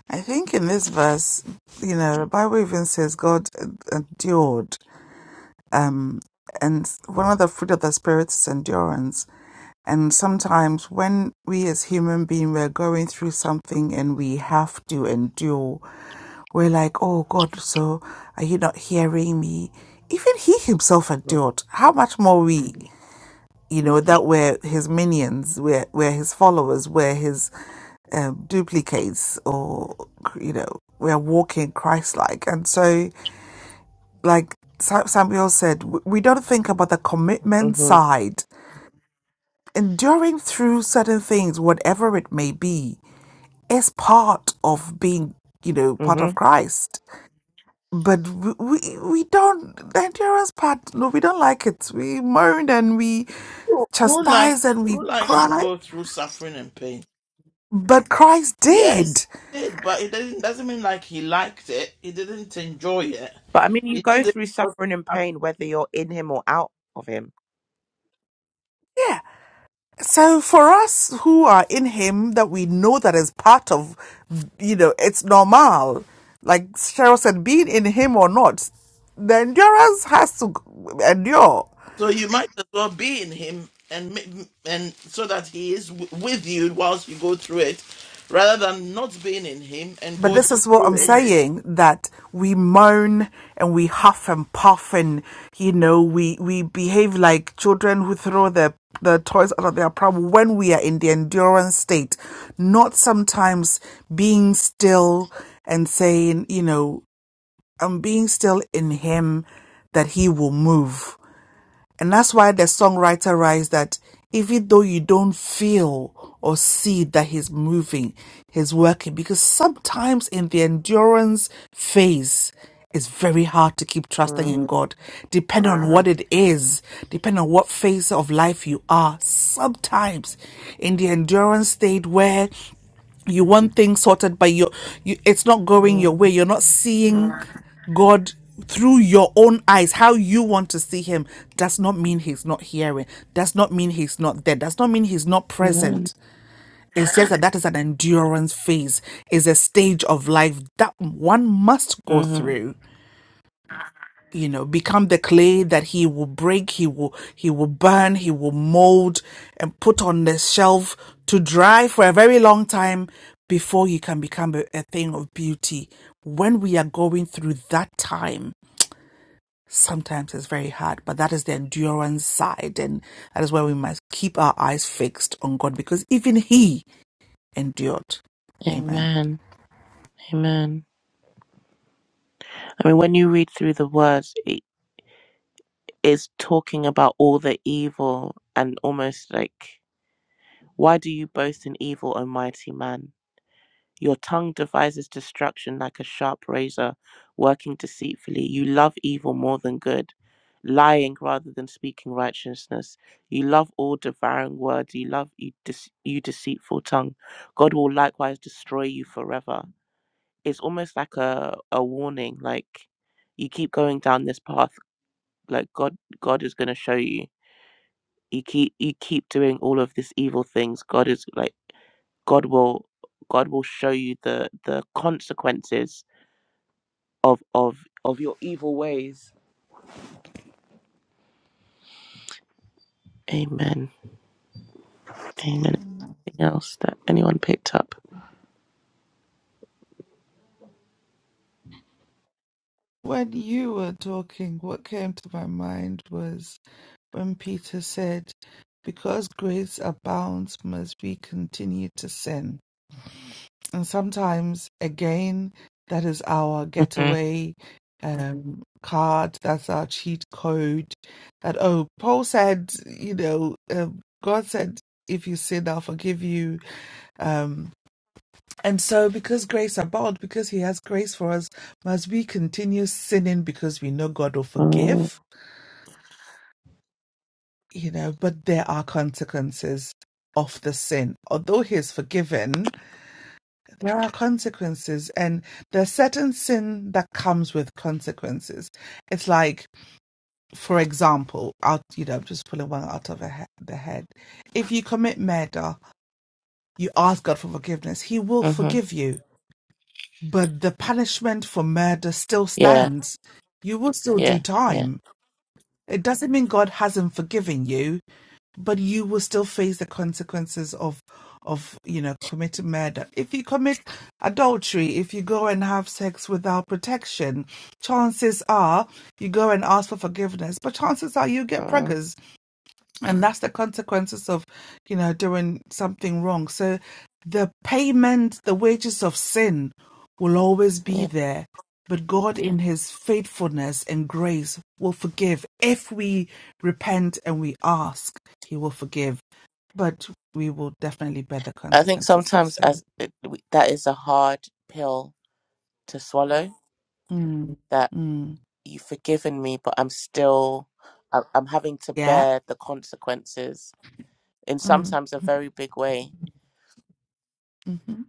[SPEAKER 8] I think in this verse, you know, the Bible even says God endured. Um, and one of the fruit of the Spirit is endurance. And sometimes when we as human beings, we're going through something and we have to endure, we're like, oh God, so are you not hearing me? Even he himself endured. How much more we, you know, that we're his minions, we're, we're his followers, we're his um, duplicates or you know we are walking christ-like and so like Sa- samuel said w- we don't think about the commitment
[SPEAKER 1] mhm
[SPEAKER 8] side enduring through certain things whatever it may be is part of being you know part of
[SPEAKER 1] mhm
[SPEAKER 8] christ but w- we we don't the endurance part no we don't like it we moaned and we
[SPEAKER 4] Who who like
[SPEAKER 8] chastised and we
[SPEAKER 4] who likes to
[SPEAKER 8] cried
[SPEAKER 4] go through suffering and pain?
[SPEAKER 8] but christ
[SPEAKER 4] Yes,
[SPEAKER 8] did
[SPEAKER 4] he did, but it does not doesn't mean like he liked it. He didn't enjoy it.
[SPEAKER 1] but i mean you
[SPEAKER 4] He
[SPEAKER 1] go
[SPEAKER 4] did it
[SPEAKER 1] through
[SPEAKER 4] because
[SPEAKER 1] suffering and
[SPEAKER 4] uh,
[SPEAKER 1] pain whether you're in him or out of him
[SPEAKER 8] Yeah. So for us who are in him that we know that is part of you know, it's normal. Like Cheryl said, being in him or not, the endurance has to endure.
[SPEAKER 4] so you might as well be in him and ma- and so that he is w- with you whilst you go through it, rather than not being in him and
[SPEAKER 8] But
[SPEAKER 4] going
[SPEAKER 8] this is what
[SPEAKER 4] through
[SPEAKER 8] I'm
[SPEAKER 4] it.
[SPEAKER 8] saying that we moan and we huff and puff and you know we we behave like children who throw their the toys out of their pram when we are in the endurance state, not sometimes being still and saying, you know, and being still in him that he will move. And that's why the songwriter writes that even though you don't feel or see that he's moving, he's working, because sometimes in the endurance phase, it's very hard to keep trusting in
[SPEAKER 1] mm
[SPEAKER 8] God, depending on what it is, depending on what phase of life you are. Sometimes in the endurance state where you want things sorted but you, you it's not going your
[SPEAKER 1] mm
[SPEAKER 8] way you're not seeing god through your own eyes how you want to see him does not mean he's not hearing does not mean he's not there does not mean he's not
[SPEAKER 1] Amen.
[SPEAKER 8] present it's just that that is an endurance phase is a stage of life that one must go
[SPEAKER 1] hmm
[SPEAKER 8] through you know become the clay that he will break he will he will burn he will mold and put on the shelf to dry for a very long time before he can become a, a thing of beauty when we are going through that time sometimes it's very hard but that is the endurance side and that is where we must keep our eyes fixed on god because even he endured amen
[SPEAKER 1] Amen. Amen. I mean, when you read through the words, it is talking about all the evil and almost like, why do you boast in evil, O mighty man? Your tongue devises destruction like a sharp razor, working deceitfully. You love evil more than good, lying rather than speaking righteousness. You love all devouring words. You love you, dece- you deceitful tongue. God will likewise destroy you forever. It's almost like a a warning. Like you keep going down this path, like God God is going to show you. You keep you keep doing all of these evil things. God is like God will God will show you the the consequences of of of your evil ways. Amen. Amen. Anything else that anyone picked up?
[SPEAKER 8] When you were talking, what came to my mind was When Peter said, Because grace abounds, must we continue to sin? And sometimes, again, that is our
[SPEAKER 1] Mm-hmm.
[SPEAKER 8] getaway um, card, that's our cheat code. That, oh, Paul said, you know, um, God said, if you sin, I'll forgive you. Um, and so, because grace abounds, because He has grace for us, must we continue sinning because we know God will forgive? you know, but there are consequences of the sin. Although he is forgiven, there are consequences, and there's certain sin that comes with consequences. It's like, for example, out you know, I'm just pulling one out of a the head. If you commit murder, you ask God for forgiveness; He will
[SPEAKER 1] Mm-hmm.
[SPEAKER 8] forgive you, but the punishment for murder still
[SPEAKER 1] Yeah.
[SPEAKER 8] stands. You will still
[SPEAKER 1] Yeah.
[SPEAKER 8] do
[SPEAKER 1] Yeah.
[SPEAKER 8] time. It doesn't mean God hasn't forgiven you but you will still face the consequences of of you know committing murder if you commit adultery if you go and have sex without protection chances are you go and ask for forgiveness but chances are you get
[SPEAKER 1] mm
[SPEAKER 8] preggers and that's the consequences of you know doing something wrong so the payment the wages of sin will always be
[SPEAKER 1] Yeah.
[SPEAKER 8] there but god in his faithfulness and grace will forgive if we repent and we ask he will forgive but we will definitely bear the
[SPEAKER 1] I think
[SPEAKER 8] consequences of
[SPEAKER 1] sometimes
[SPEAKER 8] sin
[SPEAKER 1] as it, we- that is a hard pill to swallow.
[SPEAKER 8] mm.
[SPEAKER 1] That
[SPEAKER 8] Mm.
[SPEAKER 1] you've forgiven me, but I'm still I- I'm having to
[SPEAKER 8] yeah
[SPEAKER 1] bear the consequences in
[SPEAKER 8] mm.
[SPEAKER 1] sometimes a very big way.
[SPEAKER 8] hmm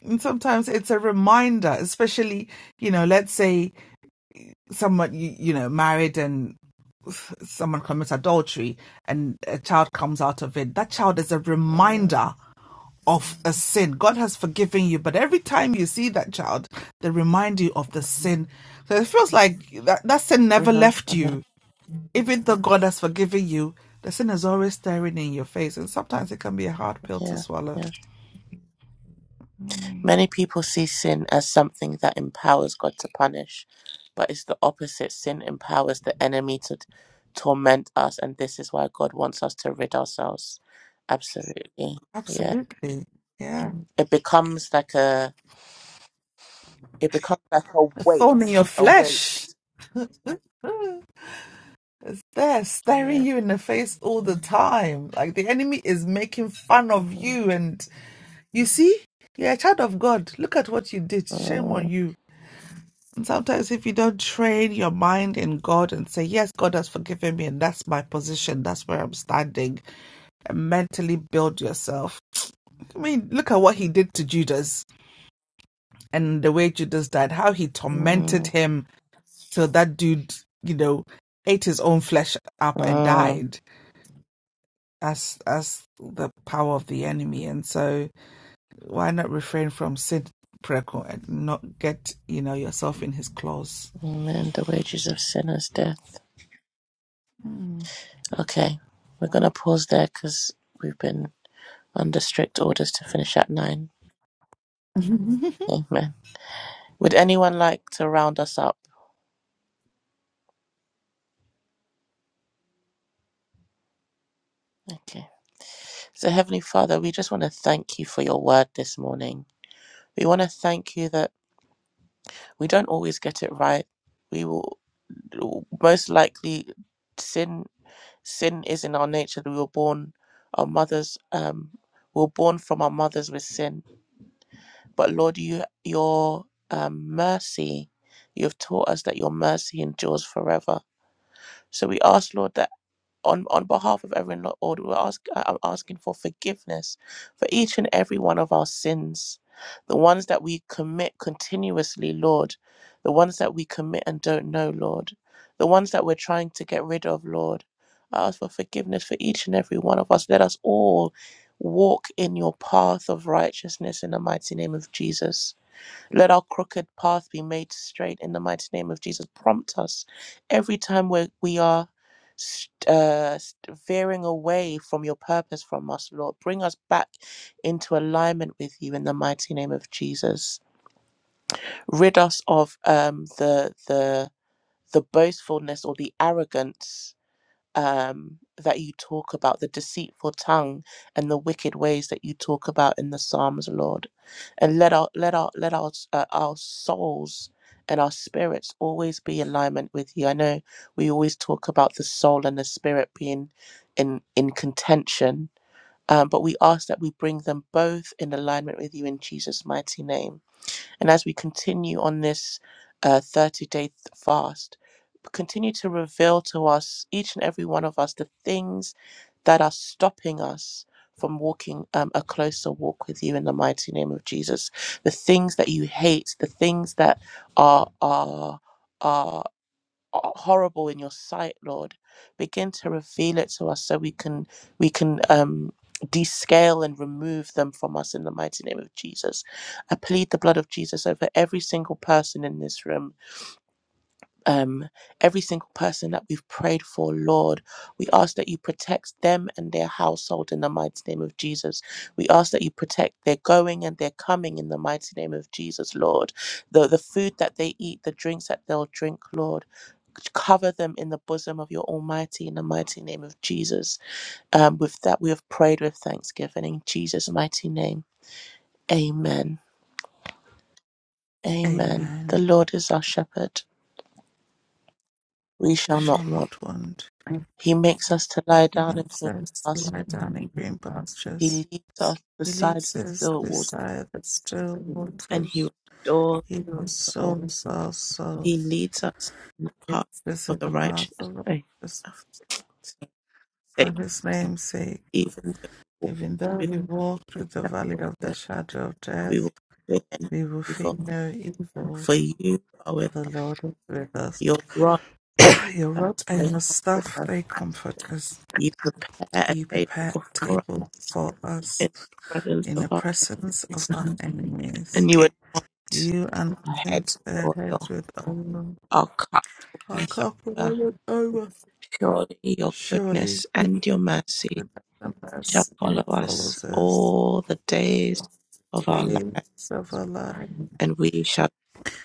[SPEAKER 8] and sometimes it's a reminder especially you know let's say someone you, you know married and someone commits adultery and a child comes out of it, that child is a
[SPEAKER 1] Mm-hmm.
[SPEAKER 8] reminder of a sin. God has forgiven you, but every time you see that child, they remind you of the sin. So it feels like that, that sin never left
[SPEAKER 1] Mm-hmm.
[SPEAKER 8] you. Even though God has forgiven you, the sin is always staring in your face. And sometimes it can be a hard pill to
[SPEAKER 1] Yeah,
[SPEAKER 8] swallow.
[SPEAKER 1] yeah. Many people see sin as something that empowers God to punish, but it's the opposite. Sin empowers the enemy to t- torment us, and this is why God wants us to rid ourselves. Absolutely. Yeah.
[SPEAKER 8] Absolutely. Yeah.
[SPEAKER 1] It becomes like a it becomes like a
[SPEAKER 8] A
[SPEAKER 1] weight,
[SPEAKER 8] thorn in your
[SPEAKER 1] a
[SPEAKER 8] flesh.
[SPEAKER 1] weight.
[SPEAKER 8] It's there staring
[SPEAKER 1] Yeah.
[SPEAKER 8] you in the face all the time. Like the enemy is making fun of
[SPEAKER 1] Mhm.
[SPEAKER 8] you and You see, you're a child of God. Look at what you did. Shame on
[SPEAKER 1] Mm,
[SPEAKER 8] you. And sometimes, if you don't train your mind in God and say, Yes, God has forgiven me, and that's my position, that's where I'm standing, and mentally build yourself. I mean, look at what he did to Judas and the way Judas died, how he tormented
[SPEAKER 1] mm,
[SPEAKER 8] him till that dude, you know, ate his own flesh up and
[SPEAKER 1] mm.
[SPEAKER 8] died. That's, that's the power of the enemy. And so. Why not refrain from Sid Preco and not get, you know, yourself in his claws?
[SPEAKER 1] Amen. The wages of sin is death. Okay, we're gonna pause there because we've been under strict orders to finish at nine.
[SPEAKER 8] Mhm.
[SPEAKER 1] Amen. Would anyone like to round us up? Okay. So, Heavenly Father, we just want to thank you for your word this morning. We want to thank you that we don't always get it right. We will most likely sin. Sin is in our nature. We were born, our mothers um, were born from our mothers with sin. But Lord, you your um, mercy, you have taught us that your mercy endures forever. So we ask, Lord, that on, on behalf of everyone, Lord, we're ask, I- I'm asking for forgiveness for each and every one of our sins, the ones that we commit continuously, Lord, the ones that we commit and don't know, Lord, the ones that we're trying to get rid of, Lord. I ask for forgiveness for each and every one of us. Let us all walk in your path of righteousness in the mighty name of Jesus. Let our crooked path be made straight in the mighty name of Jesus. Prompt us every time we we are st- uh, st- veering away from your purpose from us, Lord. Bring us back into alignment with you in the mighty name of Jesus. Rid us of um, the the the boastfulness or the arrogance um, that you talk about, the deceitful tongue and the wicked ways that you talk about in the Psalms, Lord. And let our let our let our uh, our souls and our spirits always be in alignment with you. I know we always talk about the soul and the spirit being in in contention. Um, but we ask that we bring them both in alignment with you in Jesus' mighty name. And as we continue on this uh, 30 day fast, continue to reveal to us, each and every one of us, the things that are stopping us from walking um, a closer walk with you in the mighty name of Jesus. The things that you hate, the things that are are are are horrible in your sight lord begin to reveal it to us so we can we can um descale and remove them from us in the mighty name of jesus i plead the blood of jesus over every single person in this room um, every single person that we've prayed for, Lord. We ask that you protect them and their household in the mighty name of Jesus. We ask that you protect their going and their coming in the mighty name of Jesus, Lord. The, the food that they eat, the drinks that they'll drink, Lord. Cover them in the bosom of your Almighty in the mighty name of Jesus. Um, with that, we have prayed with thanksgiving in Jesus' mighty name. Amen. Amen. The
[SPEAKER 8] Amen.
[SPEAKER 1] Lord is our shepherd. We
[SPEAKER 8] We
[SPEAKER 1] shall not
[SPEAKER 8] shall
[SPEAKER 1] want.
[SPEAKER 8] not want.
[SPEAKER 1] He makes us to lie down in
[SPEAKER 8] Human
[SPEAKER 1] green
[SPEAKER 8] says to lie
[SPEAKER 1] pastures.
[SPEAKER 8] down in green
[SPEAKER 1] He
[SPEAKER 8] pastures.
[SPEAKER 1] leads us
[SPEAKER 8] He
[SPEAKER 1] beside
[SPEAKER 8] leads
[SPEAKER 1] the
[SPEAKER 8] us
[SPEAKER 1] still waters,
[SPEAKER 8] beside the still
[SPEAKER 1] and he
[SPEAKER 8] waters.
[SPEAKER 1] restores
[SPEAKER 8] He
[SPEAKER 1] our
[SPEAKER 8] will
[SPEAKER 1] soul.
[SPEAKER 8] souls our soul.
[SPEAKER 1] He leads us in the path
[SPEAKER 8] This
[SPEAKER 1] of
[SPEAKER 8] is
[SPEAKER 1] the
[SPEAKER 8] the
[SPEAKER 1] righteous.
[SPEAKER 8] path of
[SPEAKER 1] eh, of
[SPEAKER 8] righteousness
[SPEAKER 1] his
[SPEAKER 8] for
[SPEAKER 1] sake,
[SPEAKER 8] his name's sake.
[SPEAKER 1] even though we walk
[SPEAKER 8] Even though
[SPEAKER 1] through
[SPEAKER 8] we walk
[SPEAKER 1] the
[SPEAKER 8] through the
[SPEAKER 1] valley
[SPEAKER 8] valley
[SPEAKER 1] of
[SPEAKER 8] of
[SPEAKER 1] the shadow of
[SPEAKER 8] the
[SPEAKER 1] death,
[SPEAKER 8] shadow of
[SPEAKER 1] we
[SPEAKER 8] death,
[SPEAKER 1] will fear no
[SPEAKER 8] we will fear
[SPEAKER 1] evil.
[SPEAKER 8] no evil,
[SPEAKER 1] For you are
[SPEAKER 8] for
[SPEAKER 1] with
[SPEAKER 8] the
[SPEAKER 1] us.
[SPEAKER 8] Lord is with us.
[SPEAKER 1] Your rod and
[SPEAKER 8] your
[SPEAKER 1] staff
[SPEAKER 8] rod
[SPEAKER 1] they
[SPEAKER 8] and your
[SPEAKER 1] comfort
[SPEAKER 8] staff,
[SPEAKER 1] us.
[SPEAKER 8] they comfort us.
[SPEAKER 1] You prepare a
[SPEAKER 8] You
[SPEAKER 1] table
[SPEAKER 8] prepare a
[SPEAKER 1] before us
[SPEAKER 8] table for us
[SPEAKER 1] in the presence
[SPEAKER 8] in
[SPEAKER 1] of
[SPEAKER 8] the
[SPEAKER 1] our
[SPEAKER 8] presence of
[SPEAKER 1] enemies,
[SPEAKER 8] our enemies.
[SPEAKER 1] and you anoint.
[SPEAKER 8] You
[SPEAKER 1] our
[SPEAKER 8] anoint
[SPEAKER 1] heads
[SPEAKER 8] their
[SPEAKER 1] with
[SPEAKER 8] heads
[SPEAKER 1] oil,
[SPEAKER 8] with oil.
[SPEAKER 1] our cup
[SPEAKER 8] Our
[SPEAKER 1] runneth
[SPEAKER 8] cup
[SPEAKER 1] over.
[SPEAKER 8] runneth over.
[SPEAKER 1] Surely your
[SPEAKER 8] Surely
[SPEAKER 1] goodness and your mercy
[SPEAKER 8] goodness and
[SPEAKER 1] shall follow
[SPEAKER 8] mercy
[SPEAKER 1] us
[SPEAKER 8] follows us.
[SPEAKER 1] all the days of our life,
[SPEAKER 8] Days of our life,
[SPEAKER 1] and we shall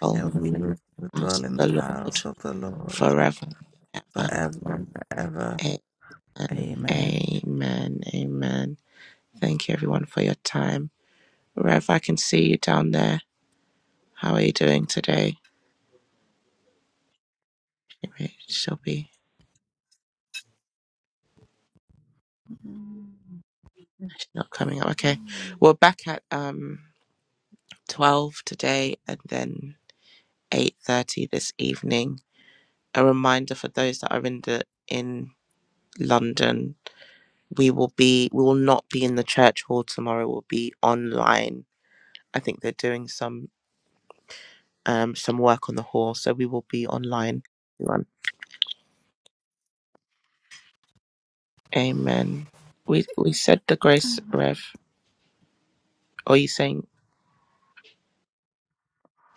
[SPEAKER 1] dwell
[SPEAKER 8] and we will
[SPEAKER 1] us the house
[SPEAKER 8] dwell
[SPEAKER 1] of
[SPEAKER 8] in
[SPEAKER 1] the
[SPEAKER 8] the
[SPEAKER 1] Lord
[SPEAKER 8] house of the Lord
[SPEAKER 1] forever and ever.
[SPEAKER 8] forever and ever.
[SPEAKER 1] Amen.
[SPEAKER 8] Amen.
[SPEAKER 1] Amen. Amen. Thank you everyone for your time. Rev, I can see you down there. How are you doing today? Maybe She'll be she's not coming up. Okay. We're back at um 12 today and then 8:30 this evening. A reminder for those that are in the in London, we will be we will not be in the church hall tomorrow. We'll be online. I think they're doing some um some work on the hall, so we will be online. Everyone. Amen. We we said the grace, Rev. Or are you saying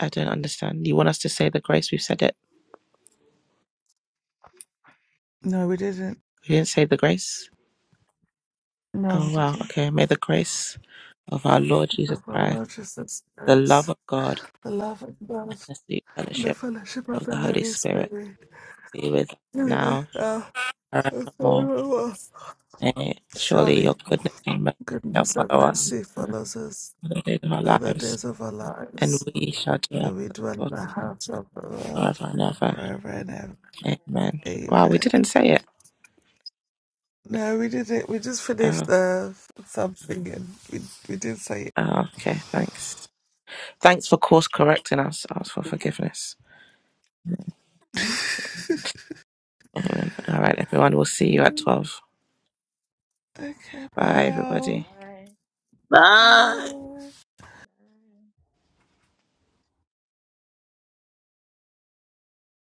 [SPEAKER 1] I don't understand? You want us to say the grace? We've said it.
[SPEAKER 8] No, we didn't.
[SPEAKER 1] We didn't say the grace.
[SPEAKER 8] No, we
[SPEAKER 1] Oh wow.
[SPEAKER 8] didn't.
[SPEAKER 1] Okay. May the grace of our Lord
[SPEAKER 8] The
[SPEAKER 1] Jesus Christ,
[SPEAKER 8] Lord
[SPEAKER 1] the
[SPEAKER 8] Jesus
[SPEAKER 1] love of God
[SPEAKER 8] the love of God,
[SPEAKER 1] and the sweet
[SPEAKER 8] and the
[SPEAKER 1] fellowship
[SPEAKER 8] fellowship of
[SPEAKER 1] of
[SPEAKER 8] the
[SPEAKER 1] the Holy
[SPEAKER 8] Holy
[SPEAKER 1] Spirit
[SPEAKER 8] Spirit.
[SPEAKER 1] be with us
[SPEAKER 8] Here it is
[SPEAKER 1] now
[SPEAKER 8] now,
[SPEAKER 1] and
[SPEAKER 8] and
[SPEAKER 6] and
[SPEAKER 1] forevermore.
[SPEAKER 6] your love.
[SPEAKER 8] forevermore.
[SPEAKER 1] Nay,
[SPEAKER 6] Thank
[SPEAKER 1] surely
[SPEAKER 8] Surely,
[SPEAKER 6] you,
[SPEAKER 1] your
[SPEAKER 6] Lord, for
[SPEAKER 1] goodness
[SPEAKER 6] my
[SPEAKER 1] and mercy shall
[SPEAKER 8] goodness and
[SPEAKER 1] follow us
[SPEAKER 8] mercy
[SPEAKER 6] time.
[SPEAKER 8] follows us
[SPEAKER 1] all the days of our
[SPEAKER 8] all the
[SPEAKER 1] lives,
[SPEAKER 8] days of our
[SPEAKER 6] All the
[SPEAKER 1] and
[SPEAKER 6] good
[SPEAKER 8] lives,
[SPEAKER 6] God,
[SPEAKER 1] we
[SPEAKER 6] I
[SPEAKER 1] shall
[SPEAKER 6] really
[SPEAKER 1] dwell it
[SPEAKER 6] want you
[SPEAKER 8] and we
[SPEAKER 1] the
[SPEAKER 8] dwell in
[SPEAKER 1] Lord
[SPEAKER 6] to
[SPEAKER 8] the
[SPEAKER 6] follow
[SPEAKER 8] house of the
[SPEAKER 6] forever
[SPEAKER 8] Lord
[SPEAKER 1] forever and ever.
[SPEAKER 8] forever and ever.
[SPEAKER 6] and
[SPEAKER 1] Amen.
[SPEAKER 6] forever.
[SPEAKER 1] Wow, we
[SPEAKER 8] Amen.
[SPEAKER 1] didn't say it.
[SPEAKER 6] Amen.
[SPEAKER 8] No, we didn't. We just finished
[SPEAKER 1] Oh,
[SPEAKER 8] the something, and we we did say it.
[SPEAKER 1] oh, okay, thanks. Thanks for course correcting us. Ask for forgiveness. Amen. All right, everyone, we'll see you at 12.
[SPEAKER 8] Okay,
[SPEAKER 1] Bye,
[SPEAKER 8] bye all.
[SPEAKER 1] everybody.
[SPEAKER 6] Right. Right.